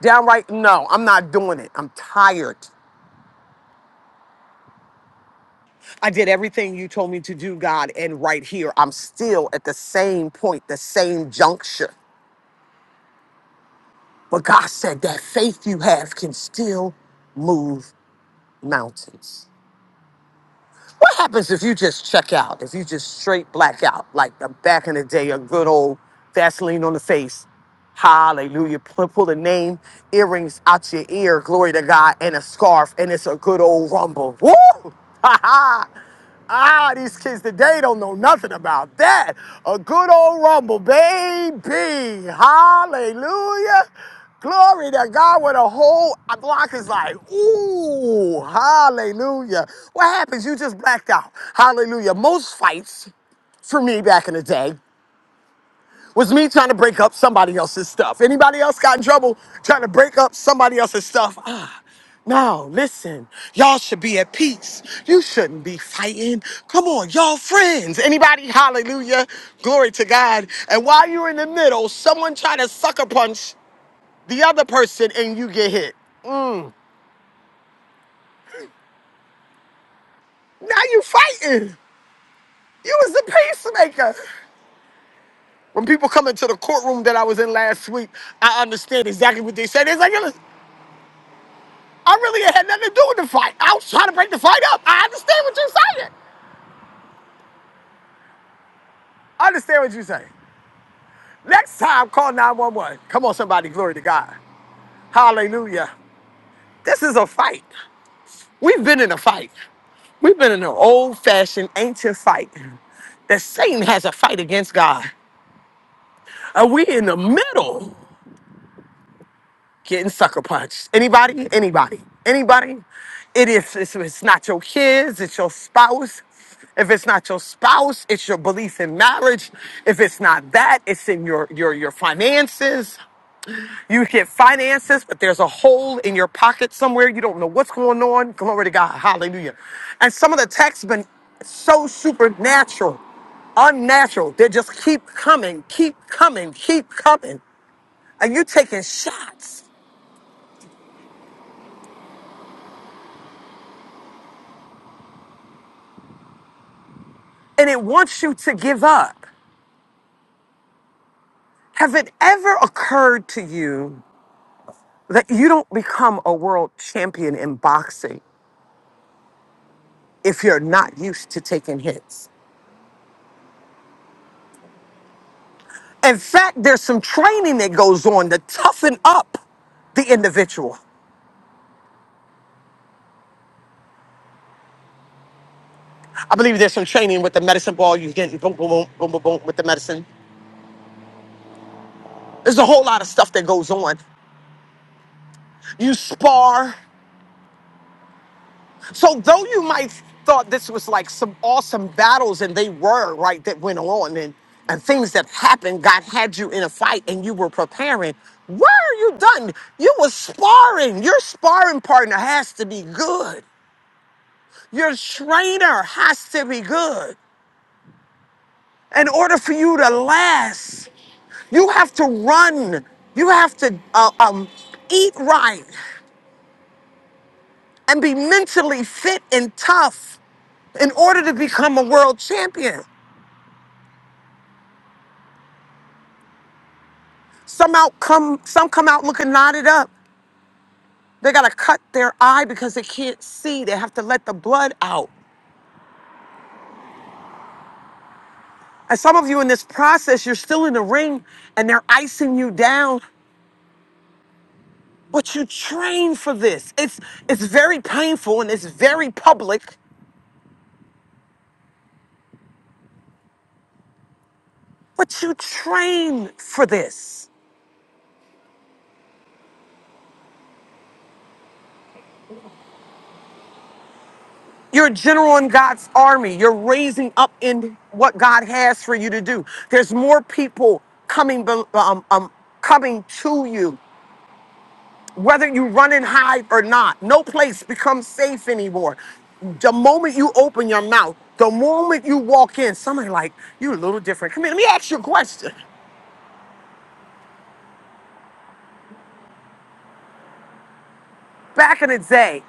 B: downright, no, I'm not doing it. I'm tired. I did everything you told me to do, God, and right here, I'm still at the same point, the same juncture. But God said that faith you have can still move mountains. What happens if you just check out, if you just straight black out, like the back in the day, a good old Vaseline on the face? Hallelujah. Pull, pull the name, earrings out your ear, glory to God, and a scarf, and it's a good old rumble. Woo! Ha ha! Ah, these kids today don't know nothing about that. A good old rumble, baby. Hallelujah. Glory to God when a whole block is like, ooh, hallelujah. What happens? You just blacked out. Hallelujah. Most fights for me back in the day was me trying to break up somebody else's stuff. Anybody else got in trouble trying to break up somebody else's stuff? Ah, now listen, y'all should be at peace. You shouldn't be fighting. Come on, y'all friends. Anybody, hallelujah, glory to God. And while you're in the middle, someone try to sucker punch the other person and you get hit. Now you fighting. You was the peacemaker. When people come into the courtroom that I was in last week, I understand exactly what they said. It's like, I really had nothing to do with the fight. I was trying to break the fight up. I understand what you're saying. I understand what you're saying. Next time, call 911. Come on, somebody, glory to God. Hallelujah. This is a fight. We've been in a fight. We've been in an old fashioned, ancient fight that Satan has a fight against God. And we in the middle. getting sucker punched. Anybody? Anybody? Anybody? It is. It's, it's not your kids. It's your spouse. If it's not your spouse, it's your belief in marriage. If it's not that, it's in your your your finances. You get finances, but there's a hole in your pocket somewhere. You don't know what's going on. Glory to God. Hallelujah. And some of the texts been so supernatural, unnatural. They just keep coming, keep coming, keep coming. And you taking shots. and it wants you to give up. Have it ever occurred to you that you don't become a world champion in boxing if you're not used to taking hits? In fact, there's some training that goes on to toughen up the individual. I believe there's some training with the medicine ball. You're getting boom, boom, boom, boom, boom, boom with the medicine. There's a whole lot of stuff that goes on. You spar. So though you might thought this was like some awesome battles, and they were right that went on, and and things that happened, God had you in a fight, and you were preparing. Where are you done? You were sparring. Your sparring partner has to be good. Your trainer has to be good. In order for you to last, you have to run. You have to uh, um, eat right and be mentally fit and tough in order to become a world champion. Some out come some come out looking knotted up. They gotta cut their eye because they can't see. They have to let the blood out. And some of you in this process, you're still in the ring and they're icing you down. But you train for this. It's it's very painful and it's very public, but you train for this. You're a general in God's army. You're raising up in what God has for you to do. There's more people coming, be- um, um, coming to you. whether you run and hide or not. No place becomes safe anymore. The moment you open your mouth, the moment you walk in, somebody like, you a little different. Come here, let me ask you a question. Back in the day,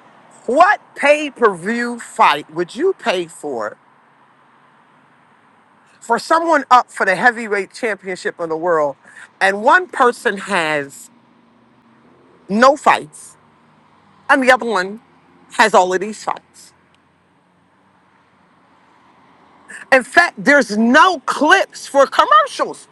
B: what pay-per-view fight would you pay for for someone up for the heavyweight championship of the world and one person has no fights and the other one has all of these fights? In fact, there's no clips for commercials.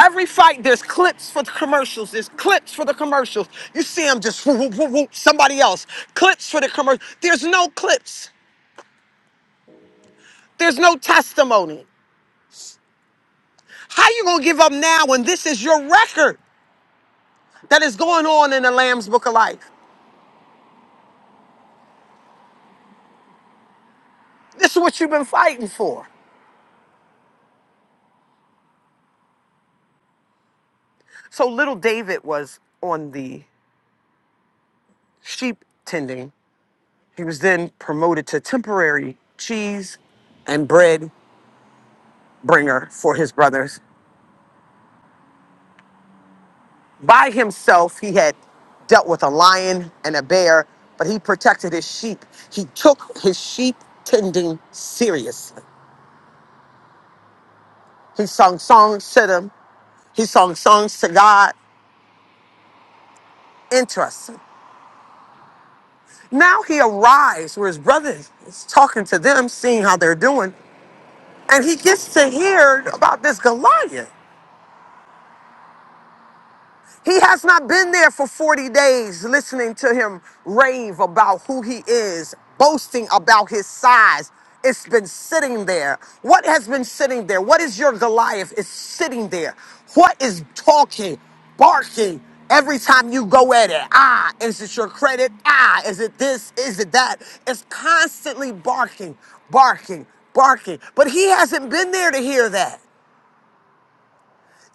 B: Every fight, there's clips for the commercials. There's clips for the commercials. You see them just whoop, whoop, whoop, whoop, somebody else. Clips for the commercial. There's no clips. There's no testimony. How you gonna give up now when this is your record that is going on in the Lamb's Book of Life? This is what you've been fighting for. So little David was on the sheep tending. He was then promoted to temporary cheese and bread bringer for his brothers. By himself, he had dealt with a lion and a bear, but he protected his sheep. He took his sheep tending seriously. He sung songs to them, he sung songs to God. Interesting. Now he arrives where his brother is talking to them, seeing how they're doing, and he gets to hear about this Goliath. He has not been there for 40 days listening to him rave about who he is, boasting about his size. It's been sitting there. What has been sitting there? What is your Goliath? It's sitting there. What is talking, barking every time you go at it? Ah, is it your credit? Ah, is it this? Is it that? It's constantly barking, barking, barking. But he hasn't been there to hear that.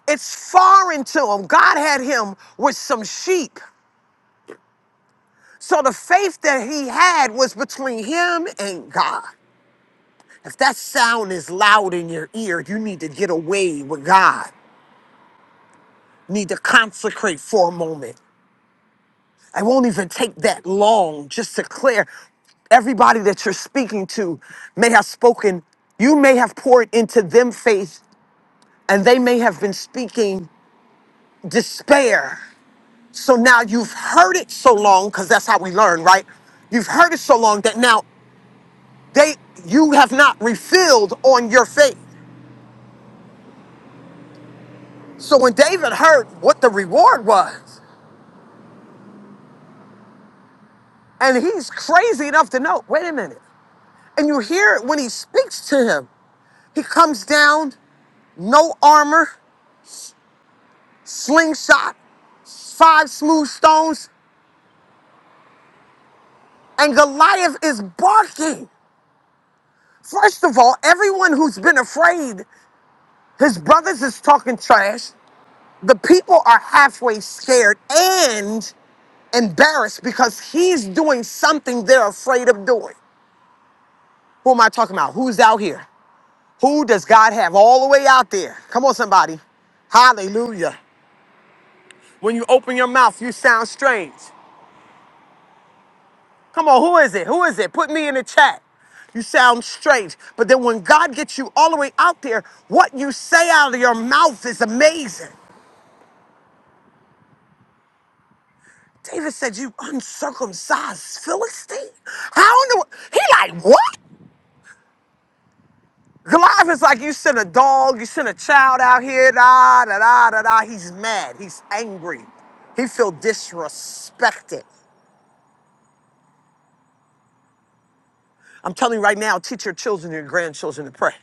B: It's foreign to him. God had him with some sheep. So the faith that he had was between him and God. If that sound is loud in your ear, you need to get away with God. Need to consecrate for a moment. It won't even take that long just to clear. Everybody that you're speaking to may have spoken, you may have poured into them faith, and they may have been speaking despair. So now you've heard it so long, because that's how we learn, right? You've heard it so long that now They you have not refilled on your faith. So when David heard what the reward was, and he's crazy enough to know, wait a minute. And you hear it when he speaks to him. He comes down, no armor, slingshot, five smooth stones, and Goliath is barking. First of all, everyone who's been afraid, his brothers is talking trash. The people are halfway scared and embarrassed because he's doing something they're afraid of doing. Who am I talking about? Who's out here? Who does God have all the way out there? Come on, somebody. Hallelujah. When you open your mouth, you sound strange. Come on, who is it? Who is it? Put me in the chat. You sound strange. But then when God gets you all the way out there, what you say out of your mouth is amazing. David said, You uncircumcised Philistine? How in the world? He like, What? Goliath is like, You sent a dog, you sent a child out here, da da da da da. He's mad, he's angry, he feel disrespected. I'm telling you right now, teach your children and your grandchildren to pray.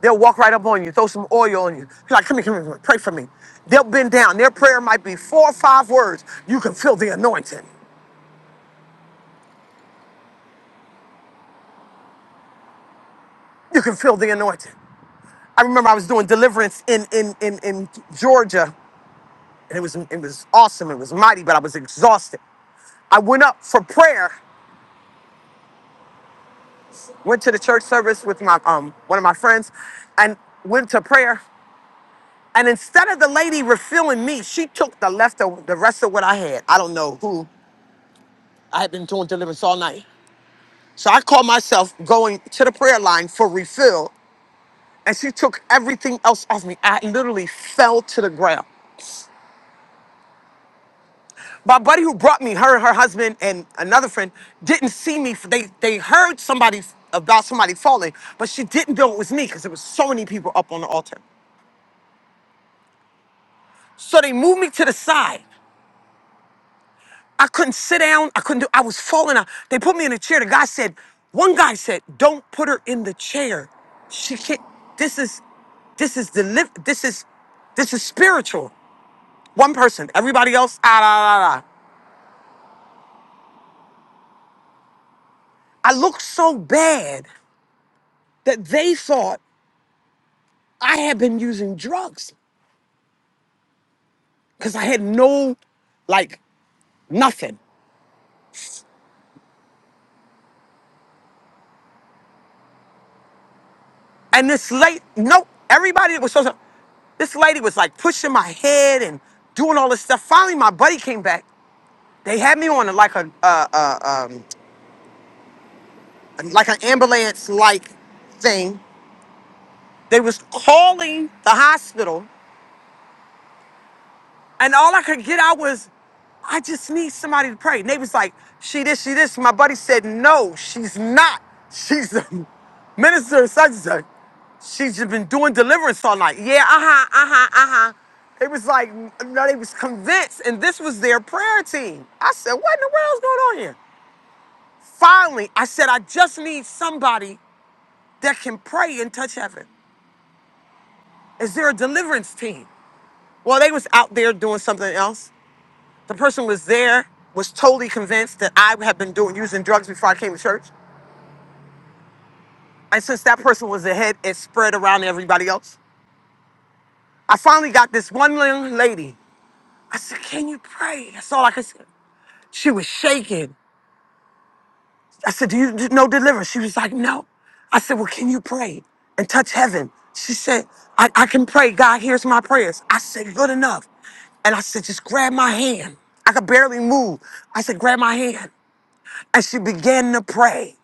B: They'll walk right up on you, throw some oil on you. Be like, come here, come here, come here, pray for me. They'll bend down. Their prayer might be four or five words. You can feel the anointing. You can feel the anointing. I remember I was doing deliverance in in in, in Georgia, and it was it was awesome. It was mighty, but I was exhausted. I went up for prayer, went to the church service with my um one of my friends, and went to prayer. And instead of the lady refilling me, she took the left of the rest of what I had. I don't know who I had been doing deliverance all night. So I called myself going to the prayer line for refill, and she took everything else off me. I literally fell to the ground. my buddy who brought me her her husband and another friend didn't see me they they heard somebody about somebody falling but she didn't know it was me because there was so many people up on the altar so they moved me to the side i couldn't sit down i couldn't do i was falling out they put me in a chair the guy said one guy said don't put her in the chair she can't this is this is the live this is this is spiritual one person everybody else ah, ah, ah, ah. i looked so bad that they thought I had been using drugs because I had no, like, nothing. And this late, nope, everybody that was supposed to, this lady was like pushing my head and doing all this stuff. Finally, my buddy came back. They had me on a, like a, uh, uh, um, like an ambulance like thing. They was calling the hospital And all I could get out was, I just need somebody to pray. Neighbor's like, she this, she this. My buddy said, no, she's not. She's a minister of such and such. She's just been doing deliverance all night. Yeah, uh-huh, uh-huh, uh-huh. It was like, no, they was convinced, and this was their prayer team. I said, what in the world's going on here? Finally, I said, I just need somebody that can pray and touch heaven. Is there a deliverance team? Well, they was out there doing something else. The person was there, was totally convinced that I had been doing using drugs before I came to church. And since that person was ahead, it spread around to everybody else. I finally got this one young lady. I said, Can you pray? That's all I could say. She was shaking. I said, Do you do- know deliverance? She was like, No. I said, Well, can you pray and touch heaven? She said, I, I can pray. God hears my prayers. I said, Good enough. And I said, Just grab my hand. I could barely move. I said, Grab my hand. And she began to pray.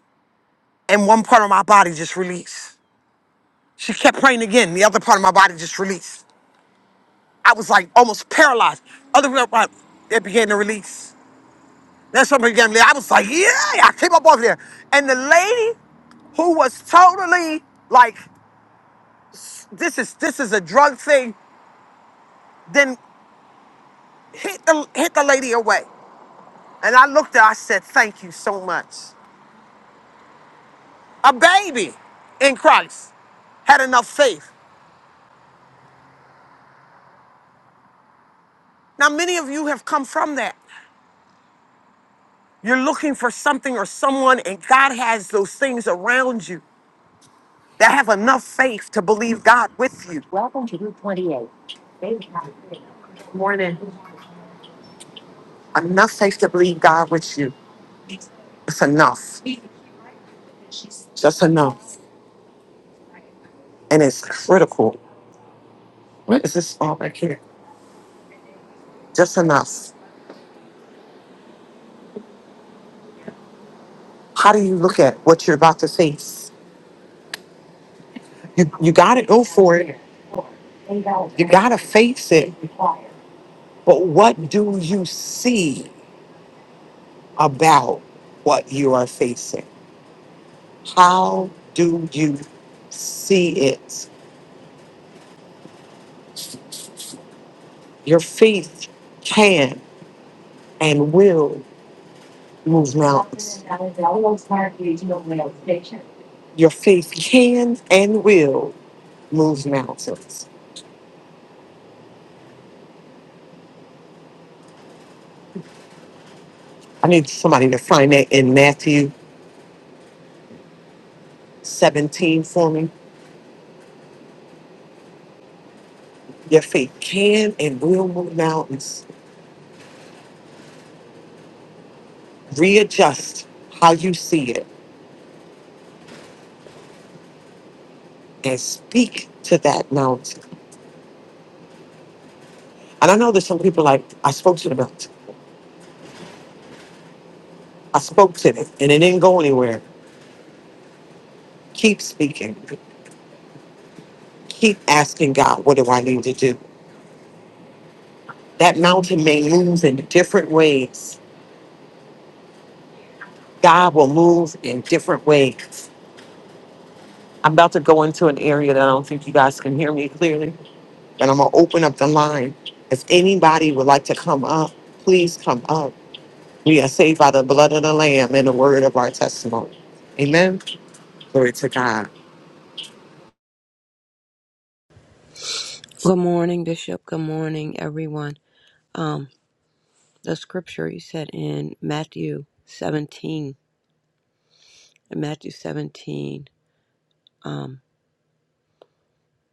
B: and one part of my body just released. She kept praying again. The other part of my body just released. I was like almost paralyzed. Other part, it began to release. Then somebody began to I was like, yeah, I came up off there. And the lady who was totally like, this is this is a drug thing, then hit the hit the lady away. And I looked at her, I said, thank you so much. A baby in Christ had enough faith. Now, many of you have come from that. You're looking for something or someone, and God has those things around you that have enough faith to believe God with you. Enough faith to believe God with you. It's enough. Just enough. And it's critical. What is this all back here? Just enough. How do you look at what you're about to face? You, you got to go for it. You got to face it. But what do you see about what you are facing? How do you see it? Your faith can and will move mountains. Your faith can and will move mountains. I need somebody to find that in Matthew 17 for me. Your faith can and will move mountains. Readjust how you see it and speak to that mountain. And I know there's some people like, I spoke to the mountain, I spoke to it, and it didn't go anywhere. Keep speaking. keep asking God, what do I need to do? That mountain may move in different ways. God will move in different ways. I'm about to go into an area that I don't think you guys can hear me clearly, but I'm going to open up the line. If anybody would like to come up, please come up. We are saved by the blood of the Lamb and the word of our testimony. Amen. Glory to God.
G: Good morning, Bishop. Good morning, everyone. Um, the scripture you said in Matthew 17, in Matthew 17 um,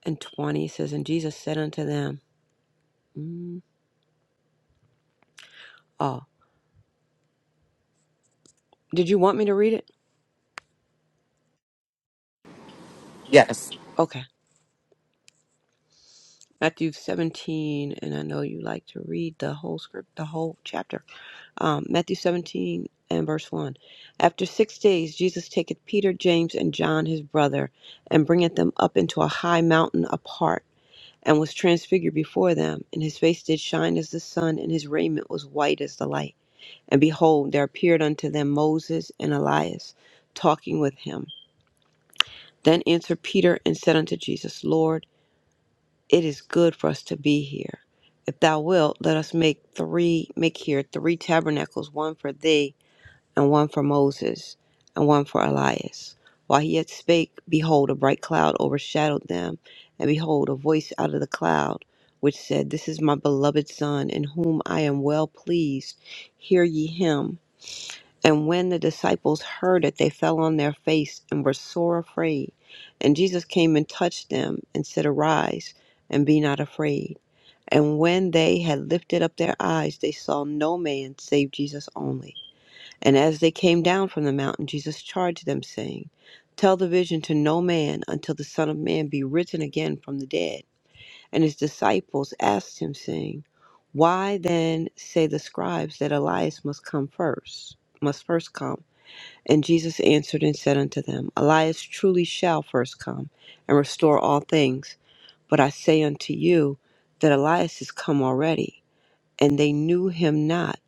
G: and 20 says, And Jesus said unto them, mm, Oh, did you want me to read it?
B: Yes.
G: Okay. Matthew 17, and I know you like to read the whole script, the whole chapter. Um, Matthew 17 and verse 1. After six days, Jesus taketh Peter, James, and John his brother, and bringeth them up into a high mountain apart and was transfigured before them, and his face did shine as the sun, and his raiment was white as the light. And behold, there appeared unto them Moses and Elias, talking with him. Then answered Peter and said unto Jesus, Lord, it is good for us to be here. If thou wilt, let us make three make here three tabernacles, one for thee and one for Moses, and one for Elias. While he yet spake, behold, a bright cloud overshadowed them, and behold, a voice out of the cloud, which said, This is my beloved Son, in whom I am well pleased. Hear ye him. And when the disciples heard it, they fell on their face and were sore afraid. And Jesus came and touched them, and said, Arise, and be not afraid. And when they had lifted up their eyes, they saw no man save Jesus only and as they came down from the mountain, Jesus charged them, saying, Tell the vision to no man until the Son of Man be risen again from the dead. And his disciples asked him, saying, Why then say the scribes that Elias must come first, must first come? And Jesus answered and said unto them, Elias truly shall first come and restore all things. But I say unto you that Elias is come already, and they knew him not,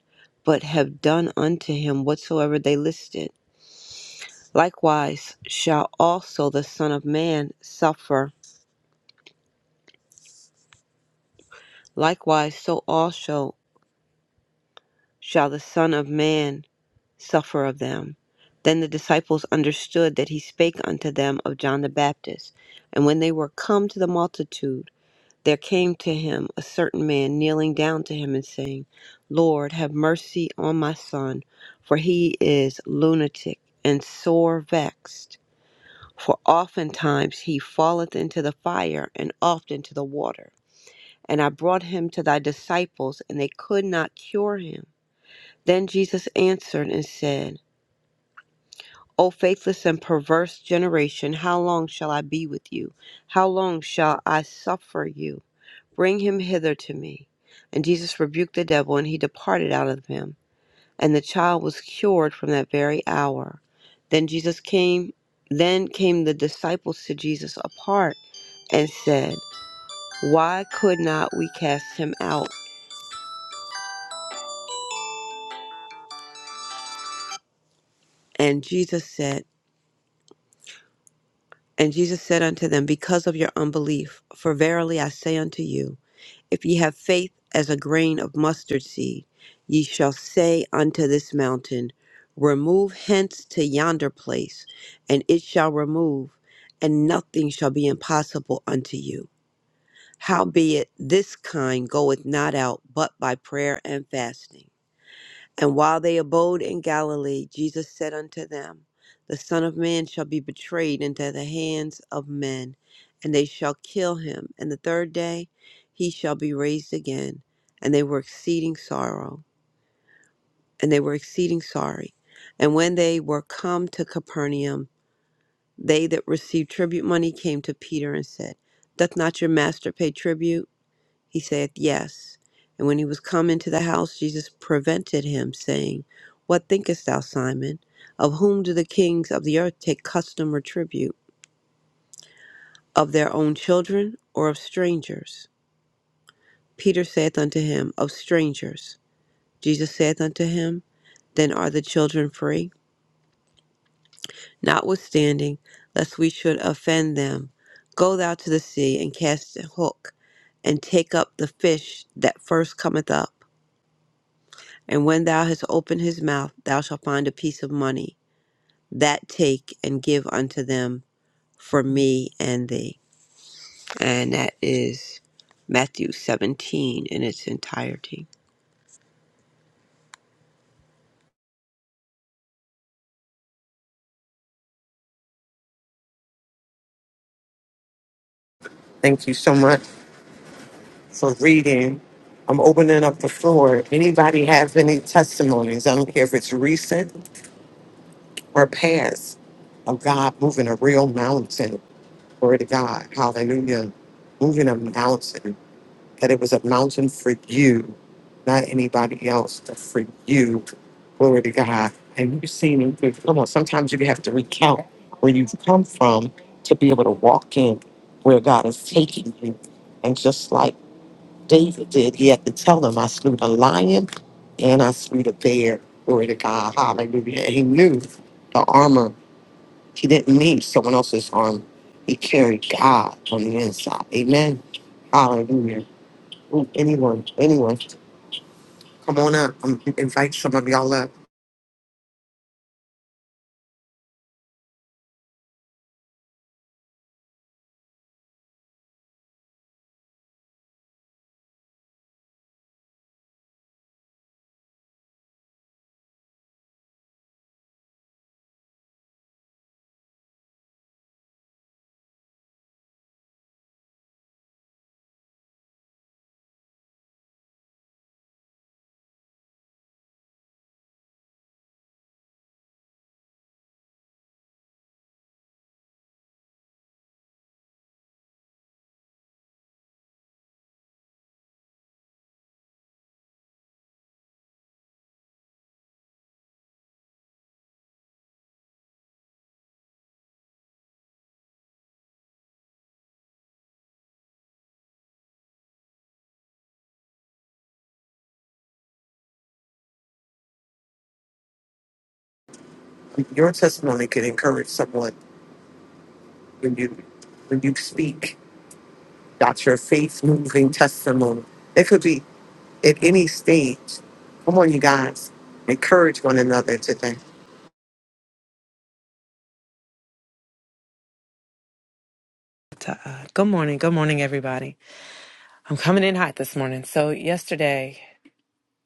G: but have done unto him whatsoever they listed. Likewise shall also the Son of Man suffer. Likewise, so also shall the Son of Man suffer of them. Then the disciples understood that he spake unto them of John the Baptist. And when they were come to the multitude, there came to him a certain man kneeling down to him and saying, Lord, have mercy on my son, for he is lunatic and sore vexed For oftentimes he falleth into the fire, and oft into the water. And I brought him to thy disciples, and they could not cure him. Then Jesus answered and said, O faithless and perverse generation, how long shall I be with you? How long shall I suffer you? Bring him hither to me. And Jesus rebuked the devil, and he departed out of him. and the child was cured from that very hour. Then Jesus came, then came the disciples to Jesus apart and said, Why could not we cast him out? And Jesus said, and Jesus said unto them, Because of your unbelief, for verily I say unto you, if ye have faith as a grain of mustard seed, ye shall say unto this mountain, Remove hence to yonder place, and it shall remove, and nothing shall be impossible unto you. Howbeit, this kind goeth not out but by prayer and fasting. And while they abode in Galilee, Jesus said unto them, The Son of Man shall be betrayed into the hands of men, and they shall kill him, and the third day he shall be raised again. And they were exceeding sorrow, and they were exceeding sorry. And when they were come to Capernaum, they that received tribute money came to Peter and said, Doth not your master pay tribute? He said, Yes. And when he was come into the house, Jesus prevented him, saying, What thinkest thou, Simon? Of whom do the kings of the earth take custom or tribute? Of their own children, or of strangers? Peter saith unto him, Of strangers. Jesus saith unto him, Then are the children free? Notwithstanding, lest we should offend them, go thou to the sea and cast a hook, and take up the fish that first cometh up. And when thou hast opened his mouth, thou shalt find a piece of money. That take and give unto them for me and thee. And that is Matthew 17 in its entirety.
B: Thank you so much for reading. I'm opening up the floor. Anybody have any testimonies? I don't care if it's recent or paths of God moving a real mountain. Glory to God. Hallelujah. Moving a mountain. That it was a mountain for you, not anybody else, but for you. Glory to God. And you've seen it. Come on, sometimes you have to recount where you've come from to be able to walk in where God is taking you. And just like David did, he had to tell them, I slew the lion and I slew the bear. Glory to God. Hallelujah. And he knew the armor. He didn't need someone else's arm. He carried God on the inside. Amen. Hallelujah. Ooh, anyone, anyone, come on up. Um, invite some of y'all up. Your testimony can encourage someone when you when you speak. That's your faith moving testimony. It could be at any stage. Come on, you guys. Encourage one another today.
H: to, uh, good morning good morning everybody i'm coming in hot this morning so yesterday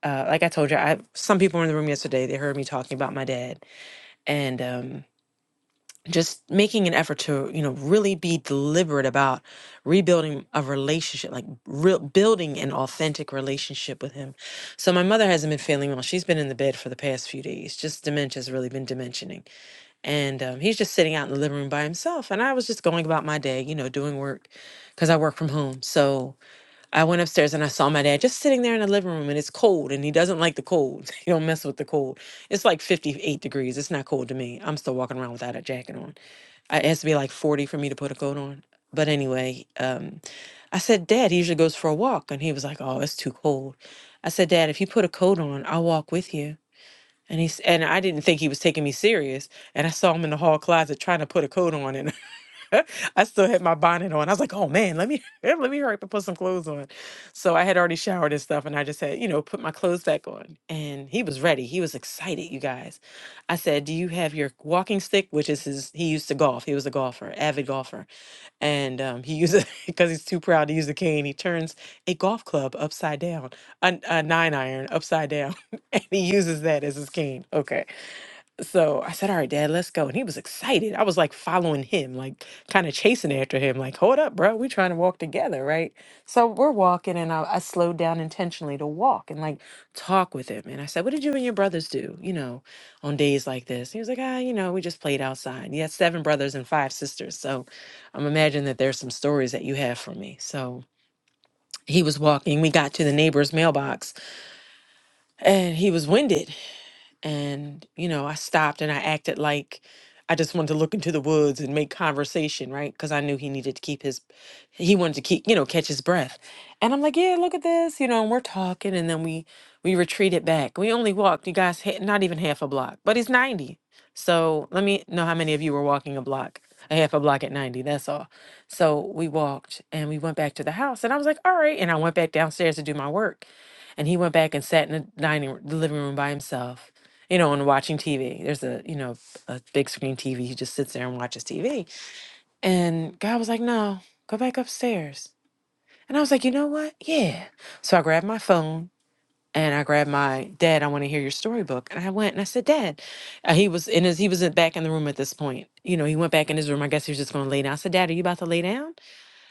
H: uh, like i told you i some people were in the room yesterday they heard me talking about my dad and um, just making an effort to you know really be deliberate about rebuilding a relationship like real building an authentic relationship with him so my mother hasn't been feeling well she's been in the bed for the past few days just dementia's really been dimensioning and um, he's just sitting out in the living room by himself and i was just going about my day you know doing work because i work from home so I went upstairs and I saw my dad just sitting there in the living room and it's cold and he doesn't like the cold. He don't mess with the cold. It's like 58 degrees. It's not cold to me. I'm still walking around without a jacket on. I- It has to be like 40 for me to put a coat on. But anyway, um, I said, Dad, he usually goes for a walk. And he was like, Oh, it's too cold. I said, Dad, if you put a coat on, I'll walk with you. And he's and I didn't think he was taking me serious. And I saw him in the hall closet trying to put a coat on, and I still had my bonnet on. I was like, oh man, let me let me hurry up and put some clothes on. So I had already showered and stuff, and I just had, you know, put my clothes back on. And he was ready. He was excited, you guys. I said, Do you have your walking stick? Which is his he used to golf. He was a golfer, avid golfer. And um, he uses because he's too proud to use the cane, he turns a golf club upside down, a, a nine iron upside down. And he uses that as his cane. Okay. So I said, All right, dad, let's go. And he was excited. I was like following him, like kind of chasing after him, like, Hold up, bro. we trying to walk together, right? So we're walking, and I, I slowed down intentionally to walk and like talk with him. And I said, What did you and your brothers do, you know, on days like this? He was like, Ah, you know, we just played outside. He had seven brothers and five sisters. So I'm imagining that there's some stories that you have for me. So he was walking. We got to the neighbor's mailbox and he was winded. And, you know, I stopped and I acted like I just wanted to look into the woods and make conversation, right? Because I knew he needed to keep his, he wanted to keep, you know, catch his breath. And I'm like, yeah, look at this, you know, and we're talking. And then we, we retreated back. We only walked, you guys, ha- not even half a block, but he's 90. So let me know how many of you were walking a block, a half a block at 90. That's all. So we walked and we went back to the house. And I was like, all right. And I went back downstairs to do my work. And he went back and sat in the dining, the living room by himself you know, and watching TV. There's a, you know, a big screen TV. He just sits there and watches TV. And God was like, no, go back upstairs. And I was like, you know what? Yeah. So I grabbed my phone and I grabbed my dad. I want to hear your storybook. And I went and I said, Dad, uh, he was in his, he was in- back in the room at this point. You know, he went back in his room. I guess he was just going to lay down. I said, Dad, are you about to lay down?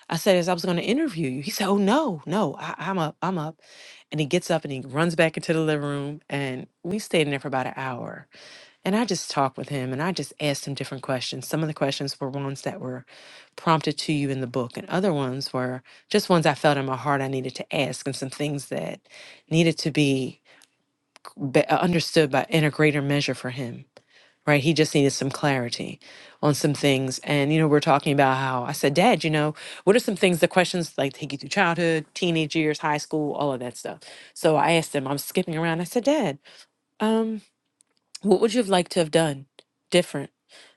H: I said, as I was going to interview you. He said, Oh no, no, I, I'm up, I'm up. And he gets up and he runs back into the living room. And we stayed in there for about an hour and I just talked with him and I just asked him different questions. Some of the questions were ones that were prompted to you in the book, and other ones were just ones I felt in my heart I needed to ask, and some things that needed to be be- uh, understood by in a greater measure for him. Right, he just needed some clarity on some things, and you know, we're talking about how I said, "Dad, you know, what are some things? The questions like take you through childhood, teenage years, high school, all of that stuff." So I asked him. I'm skipping around. I said, "Dad." um, what would you have liked to have done different?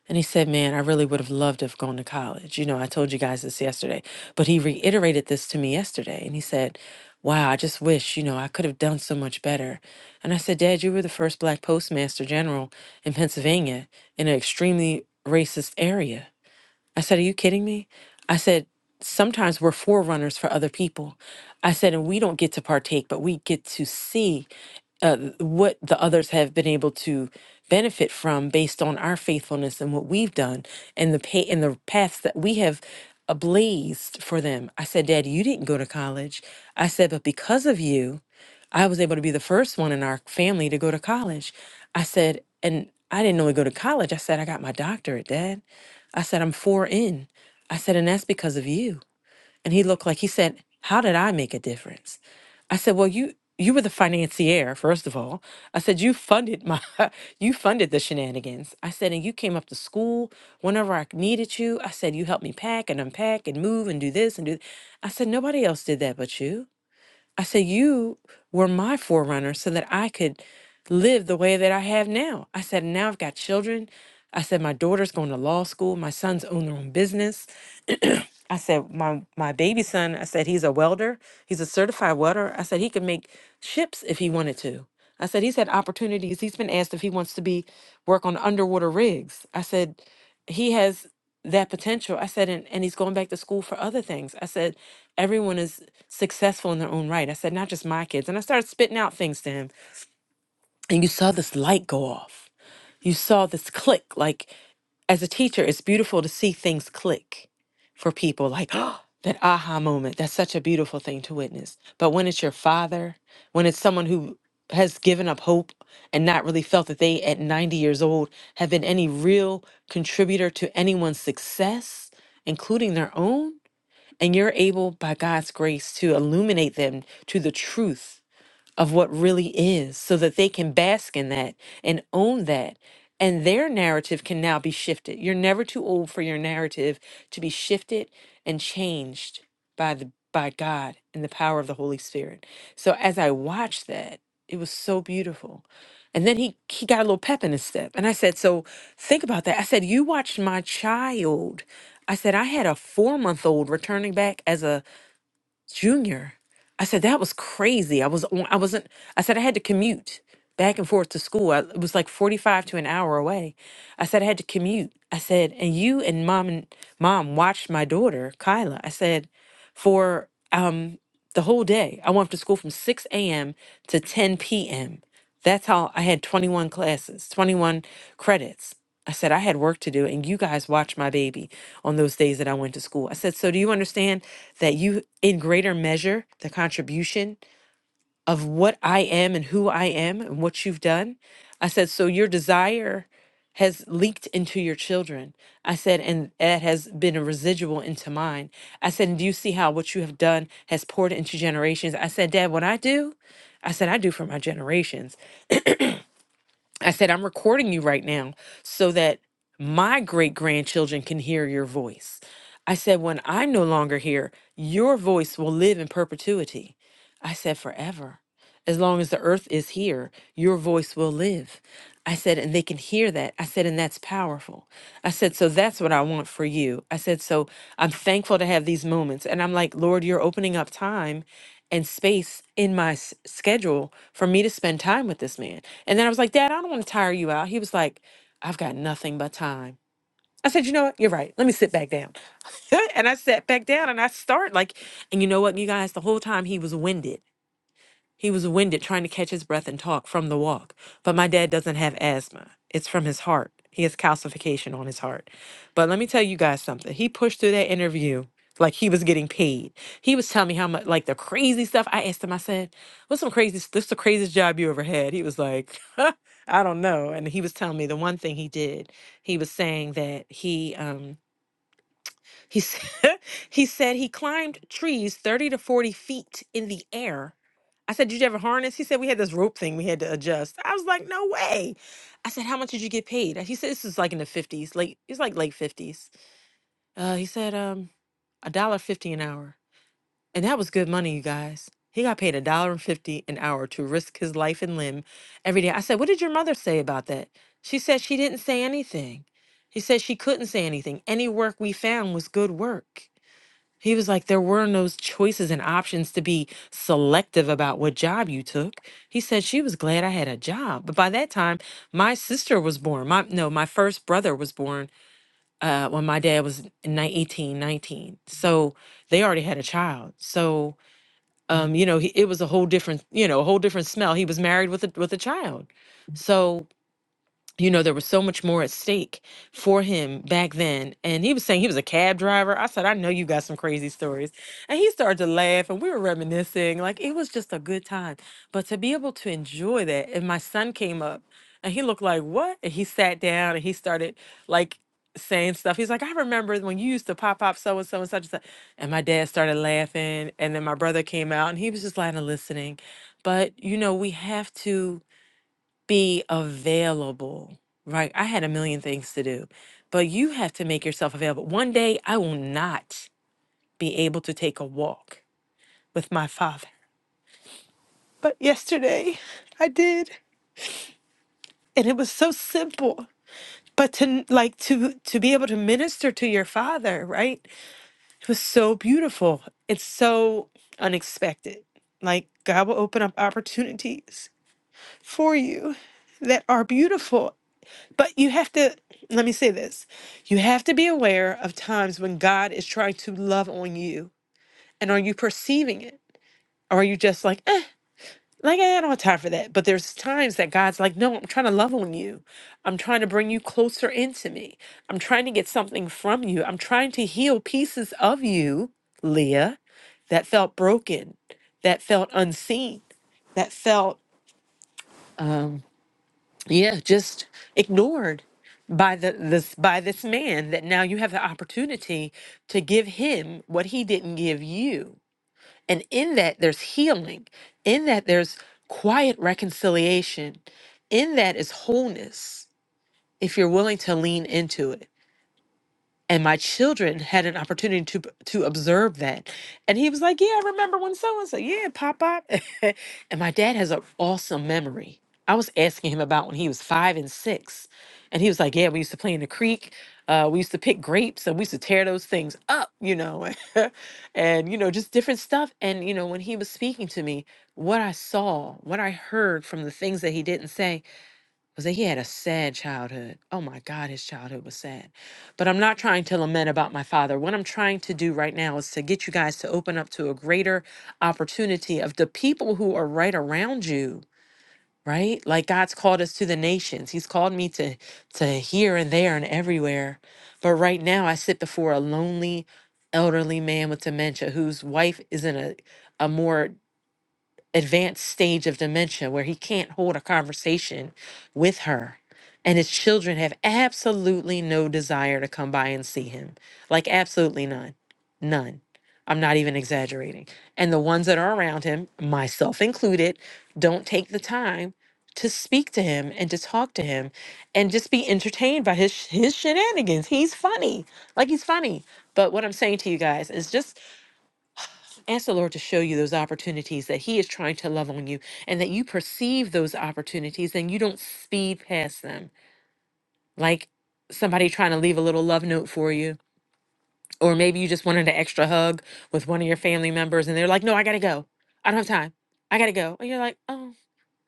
H: And he said, Man, I really would have loved to have gone to college. You know, I told you guys this yesterday, but he reiterated this to me yesterday. And he said, Wow, I just wish, you know, I could have done so much better. And I said, Dad, you were the first black postmaster general in Pennsylvania in an extremely racist area. I said, Are you kidding me? I said, Sometimes we're forerunners for other people. I said, And we don't get to partake, but we get to see uh, what the others have been able to benefit from based on our faithfulness and what we've done and the pay and the paths that we have ablazed for them. I said, Dad, you didn't go to college. I said, But because of you, I was able to be the first one in our family to go to college. I said, And I didn't only go to college. I said, I got my doctorate, Dad. I said, I'm four in. I said, and that's because of you. And he looked like he said, How did I make a difference? I said, Well, you you were the financier, first of all. I said, You funded my you funded the shenanigans. I said, and you came up to school whenever I needed you. I said, you helped me pack and unpack and move and do this and do th-" I said, nobody else did that but you. I said, You were my forerunner so that I could live the way that I have now. I said, Now I've got children. I said, My daughter's going to law school. My sons own their own business. I said, my my baby son, I said he's a welder. He's a certified welder. I said he could make ships if he wanted to. I said he's had opportunities. He's been asked if he wants to be work on underwater rigs. I said he has that potential. I said and, and he's going back to school for other things. I said everyone is successful in their own right. I said not just my kids. And I started spitting out things to him. And you saw this light go off. You saw this click like as a teacher, it's beautiful to see things click for people like oh, that aha moment. That's such a beautiful thing to witness. But when it's your father, when it's someone who has given up hope and not really felt that they at 90 years old have been any real contributor to anyone's success, including their own, and you're able by God's grace to illuminate them to the truth of what really is so that they can bask in that and own that. And their narrative can now be shifted. You're never too old for your narrative to be shifted and changed by the by God and the power of the Holy Spirit. So as I watched that, it was so beautiful. And then he he got a little pep in his step. And I said, So think about that. I said, You watched my child. I said, I had a four month old returning back as a Junior. I said, that was crazy. I was on, I wasn't, I said, I had to commute back and forth to school. I, it was like 45 to an hour away. I said, I had to commute. I said, and you and mom and mom watched my daughter, Kyla. I said, for um, the whole day, I went to school from 6 a.m. to 10 p.m. That's how I had 21 classes, 21 credits. I said, I had work to do, and you guys watched my baby on those days that I went to school. I said, So do you understand that you, in greater measure, the contribution of what I am and who I am and what you've done? I said, So your desire has leaked into your children. I said, And that has been a residual into mine. I said, And do you see how what you have done has poured into generations? I said, Dad, what I do, I said, I do for my generations. I said, I'm recording you right now so that my great grandchildren can hear your voice. I said, when I'm no longer here, your voice will live in perpetuity. I said, forever. As long as the earth is here, your voice will live. I said, and they can hear that. I said, and that's powerful. I said, so that's what I want for you. I said, so I'm thankful to have these moments. And I'm like, Lord, you're opening up time and space in my s- schedule for me to spend time with this man. And then I was like, Dad, I don't want to tire you out. He was like, I've got nothing but time. I said, you know what? You're right. Let me sit back down. and I sat back down and I start like, and you know what, you guys, the whole time he was winded he was winded trying to catch his breath and talk from the walk, but my dad doesn't have asthma. It's from his heart. He has calcification on his heart. But let me tell you guys something. He pushed through that interview like he was getting paid. He was telling me how much, like the crazy stuff. I asked him, I said, What's some crazy, s- this the craziest job you ever had? He was like, I don't know. And he was telling me the one thing he did, he was saying that he, um, he said, he said he climbed trees 30 to 40 feet in the air. I said, Did you ever harness? He said, We had this rope thing we had to adjust. I was like, No way. I said, How much did you get paid? He said, This is like in the 50s, late, it's like late fifties." Uh, he said, um, a dollar fifty an hour. And that was good money, you guys. He got paid a dollar and fifty an hour to risk his life and limb every day. I said, What did your mother say about that? She said she didn't say anything. He said she couldn't say anything. Any work we found was good work. He was like, there were no choices and options to be selective about what job you took. He said she was glad I had a job. But by that time, my sister was born. My no, my first brother was born uh, when my dad was ni- 18, nineteen. So they already had a child. So um, you know, he, it was a whole different, you know, a whole different smell. He was married with a with a child. So you know, there was so much more at stake for him back then. And he was saying he was a cab driver. I said, I know you got some crazy stories. And he started to laugh and we were reminiscing. Like it was just a good time. But to be able to enjoy that, and my son came up and he looked like, What? And he sat down and he started like saying stuff. He's like, I remember when you used to pop up so and so and such and such. And my dad started laughing. And then my brother came out and he was just lying and listening. But, you know, we have to be available, right? I had a million things to do, but you have to make yourself available. One day I will not be able to take a walk with my father, but yesterday I did, and it was so simple. But to like to to be able to minister to your father, right? It was so beautiful. It's so unexpected. Like God will open up opportunities for you that are beautiful But you have to, let me say this you have to be aware of times when God is trying to love on you. And are you perceiving it? Or are you just like, eh, like I don't have time for that? But there's times that God's like, no, I'm trying to love on you. I'm trying to bring you closer into me. I'm trying to get something from you. I'm trying to heal pieces of you, Leah, that felt broken, that felt unseen, that felt um, yeah just ignored by the this by this man that now you have the opportunity to give him what he didn't give you and in that there's healing in that there's quiet reconciliation in that is wholeness if you're willing to lean into it and my children had an opportunity to to observe that and he was like yeah i remember when so and so yeah pop pop and my dad has an awesome memory i was asking him about when he was five and six and he was like yeah we used to play in the creek uh, we used to pick grapes and we used to tear those things up you know and you know just different stuff and you know when he was speaking to me what i saw what i heard from the things that he didn't say because he had a sad childhood. Oh my God, his childhood was sad. But I'm not trying to lament about my father. What I'm trying to do right now is to get you guys to open up to a greater opportunity of the people who are right around you. Right? Like God's called us to the nations. He's called me to to here and there and everywhere. But right now I sit before a lonely elderly man with dementia whose wife is in a a more advanced stage of dementia where he can't hold a conversation with her. And his children have absolutely no desire to come by and see him. Like, absolutely none. None. I'm not even exaggerating. And the ones that are around him, myself included, don't take the time to speak to him and to talk to him and just be entertained by his his shenanigans. He's funny. Like he's funny. But what I'm saying to you guys is just Ask the Lord to show you those opportunities that He is trying to love on you and that you perceive those opportunities and you don't speed past them. Like somebody trying to leave a little love note for you, or maybe you just wanted an extra hug with one of your family members and they're like, No, I gotta go. I don't have time. I gotta go. And you're like, Oh.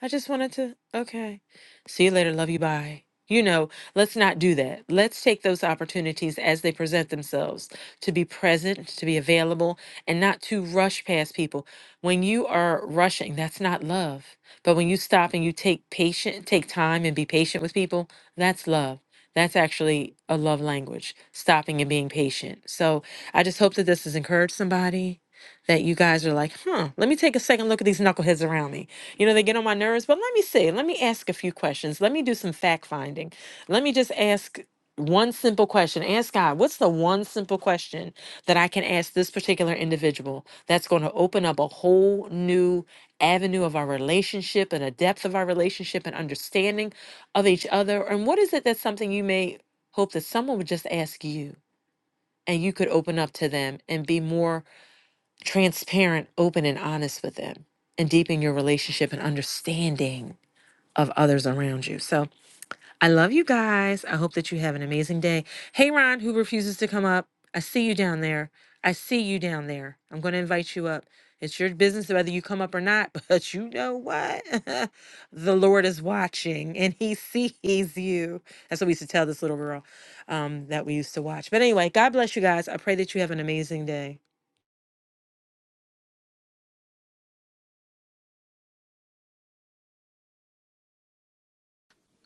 H: I just wanted to, okay. See you later. Love you. Bye. You know, let's not do that. Let's take those opportunities as they present themselves to be present, to be available, and not to rush past people. When you are rushing, that's not love. But when you stop and you take patient, take time and be patient with people, that's love. That's actually a love language, stopping and being patient. So I just hope that this has encouraged somebody that you guys are like, huh, let me take a second look at these knuckleheads around me you know, they get on my nerves, but let me see. Let me ask a few questions. Let me do some fact finding. Let me just ask one simple question. Ask God, what's the one simple question that I can ask this particular individual that's going to open up a whole new avenue of our relationship and a depth of our relationship and understanding of each other? And what is it that's something you may hope that someone would just ask you and you could open up to them and be more transparent, open, and honest with them and deepen your relationship and understanding of others around you. So I love you guys. I hope that you have an amazing day. Hey, Ron, who refuses to come up, I see you down there. I see you down there. I'm going to invite you up. It's your business whether you come up or not, but you know what? the Lord is watching and he sees you. That's what we used to tell this little girl um, that we used to watch. But anyway, God bless you guys. I pray that you have an amazing day.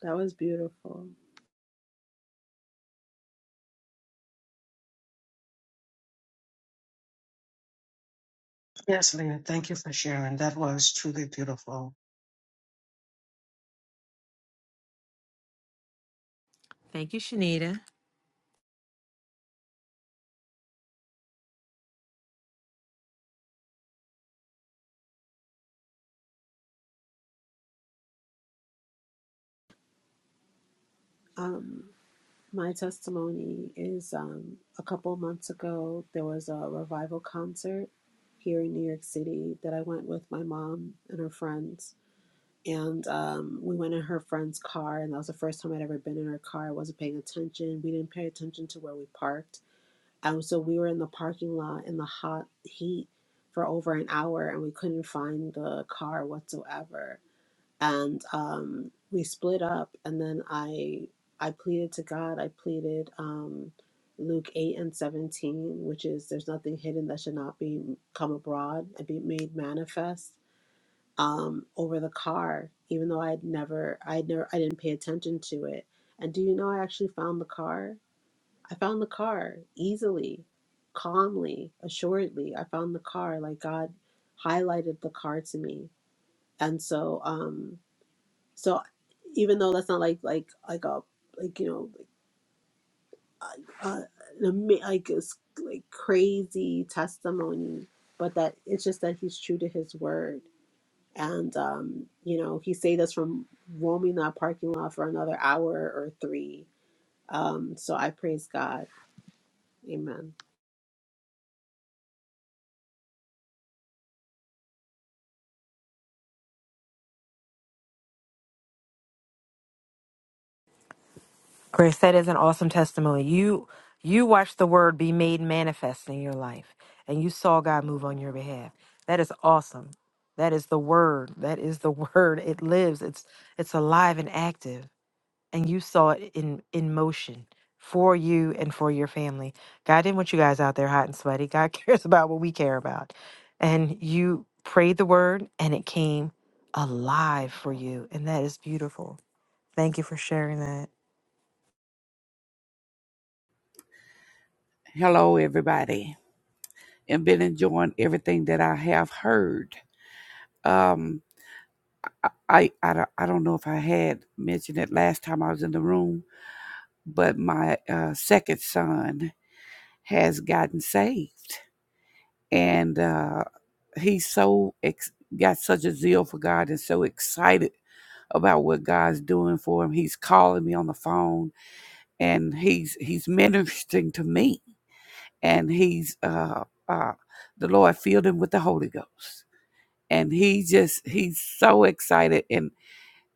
I: That was beautiful.
D: Yes, Lena, thank you for sharing. That was truly beautiful.
H: Thank you, Shanita.
I: Um, my testimony is um, a couple months ago, there was a revival concert here in New York City that I went with my mom and her friends. And um, we went in her friend's car, and that was the first time I'd ever been in her car. I wasn't paying attention. We didn't pay attention to where we parked. And so we were in the parking lot in the hot heat for over an hour, and we couldn't find the car whatsoever and um, we split up and then i i pleaded to god i pleaded um, luke 8 and 17 which is there's nothing hidden that should not be come abroad and be made manifest um, over the car even though i had never i had never i didn't pay attention to it and do you know i actually found the car i found the car easily calmly assuredly i found the car like god highlighted the car to me and so um so even though that's not like like like a like you know like uh, uh, an ama- like a s- like crazy testimony, but that it's just that he's true to his word, and um, you know he saved us from roaming that parking lot for another hour or three. Um, so I praise God. Amen.
H: Grace, that is an awesome testimony. You you watched the word be made manifest in your life and you saw God move on your behalf. That is awesome. That is the word. That is the word. It lives. It's it's alive and active. And you saw it in in motion for you and for your family. God didn't want you guys out there hot and sweaty. God cares about what we care about. And you prayed the word and it came alive for you. And that is beautiful. Thank you for sharing that.
J: Hello, everybody, and been enjoying everything that I have heard. Um, I, I, I don't I don't know if I had mentioned it last time I was in the room, but my uh, second son has gotten saved, and uh, he's so ex- got such a zeal for God and so excited about what God's doing for him. He's calling me on the phone, and he's he's ministering to me, and he's uh, uh, the Lord filled him with the Holy Ghost and he just he's so excited and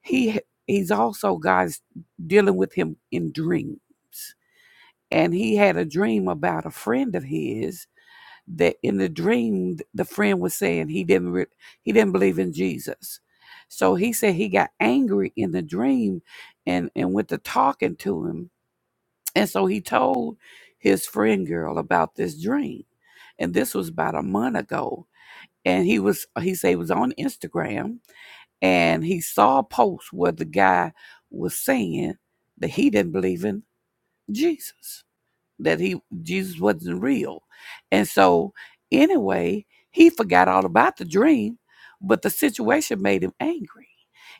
J: he he's also guys dealing with him in dreams and he had a dream about a friend of his that in the dream the friend was saying he didn't re- he didn't believe in jesus so he said he got angry in the dream and and went to talking to him and so he told his friend girl about this dream and this was about a month ago and he was he said he was on instagram and he saw a post where the guy was saying that he didn't believe in Jesus that he Jesus wasn't real. And so anyway, he forgot all about the dream, but the situation made him angry.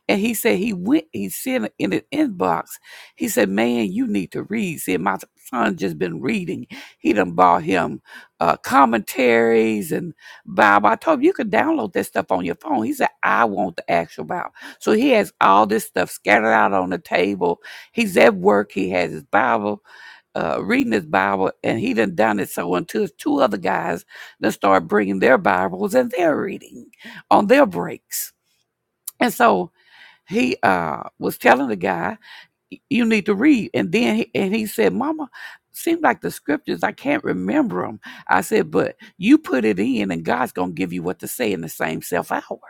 J: And he said he went, he sent in an inbox. He said, Man, you need to read. See, my son just been reading. He done bought him uh, commentaries and Bible. I told him you could download that stuff on your phone. He said, I want the actual Bible. So he has all this stuff scattered out on the table. He's at work. He has his Bible uh, reading his Bible, and he done done it so until two other guys done start bringing their Bibles and their reading on their breaks. And so he uh, was telling the guy, "You need to read." And then he, and he said, "Mama." seems like the scriptures, I can't remember them. I said, but you put it in, and God's gonna give you what to say in the same self hour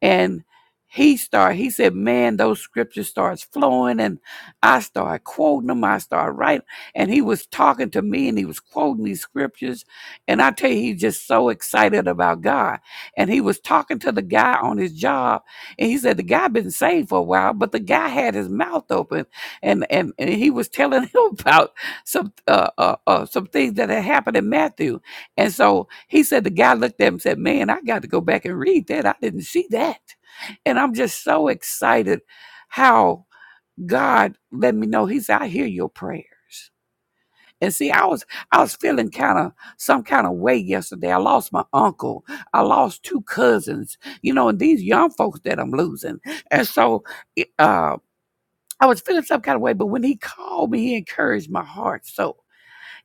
J: and he started he said man those scriptures starts flowing and i started quoting them i started writing and he was talking to me and he was quoting these scriptures and i tell you he's just so excited about god and he was talking to the guy on his job and he said the guy been saved for a while but the guy had his mouth open and and, and he was telling him about some uh, uh, uh some things that had happened in matthew and so he said, the guy looked at him and said, Man, I got to go back and read that. I didn't see that. And I'm just so excited how God let me know. He said, I hear your prayers. And see, I was I was feeling kind of some kind of way yesterday. I lost my uncle. I lost two cousins, you know, and these young folks that I'm losing. And so eh, uh I was feeling some kind of way, but when he called me, he encouraged my heart. So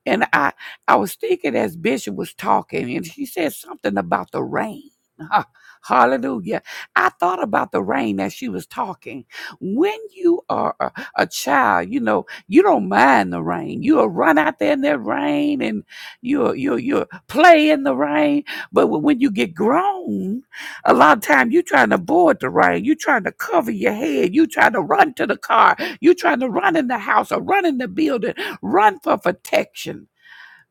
J: and I, I was thinking as Bishop was talking, and she said something about the rain. Ha- Hallelujah. I thought about the rain as she was talking. When you are a, a child, you know, you don't mind the rain. You'll run out there in that rain and you'll, you'll, you'll play in the rain. But when when you get grown, a lot of time you're trying to board the rain. You're trying to cover your head. You're trying to run to the car. You're trying to run in the house or run in the building run for protection.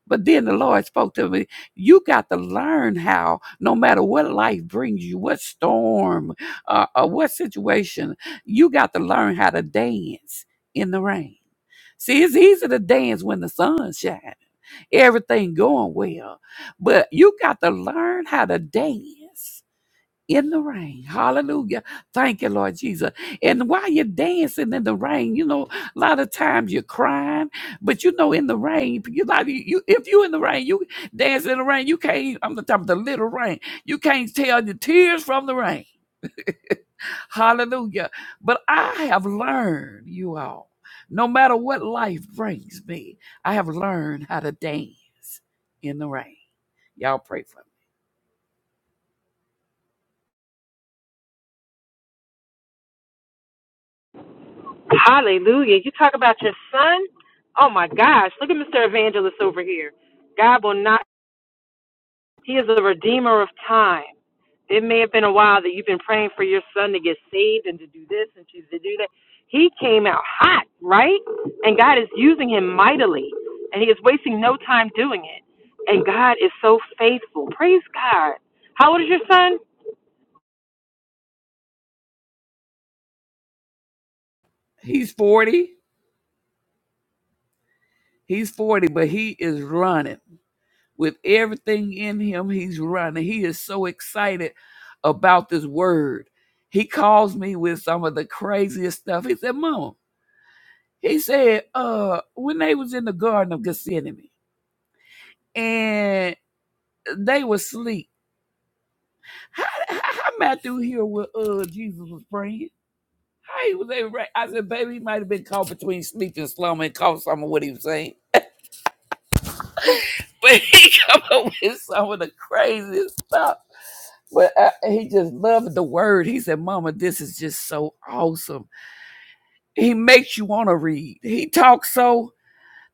J: But then the Lord spoke to me, you got to learn how, no matter what life brings you, what storm uh, or what situation, you got to learn how to dance in the rain. See, it's easy to dance when the sun shines, everything going well, but you got to learn how to dance in the rain. Hallelujah. Thank you, Lord Jesus. And while you're dancing in the rain, you know, a lot of times you're crying, but you know, in the rain, you like you if you in the rain, you dance in the rain, you can't, I'm talking about the little rain. You can't tell your tears from the rain. Hallelujah. But I have learned, you all, no matter what life brings me, I have learned how to dance in the rain. Y'all pray for me.
H: Hallelujah. You talk about your son? Oh my gosh. Look at Mr. Evangelist over here. God will not, he is a redeemer of time. It may have been a while that you've been praying for your son to get saved and to do this and to do that. He came out hot, right? And God is using him mightily, and he is wasting no time doing it. And God is so faithful. Praise God. How old is your son?
J: He's 40. He's 40, but he is running. With everything in him, he's running. He is so excited about this word. He calls me with some of the craziest stuff. He said, Mama, he said, uh, when they was in the Garden of Gethsemane, and they was asleep. How, how, how Matthew here with uh Jesus was praying? How he was able? to- I said, baby, he might have been caught between sleep and slumber and caught some of what he was saying, but he come up with some of the craziest stuff. But uh, he just loved the word. He said, "Mama, this is just so awesome." He makes you want to read. He talks so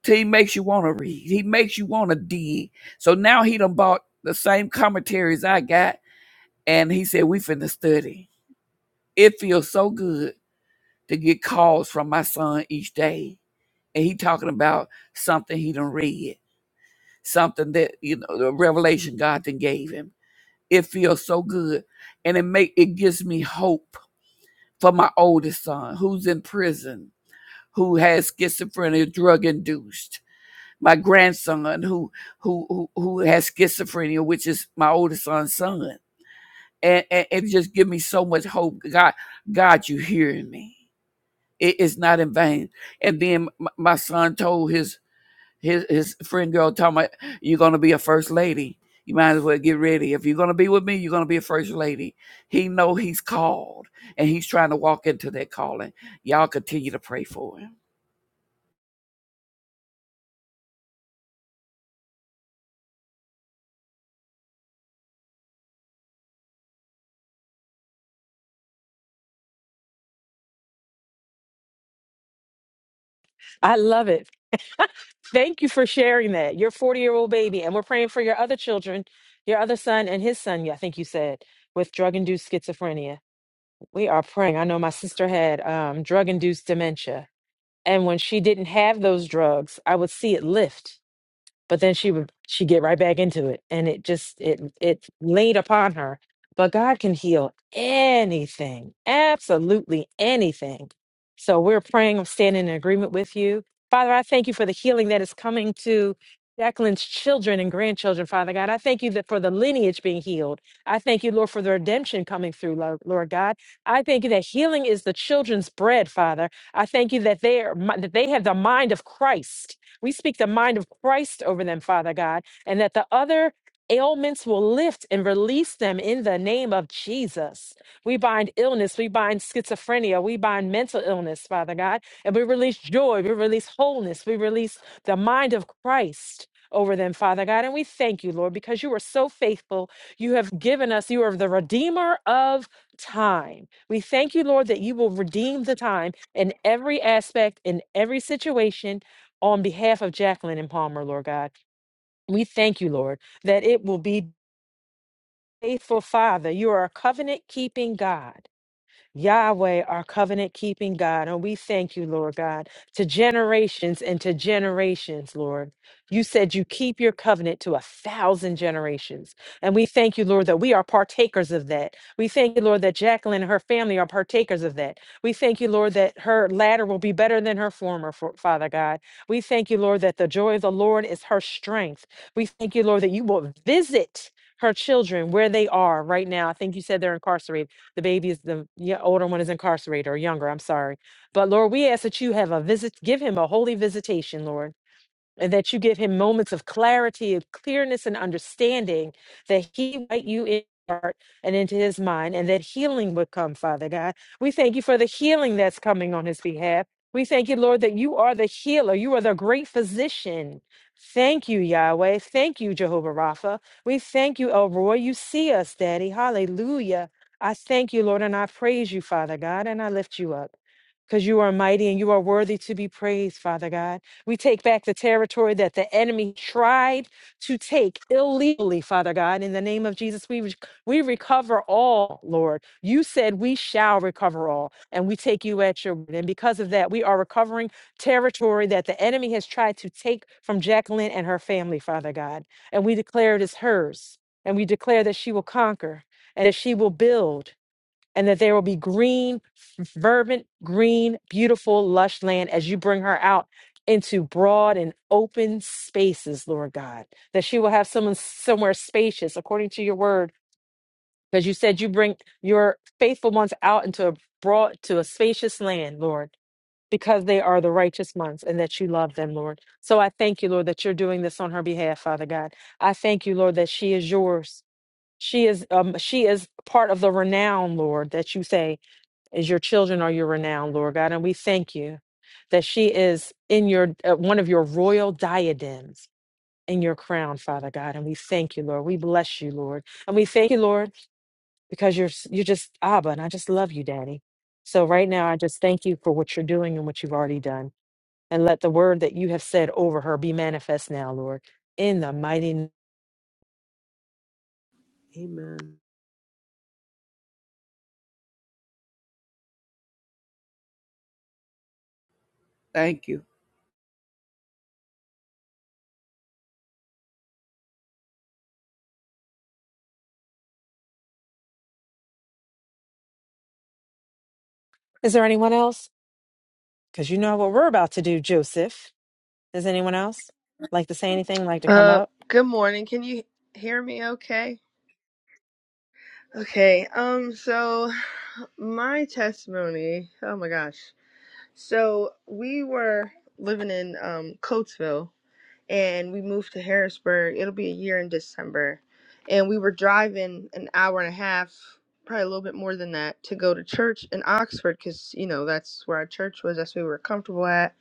J: till he makes you want to read. He makes you want to dig. So now he done bought the same commentaries I got, and he said, "We finna study." It feels so good to get calls from my son each day. And he talking about something he done read, something that, you know, the revelation God then gave him. It feels so good. And it make it gives me hope for my oldest son who's in prison, who has schizophrenia, drug induced. My grandson who who who, who has schizophrenia, which is my oldest son's son. And, and it just give me so much hope. God, God, you hearing me. it is not in vain. And then my son told his his his friend girl, talking about you're gonna be a first lady. You might as well get ready. If you're gonna be with me, you're gonna be a first lady. He know he's called, and he's trying to walk into that calling. Y'all continue to pray for him.
H: I love it. Thank you for sharing that. Your 40 year old baby, and we're praying for your other children, your other son and his son, yeah, I think you said, with drug induced schizophrenia. We are praying. I know my sister had um, drug induced dementia. And when she didn't have those drugs, I would see it lift but then she would she get right back into it and it just it it laid upon her but god can heal anything absolutely anything so we're praying i'm standing in agreement with you father i thank you for the healing that is coming to Jacqueline's children and grandchildren, Father God. I thank you that for the lineage being healed. I thank you, Lord, for the redemption coming through, Lo- Lord God. I thank you that healing is the children's bread, Father. I thank you that they are mi- that they have the mind of Christ. We speak the mind of Christ over them, Father God, and that the other ailments will lift and release them in the name of Jesus. We bind illness, we bind schizophrenia, we bind mental illness, Father God, and we release joy, we release wholeness, we release the mind of Christ. Over them, Father God. And we thank you, Lord, because you are so faithful. You have given us, you are the Redeemer of time. We thank you, Lord, that you will redeem the time in every aspect, in every situation, on behalf of Jacqueline and Palmer, Lord God. We thank you, Lord, that it will be faithful, Father. You are a covenant keeping God. Yahweh, our covenant keeping God. And we thank you, Lord God, to generations and to generations, Lord. You said you keep your covenant to a thousand generations. And we thank you, Lord, that we are partakers of that. We thank you, Lord, that Jacqueline and her family are partakers of that. We thank you, Lord, that her latter will be better than her former, Fa- Father God. We thank you, Lord, that the joy of the Lord is her strength. We thank you, Lord, that you will visit her children where they are right now. I think you said they're incarcerated the baby is the yeah, older one is incarcerated or younger, I'm sorry. But Lord, we ask that you have a visit, give him a holy visitation, Lord and that you give him moments of clarity, of clearness, and understanding that he write you in his heart and into his mind, and that healing would come, Father God. We thank you for the healing that's coming on his behalf. We thank you, Lord, that you are the healer. You are the great physician. Thank you, Yahweh. Thank you, Jehovah Rapha. We thank you, El Roy. You see us, Daddy. Hallelujah. I thank you, Lord, and I praise you, Father God, and I lift you up because you are mighty and you are worthy to be praised, Father God. We take back the territory that the enemy tried to take illegally, Father God. In the name of Jesus, we, re- we recover all, Lord. You said we shall recover all, and we take you at your word. And because of that, we are recovering territory that the enemy has tried to take from Jacqueline and her family, Father God. And we declare it is hers. And we declare that she will conquer and that she will build and that there will be green, f- fervent, green, beautiful, lush land as you bring her out into broad and open spaces, Lord God, that she will have someone somewhere spacious according to your word, because you said you bring your faithful ones out into a broad to a spacious land, Lord. Because they are the righteous ones and that you love them, Lord. So I thank you, Lord, that you're doing this on her behalf, Father God. I thank you, Lord, that she is yours. She is um, she is part of the renown, Lord, that you say is your children are your renown, Lord God. And we thank you that she is in your uh, one of your royal diadems in your crown, Father God. And we thank you, Lord. We bless you, Lord. And we thank you, Lord, because you're s- you're just Abba, and I just love you, Daddy. So right now, I just thank you for what you're doing and what you've already done. And let the word that you have said over her be manifest now, Lord, in the mighty. n-
I: Amen.
J: Thank you.
H: Is there anyone else? Because you know what we're about to do, Joseph. Is anyone else like to say anything, like to come
K: Uh,
H: up?
K: good morning. Can you hear me okay? Okay. Um, so my testimony, oh my gosh. So we were living in um Coatesville and we moved to Harrisburg. It'll be a year in December. And we were driving an hour and a half, probably a little bit more than that, to go to church in Oxford because, you know, that's where our church was. That's where we were comfortable at.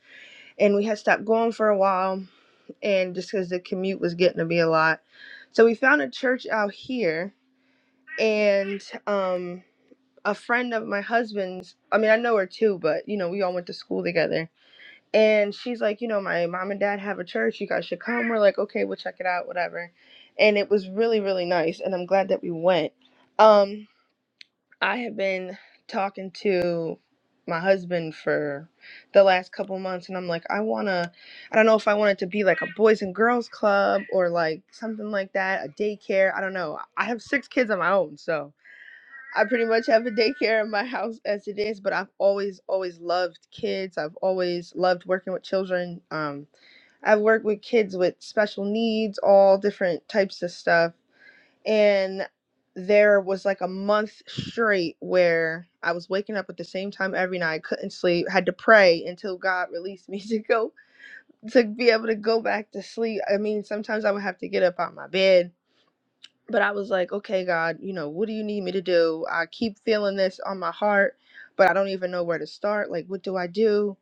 K: And we had stopped going for a while and just because the commute was getting to be a lot. So we found a church out here, and um, a friend of my husband's, I mean, I know her too, but you know, we all went to school together. And she's like, you know, my mom and dad have a church. You guys should come. We're like, okay, we'll check it out, whatever. And it was really, really nice. And I'm glad that we went. Um, I have been talking to my husband for the last couple months, and I'm like, I wanna, I don't know if I want it to be like a boys and girls club or like something like that, a daycare. I don't know. I have six kids of my own, so I pretty much have a daycare in my house as it is, but I've always, always loved kids. I've always loved working with children. Um, I've worked with kids with special needs, all different types of stuff and there was like a month straight where I was waking up at the same time every night, couldn't sleep, had to pray until God released me to go to be able to go back to sleep. I mean, sometimes I would have to get up out my bed, but I was like, okay, God, you know, what do you need me to do? I keep feeling this on my heart, but I don't even know where to start. Like, what do I do?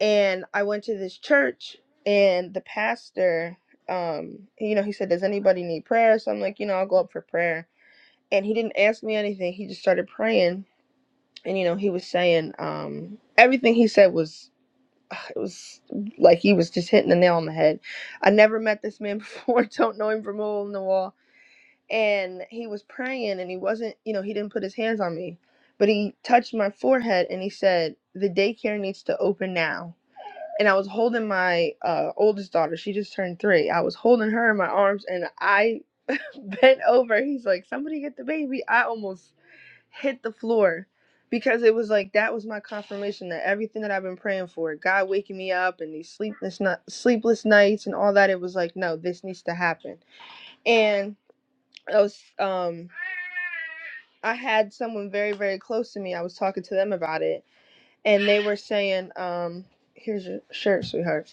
K: And I went to this church, and the pastor, um, you know, he said, Does anybody need prayer? So I'm like, you know, I'll go up for prayer and he didn't ask me anything. He just started praying, and you know, he was saying um, everything he said was it was like he was just hitting the nail on the head. I never met this man before. Don't know him from a hole in the wall. And he was praying, and he wasn't, you know, he didn't put his hands on me, but he touched my forehead, and he said, "The daycare needs to open now." And I was holding my uh, oldest daughter. She just turned three. I was holding her in my arms, and I bent over. He's like, "Somebody get the baby." I almost hit the floor because it was like that was my confirmation that everything that I've been praying for, God waking me up and these sleepless not sleepless nights and all that, it was like, no, this needs to happen. And I was um I had someone very, very close to me. I was talking to them about it and they were saying, um, here's your shirt, sweetheart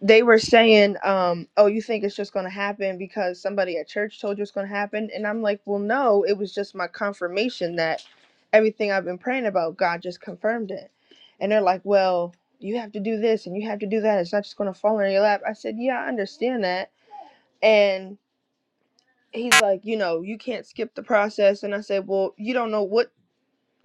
K: they were saying, um, oh, you think it's just going to happen because somebody at church told you it's going to happen? And I'm like, well, no, it was just my confirmation that everything I've been praying about, God just confirmed it. And they're like, well, you have to do this and you have to do that. It's not just going to fall in your lap. I said, yeah, I understand that. And he's like, you know, you can't skip the process. And I said, well, you don't know what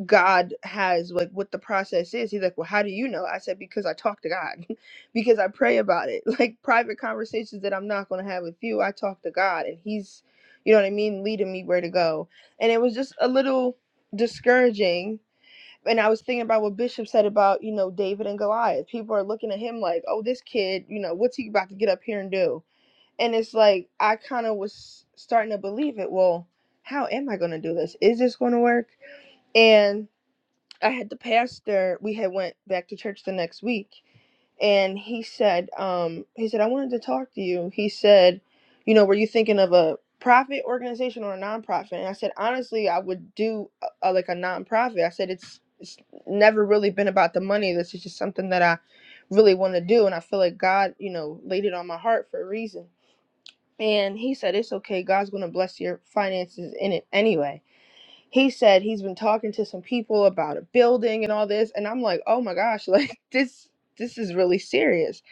K: God has like what the process is. He's like, Well, how do you know? I said, Because I talk to God, because I pray about it. Like private conversations that I'm not gonna have with you, I talk to God and He's you know what I mean, leading me where to go. And it was just a little discouraging. And I was thinking about what Bishop said about, you know, David and Goliath. People are looking at him like, oh, this kid, you know, what's he about to get up here and do? And it's like, I kind of was starting to believe it. Well, how am I going to do this? Is this going to work? And I had the pastor. We had went back to church the next week, and he said, um, he said I wanted to talk to you. He said, you know, were you thinking of a profit organization or a nonprofit? And I said, honestly, I would do a, a, like a nonprofit. I said it's it's never really been about the money. This is just something that I really want to do, and I feel like God, you know, laid it on my heart for a reason. And he said, it's okay. God's gonna bless your finances in it anyway he said he's been talking to some people about a building and all this and i'm like oh my gosh like this this is really serious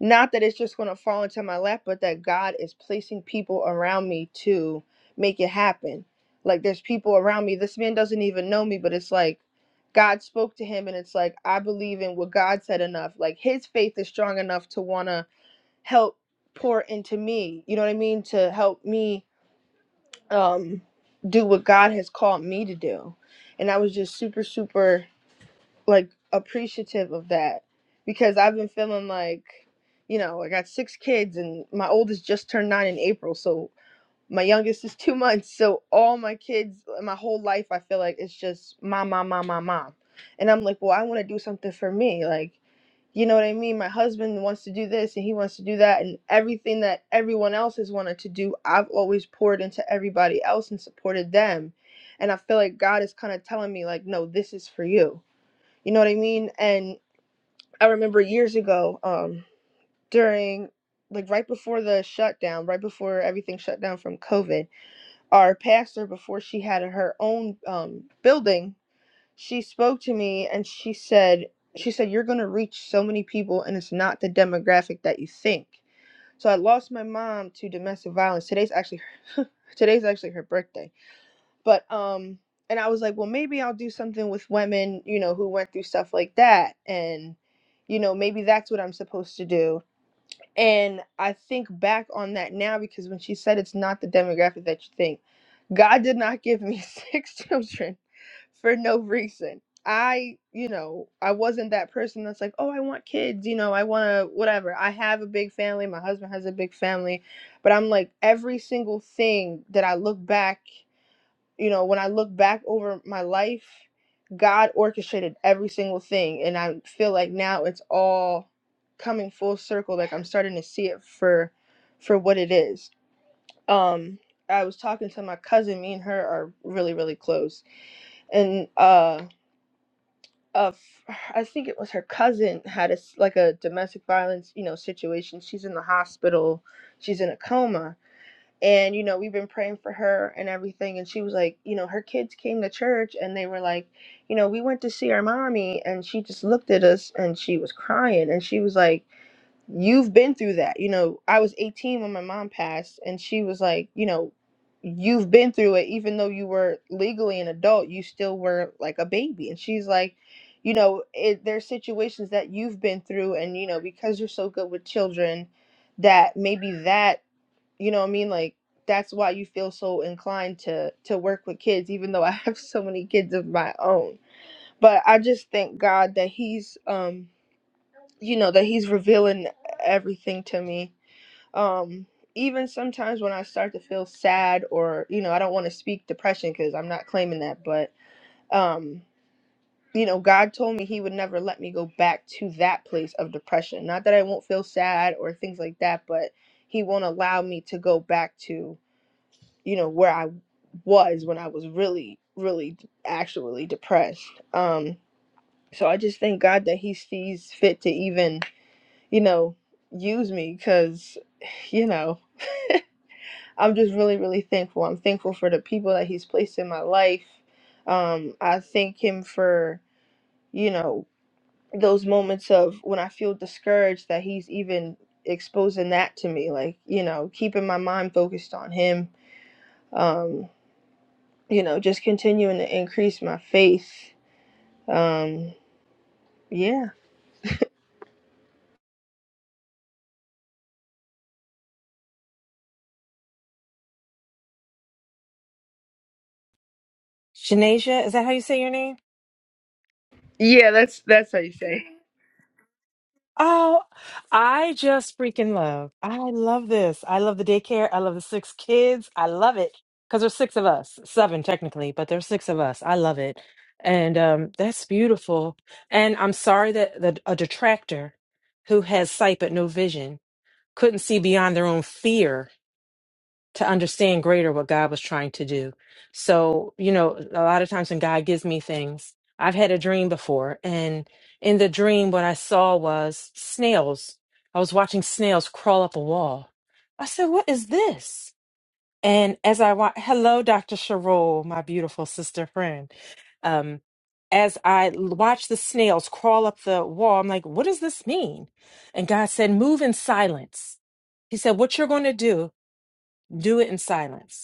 K: not that it's just going to fall into my lap but that god is placing people around me to make it happen like there's people around me this man doesn't even know me but it's like god spoke to him and it's like i believe in what god said enough like his faith is strong enough to want to help pour into me you know what i mean to help me um do what God has called me to do. And I was just super super like appreciative of that because I've been feeling like you know, I got six kids and my oldest just turned 9 in April, so my youngest is 2 months. So all my kids my whole life I feel like it's just mom mom mom mom mom. And I'm like, "Well, I want to do something for me." Like you know what I mean? My husband wants to do this and he wants to do that and everything that everyone else has wanted to do, I've always poured into everybody else and supported them. And I feel like God is kind of telling me like, no, this is for you. You know what I mean? And I remember years ago, um, during like right before the shutdown, right before everything shut down from COVID, our pastor before she had her own um building she spoke to me and she said she said you're going to reach so many people and it's not the demographic that you think so i lost my mom to domestic violence today's actually her, today's actually her birthday but um and i was like well maybe i'll do something with women you know who went through stuff like that and you know maybe that's what i'm supposed to do and i think back on that now because when she said it's not the demographic that you think god did not give me six children for no reason. I, you know, I wasn't that person that's like, oh, I want kids, you know, I want to, whatever. I have a big family. My husband has a big family. But I'm like, every single thing that I look back, you know, when I look back over my life, God orchestrated every single thing. And I feel like now it's all coming full circle. Like I'm starting to see it for, for what it is. Um, I was talking to my cousin. Me and her are really, really close and uh of I think it was her cousin had a s like a domestic violence you know situation. She's in the hospital. She's in a coma. And you know we've been praying for her and everything. And she was like, you know, her kids came to church and they were like, you know, we went to see our mommy and she just looked at us and she was crying and she was like you've been through that. You know, I was 18 when my mom passed, and she was like, you know, you've been through it, even though you were legally an adult, you still were like a baby. And she's like, you know, it, there's situations that you've been through, and you know, because you're so good with children, that maybe that, you know, what I mean, like that's why you feel so inclined to to work with kids even though i have so many kids of my own but i just thank god that he's um you know that he's revealing everything to me um even sometimes when i start to feel sad or you know i don't want to speak depression because i'm not claiming that but um you know god told me he would never let me go back to that place of depression not that i won't feel sad or things like that but he won't allow me to go back to you know where i was when i was really really actually depressed um so i just thank god that he sees fit to even you know, use me because, you know, I'm just really, really thankful. I'm thankful for the people that he's placed in my life. Um, I thank him for, you know, those moments of when I feel discouraged that he's even exposing that to me, like, you know, keeping my mind focused on him, um, you know, just continuing to increase my faith. Um, yeah.
H: Shanasia, is that how you say your name?
K: Yeah, that's that's how you say.
H: Oh, I just freaking love. I love this. I love the daycare. I love the six kids. I love it because there's six of us, seven technically, but there's six of us. I love it, and um, that's beautiful. And I'm sorry that the, a detractor who has sight but no vision couldn't see beyond their own fear to understand greater what God was trying to do. So, you know, a lot of times when God gives me things, I've had a dream before. And in the dream, what I saw was snails. I was watching snails crawl up a wall. I said, What is this? And as I watch, hello, Dr. Sherol, my beautiful sister friend. Um, as I l- watched the snails crawl up the wall, I'm like, What does this mean? And God said, Move in silence. He said, What you're going to do, do it in silence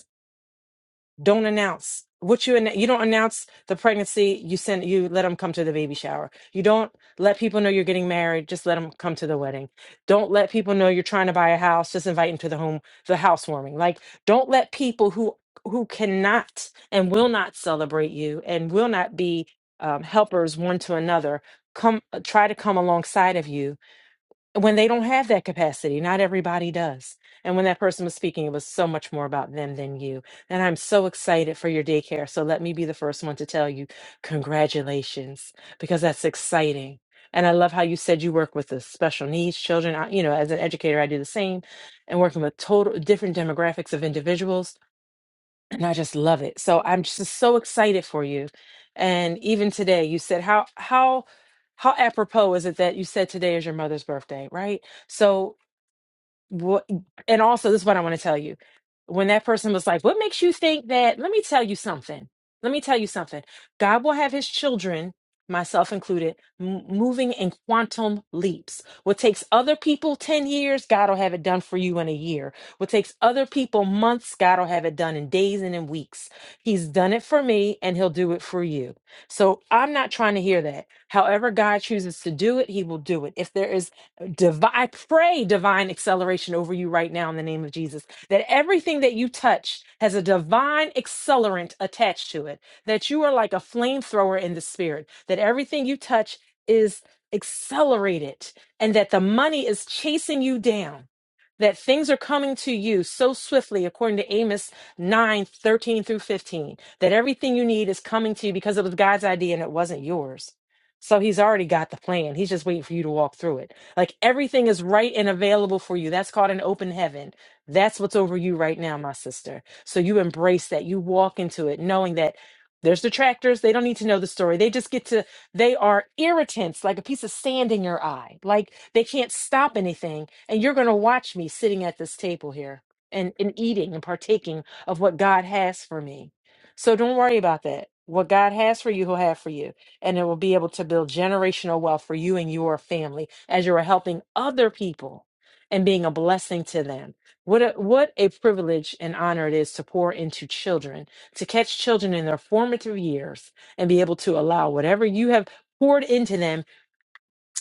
H: don't announce what you ann- you don't announce the pregnancy you send you let them come to the baby shower you don't let people know you're getting married just let them come to the wedding don't let people know you're trying to buy a house just invite them to the home the housewarming like don't let people who who cannot and will not celebrate you and will not be um, helpers one to another come try to come alongside of you when they don't have that capacity not everybody does and when that person was speaking it was so much more about them than you and i'm so excited for your daycare so let me be the first one to tell you congratulations because that's exciting and i love how you said you work with the special needs children I, you know as an educator i do the same and working with total different demographics of individuals and I just love it. So I'm just so excited for you. And even today, you said how how how apropos is it that you said today is your mother's birthday, right? So what and also this is what i want to tell you when that person was like what makes you think that let me tell you something let me tell you something god will have his children myself included m- moving in quantum leaps what takes other people 10 years god will have it done for you in a year what takes other people months god will have it done in days and in weeks he's done it for me and he'll do it for you so i'm not trying to hear that however god chooses to do it he will do it if there is divine I pray divine acceleration over you right now in the name of Jesus. That everything that you touch has a divine accelerant attached to it. That you are like a flamethrower in the spirit. That everything you touch is accelerated and that the money is chasing you down. That things are coming to you so swiftly, according to Amos 9 13 through 15, that everything you need is coming to you because it was God's idea and it wasn't yours. So he's already got the plan. He's just waiting for you to walk through it like everything is right and available for you. That's called an open heaven. That's what's over you right now, my sister. So you embrace that. You walk into it knowing that there's detractors. They don't need to know the story. They just get to, they are irritants, like a piece of sand in your eye. Like they can't stop anything. And you're going to watch me sitting at this table here and, and eating and partaking of what God has for me. So don't worry about that. What God has for you, He'll have for you and it will be able to build generational wealth for you and your family as you are helping other people and being a blessing to them. What a, what a privilege and honor it is to pour into children, to catch children in their formative years and be able to allow whatever you have poured into them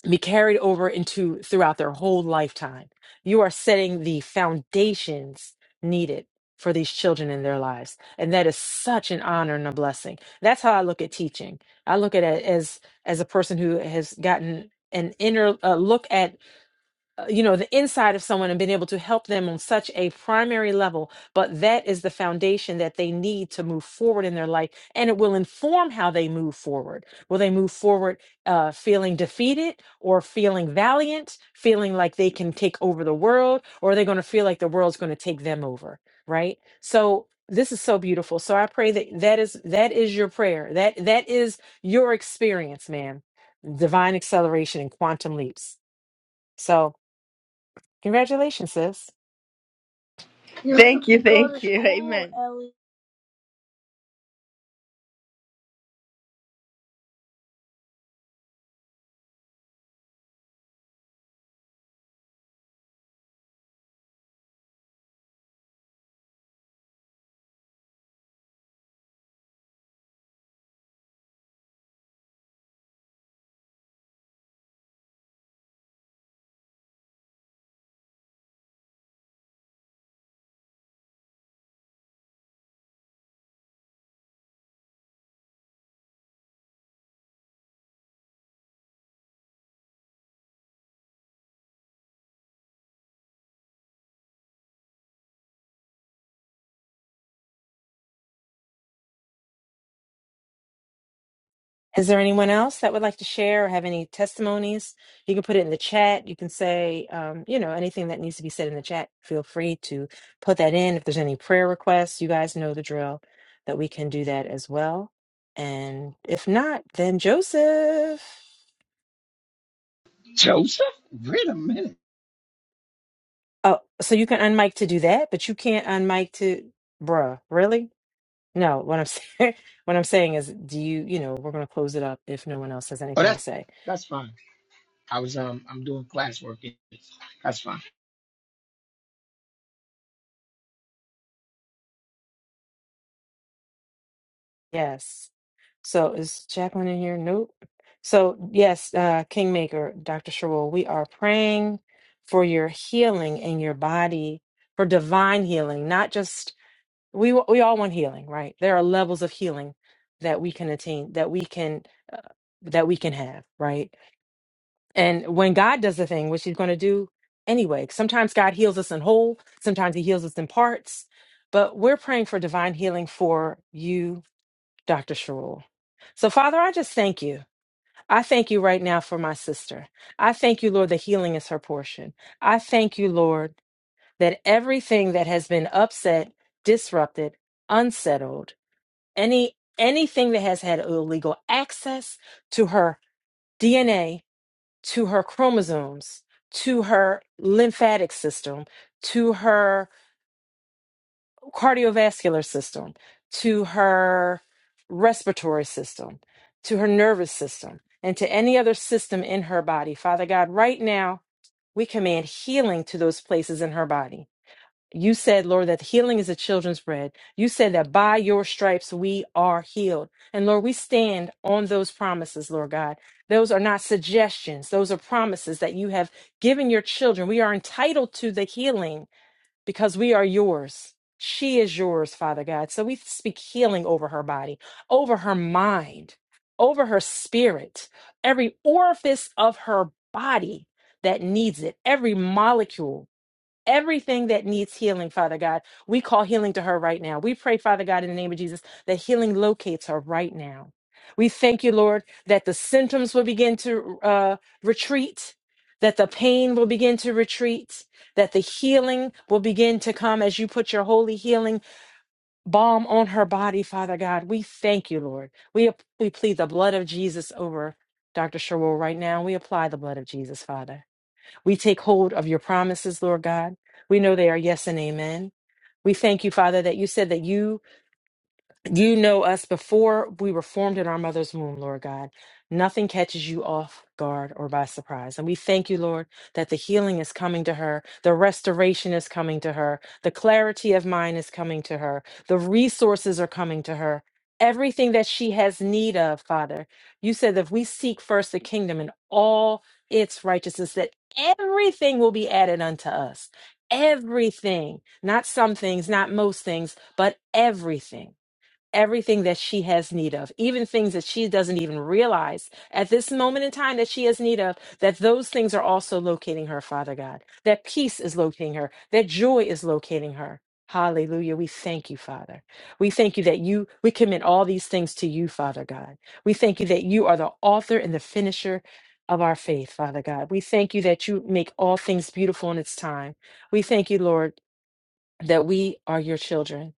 H: be carried over into throughout their whole lifetime. You are setting the foundations needed for these children in their lives. And that is such an honor and a blessing. That's how I look at teaching. I look at it as as a person who has gotten an inner uh, look at uh, you know the inside of someone and been able to help them on such a primary level but that is the foundation that they need to move forward in their life and it will inform how they move forward will they move forward uh, feeling defeated or feeling valiant feeling like they can take over the world or are they going to feel like the world's going to take them over right so this is so beautiful so i pray that that is that is your prayer that that is your experience man divine acceleration and quantum leaps so Congratulations, sis.
K: Thank you, thank you. Amen.
H: Is there anyone else that would like to share or have any testimonies? You can put it in the chat. You can say, um, you know, anything that needs to be said in the chat. Feel free to put that in. If there's any prayer requests, you guys know the drill that we can do that as well. And if not, then Joseph.
L: Joseph? Wait a minute.
H: Oh, so you can unmic to do that, but you can't unmic to, bruh, really? No, what I'm saying, what I'm saying is, do you, you know, we're going to close it up if no one else has
L: Oh,
H: anything to
L: that's
H: say.
L: that's fine. I was um I'm doing classwork. That's fine.
H: Yes. So is Jacqueline in here? Nope. So yes, uh, Kingmaker, Dr. Sherwell, we are praying for your healing in your body, for divine healing, not just we we all want healing, right? There are levels of healing that we can attain, that we can uh, that we can have, right? And when God does a thing, which He's going to do anyway, sometimes God heals us in whole, sometimes He heals us in parts. But we're praying for divine healing for you, Dr. Sherul. So, Father, I just thank you. I thank you right now for my sister. I thank you, Lord, that healing is her portion. I thank you, Lord, that everything that has been upset, disrupted, unsettled, any anything that has had illegal access to her DNA to her chromosomes, to her lymphatic system, to her cardiovascular system, to her respiratory system, to her nervous system, and to any other system in her body. Father God, right now, we command healing to those places in her body. You said, Lord, that healing is a children's bread. You said that by your stripes we are healed. And Lord, we stand on those promises, Lord God. Those are not suggestions, those are promises that you have given your children. We are entitled to the healing because we are yours. She is yours, Father God. So we speak healing over her body, over her mind, over her spirit, every orifice of her body that needs it, every molecule everything that needs healing, Father God. We call healing to her right now. We pray, Father God, in the name of Jesus, that healing locates her right now. We thank you, Lord, that the symptoms will begin to uh, retreat, that the pain will begin to retreat, that the healing will begin to come as you put your holy healing balm on her body, Father God. We thank you, Lord. We, we plead the blood of Jesus over Dr. Sherwell right now. We apply the blood of Jesus, Father. We take hold of your promises, Lord God. We know they are yes and amen. We thank you, Father, that you said that you you know us before we were formed in our mother's womb, Lord God. Nothing catches you off guard or by surprise. And we thank you, Lord, that the healing is coming to her, the restoration is coming to her, the clarity of mind is coming to her, the resources are coming to her. Everything that she has need of, Father. You said that if we seek first the kingdom and all its righteousness, that everything will be added unto us. Everything, not some things, not most things, but everything everything that she has need of, even things that she doesn't even realize at this moment in time that she has need of, that those things are also locating her, Father God. That peace is locating her, that joy is locating her. Hallelujah. We thank you, Father. We thank you that you, we commit all these things to you, Father God. We thank you that you are the author and the finisher of our faith, Father God. We thank you that you make all things beautiful in its time. We thank you, Lord, that we are your children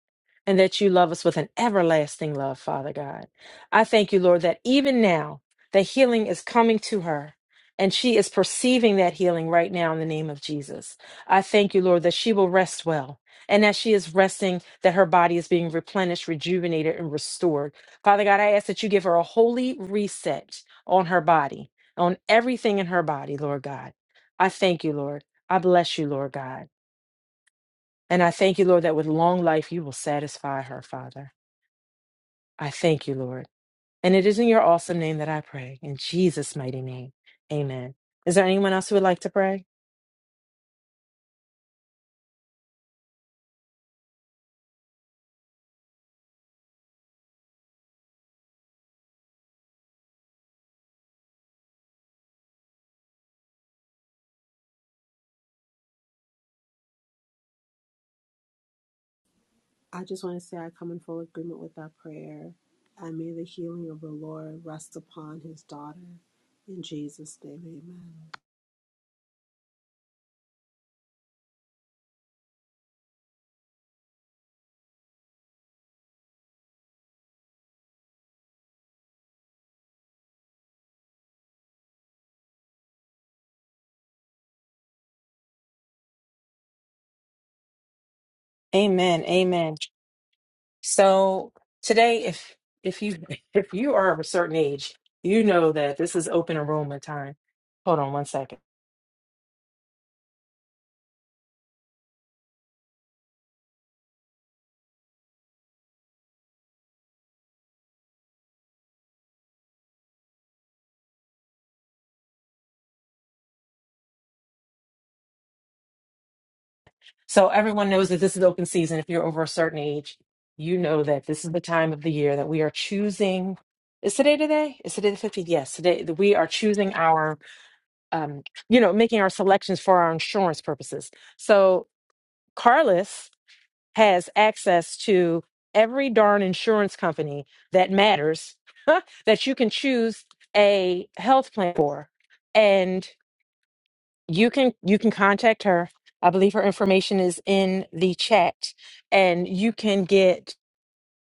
H: and that you love us with an everlasting love, Father God. I thank you, Lord, that even now the healing is coming to her and she is perceiving that healing right now in the name of Jesus. I thank you, Lord, that she will rest well. And as she is resting, that her body is being replenished, rejuvenated, and restored. Father God, I ask that you give her a holy reset on her body, on everything in her body, Lord God. I thank you, Lord. I bless you, Lord God. And I thank you, Lord, that with long life you will satisfy her, Father. I thank you, Lord. And it is in your awesome name that I pray, in Jesus' mighty name. Amen. Is there anyone else who would like to pray?
I: I just want to say I come in full agreement with that prayer, and may the healing of the Lord rest upon His daughter. In Jesus' name, Amen.
H: Amen. Amen. So today, if if you if you are of a certain age, you know that this is open enrollment time. Hold on one second. So everyone knows that this is open season. If you're over a certain age, you know that this is the time of the year that we are choosing. Is today today? Is today the 15th? Yes, today that we are choosing our, um, you know, making our selections for our insurance purposes. So Carlos has access to every darn insurance company that matters that you can choose a health plan for. and you can you can contact her i believe her information is in the chat and you can get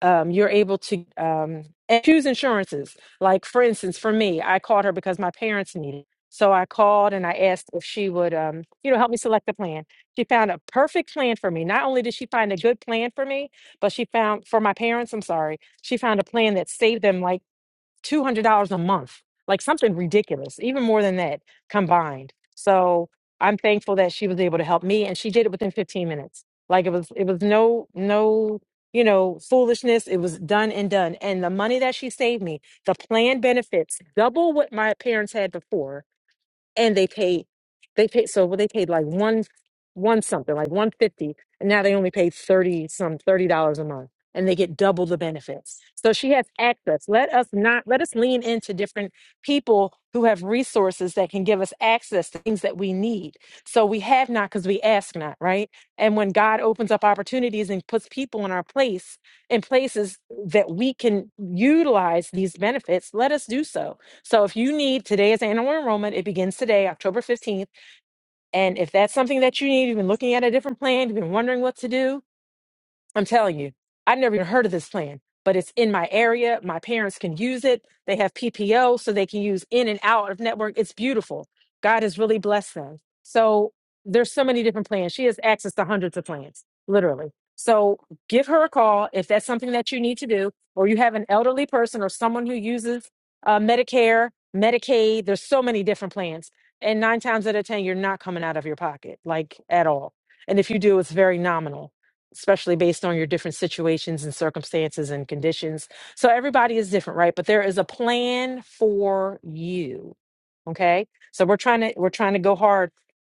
H: um, you're able to um, and choose insurances like for instance for me i called her because my parents needed it. so i called and i asked if she would um, you know help me select the plan she found a perfect plan for me not only did she find a good plan for me but she found for my parents i'm sorry she found a plan that saved them like $200 a month, like something ridiculous, even more than that combined. So I'm thankful that she was able to help me and she did it within 15 minutes. Like it was, it was no, no, you know, foolishness. It was done and done. And the money that she saved me, the plan benefits double what my parents had before and they pay they pay so what they paid like one one something like 150 and now they only pay 30 some 30 dollars a month and they get double the benefits so she has access let us not let us lean into different people who have resources that can give us access to things that we need so we have not because we ask not right and when god opens up opportunities and puts people in our place in places that we can utilize these benefits let us do so so if you need, today is annual enrollment. It begins today, October 15th. And if that's something that you need, you've been looking at a different plan, you've been wondering what to do, I'm telling you, I've never even heard of this plan, but it's in my area. My parents can use it. They have PPO, so they can use in and out of network. It's beautiful. God has really blessed them. So there's so many different plans. She has access to hundreds of plans, literally. So give her a call if that's something that you need to do, or you have an elderly person or someone who uses uh, Medicare, Medicaid. There's so many different plans. And nine times out of 10, you're not coming out of your pocket, like at all. And if you do, it's very nominal especially based on your different situations and circumstances and conditions. So everybody is different, right? But there is a plan for you. Okay. So we're trying to we're trying to go hard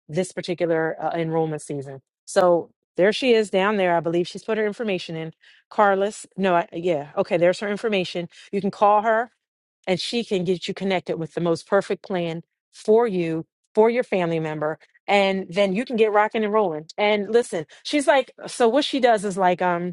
H: this particular uh, enrollment season. So there she is down there. I believe she's put her information in. Carlos, no, I, yeah, okay. There's her information. You can call her and she can get you connected with the most perfect plan for you, for your family member, and then you can get rocking and rolling. And listen, she's like, so what she does is like, um.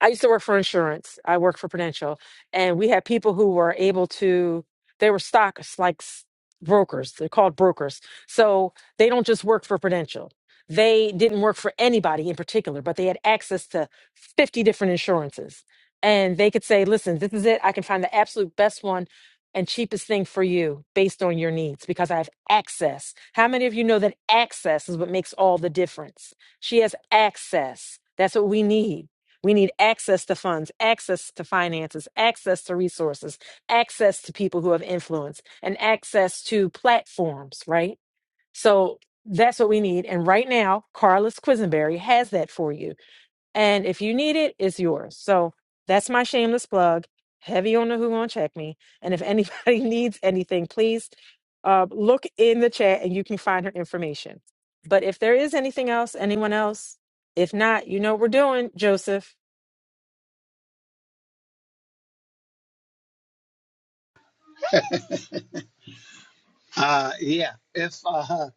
H: I used to work for insurance. I worked for Prudential, and we had people who were able to. They were stock like s- brokers. They're called brokers. So they don't just work for Prudential. They didn't work for anybody in particular, but they had access to fifty different insurances, and they could say, "Listen, this is it. I can find the absolute best one." And cheapest thing for you based on your needs because I have access. How many of you know that access is what makes all the difference? She has access. That's what we need we need access to funds, access to finances, access to resources, access to people who have influence, and access to platforms, right? So that's what we need. And right now, Carlos Quisenberry has that for you. And if you need it, it's yours. So that's my shameless plug. Heavy on the who gonna check me. And if anybody needs anything, please uh, look in the chat and you can find her information. But if there is anything else, anyone else, if not, you know what we're doing, Joseph.
L: Uh yeah. If uh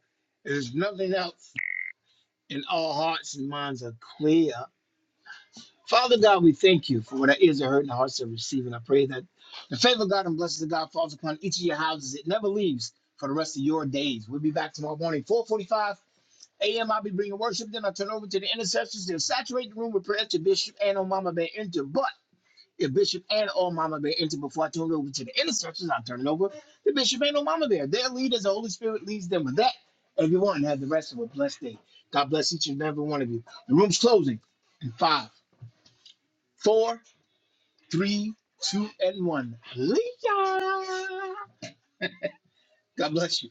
L: there's nothing else and all hearts and minds are clear. Father God, we thank you for what our ears are heard and our hearts are receiving. I pray that the favor of God and blessings of God falls upon each of your houses. It never leaves for the rest of your days. We'll be back tomorrow morning, 445 a.m. I'll be bringing worship. Then I'll turn over to the intercessors. They'll saturate the room with prayer to Bishop and Mama Bear Enter. but. the bishop and old mama bear into before I turn it over to the intercessors. I'm turning over the bishop and old mama bear. Their lead the Holy Spirit leads them with that. Everyone have the rest of a blessed day. God bless each and every one of you. The room's closing in five, four, three, two, and one. Leah. God bless you.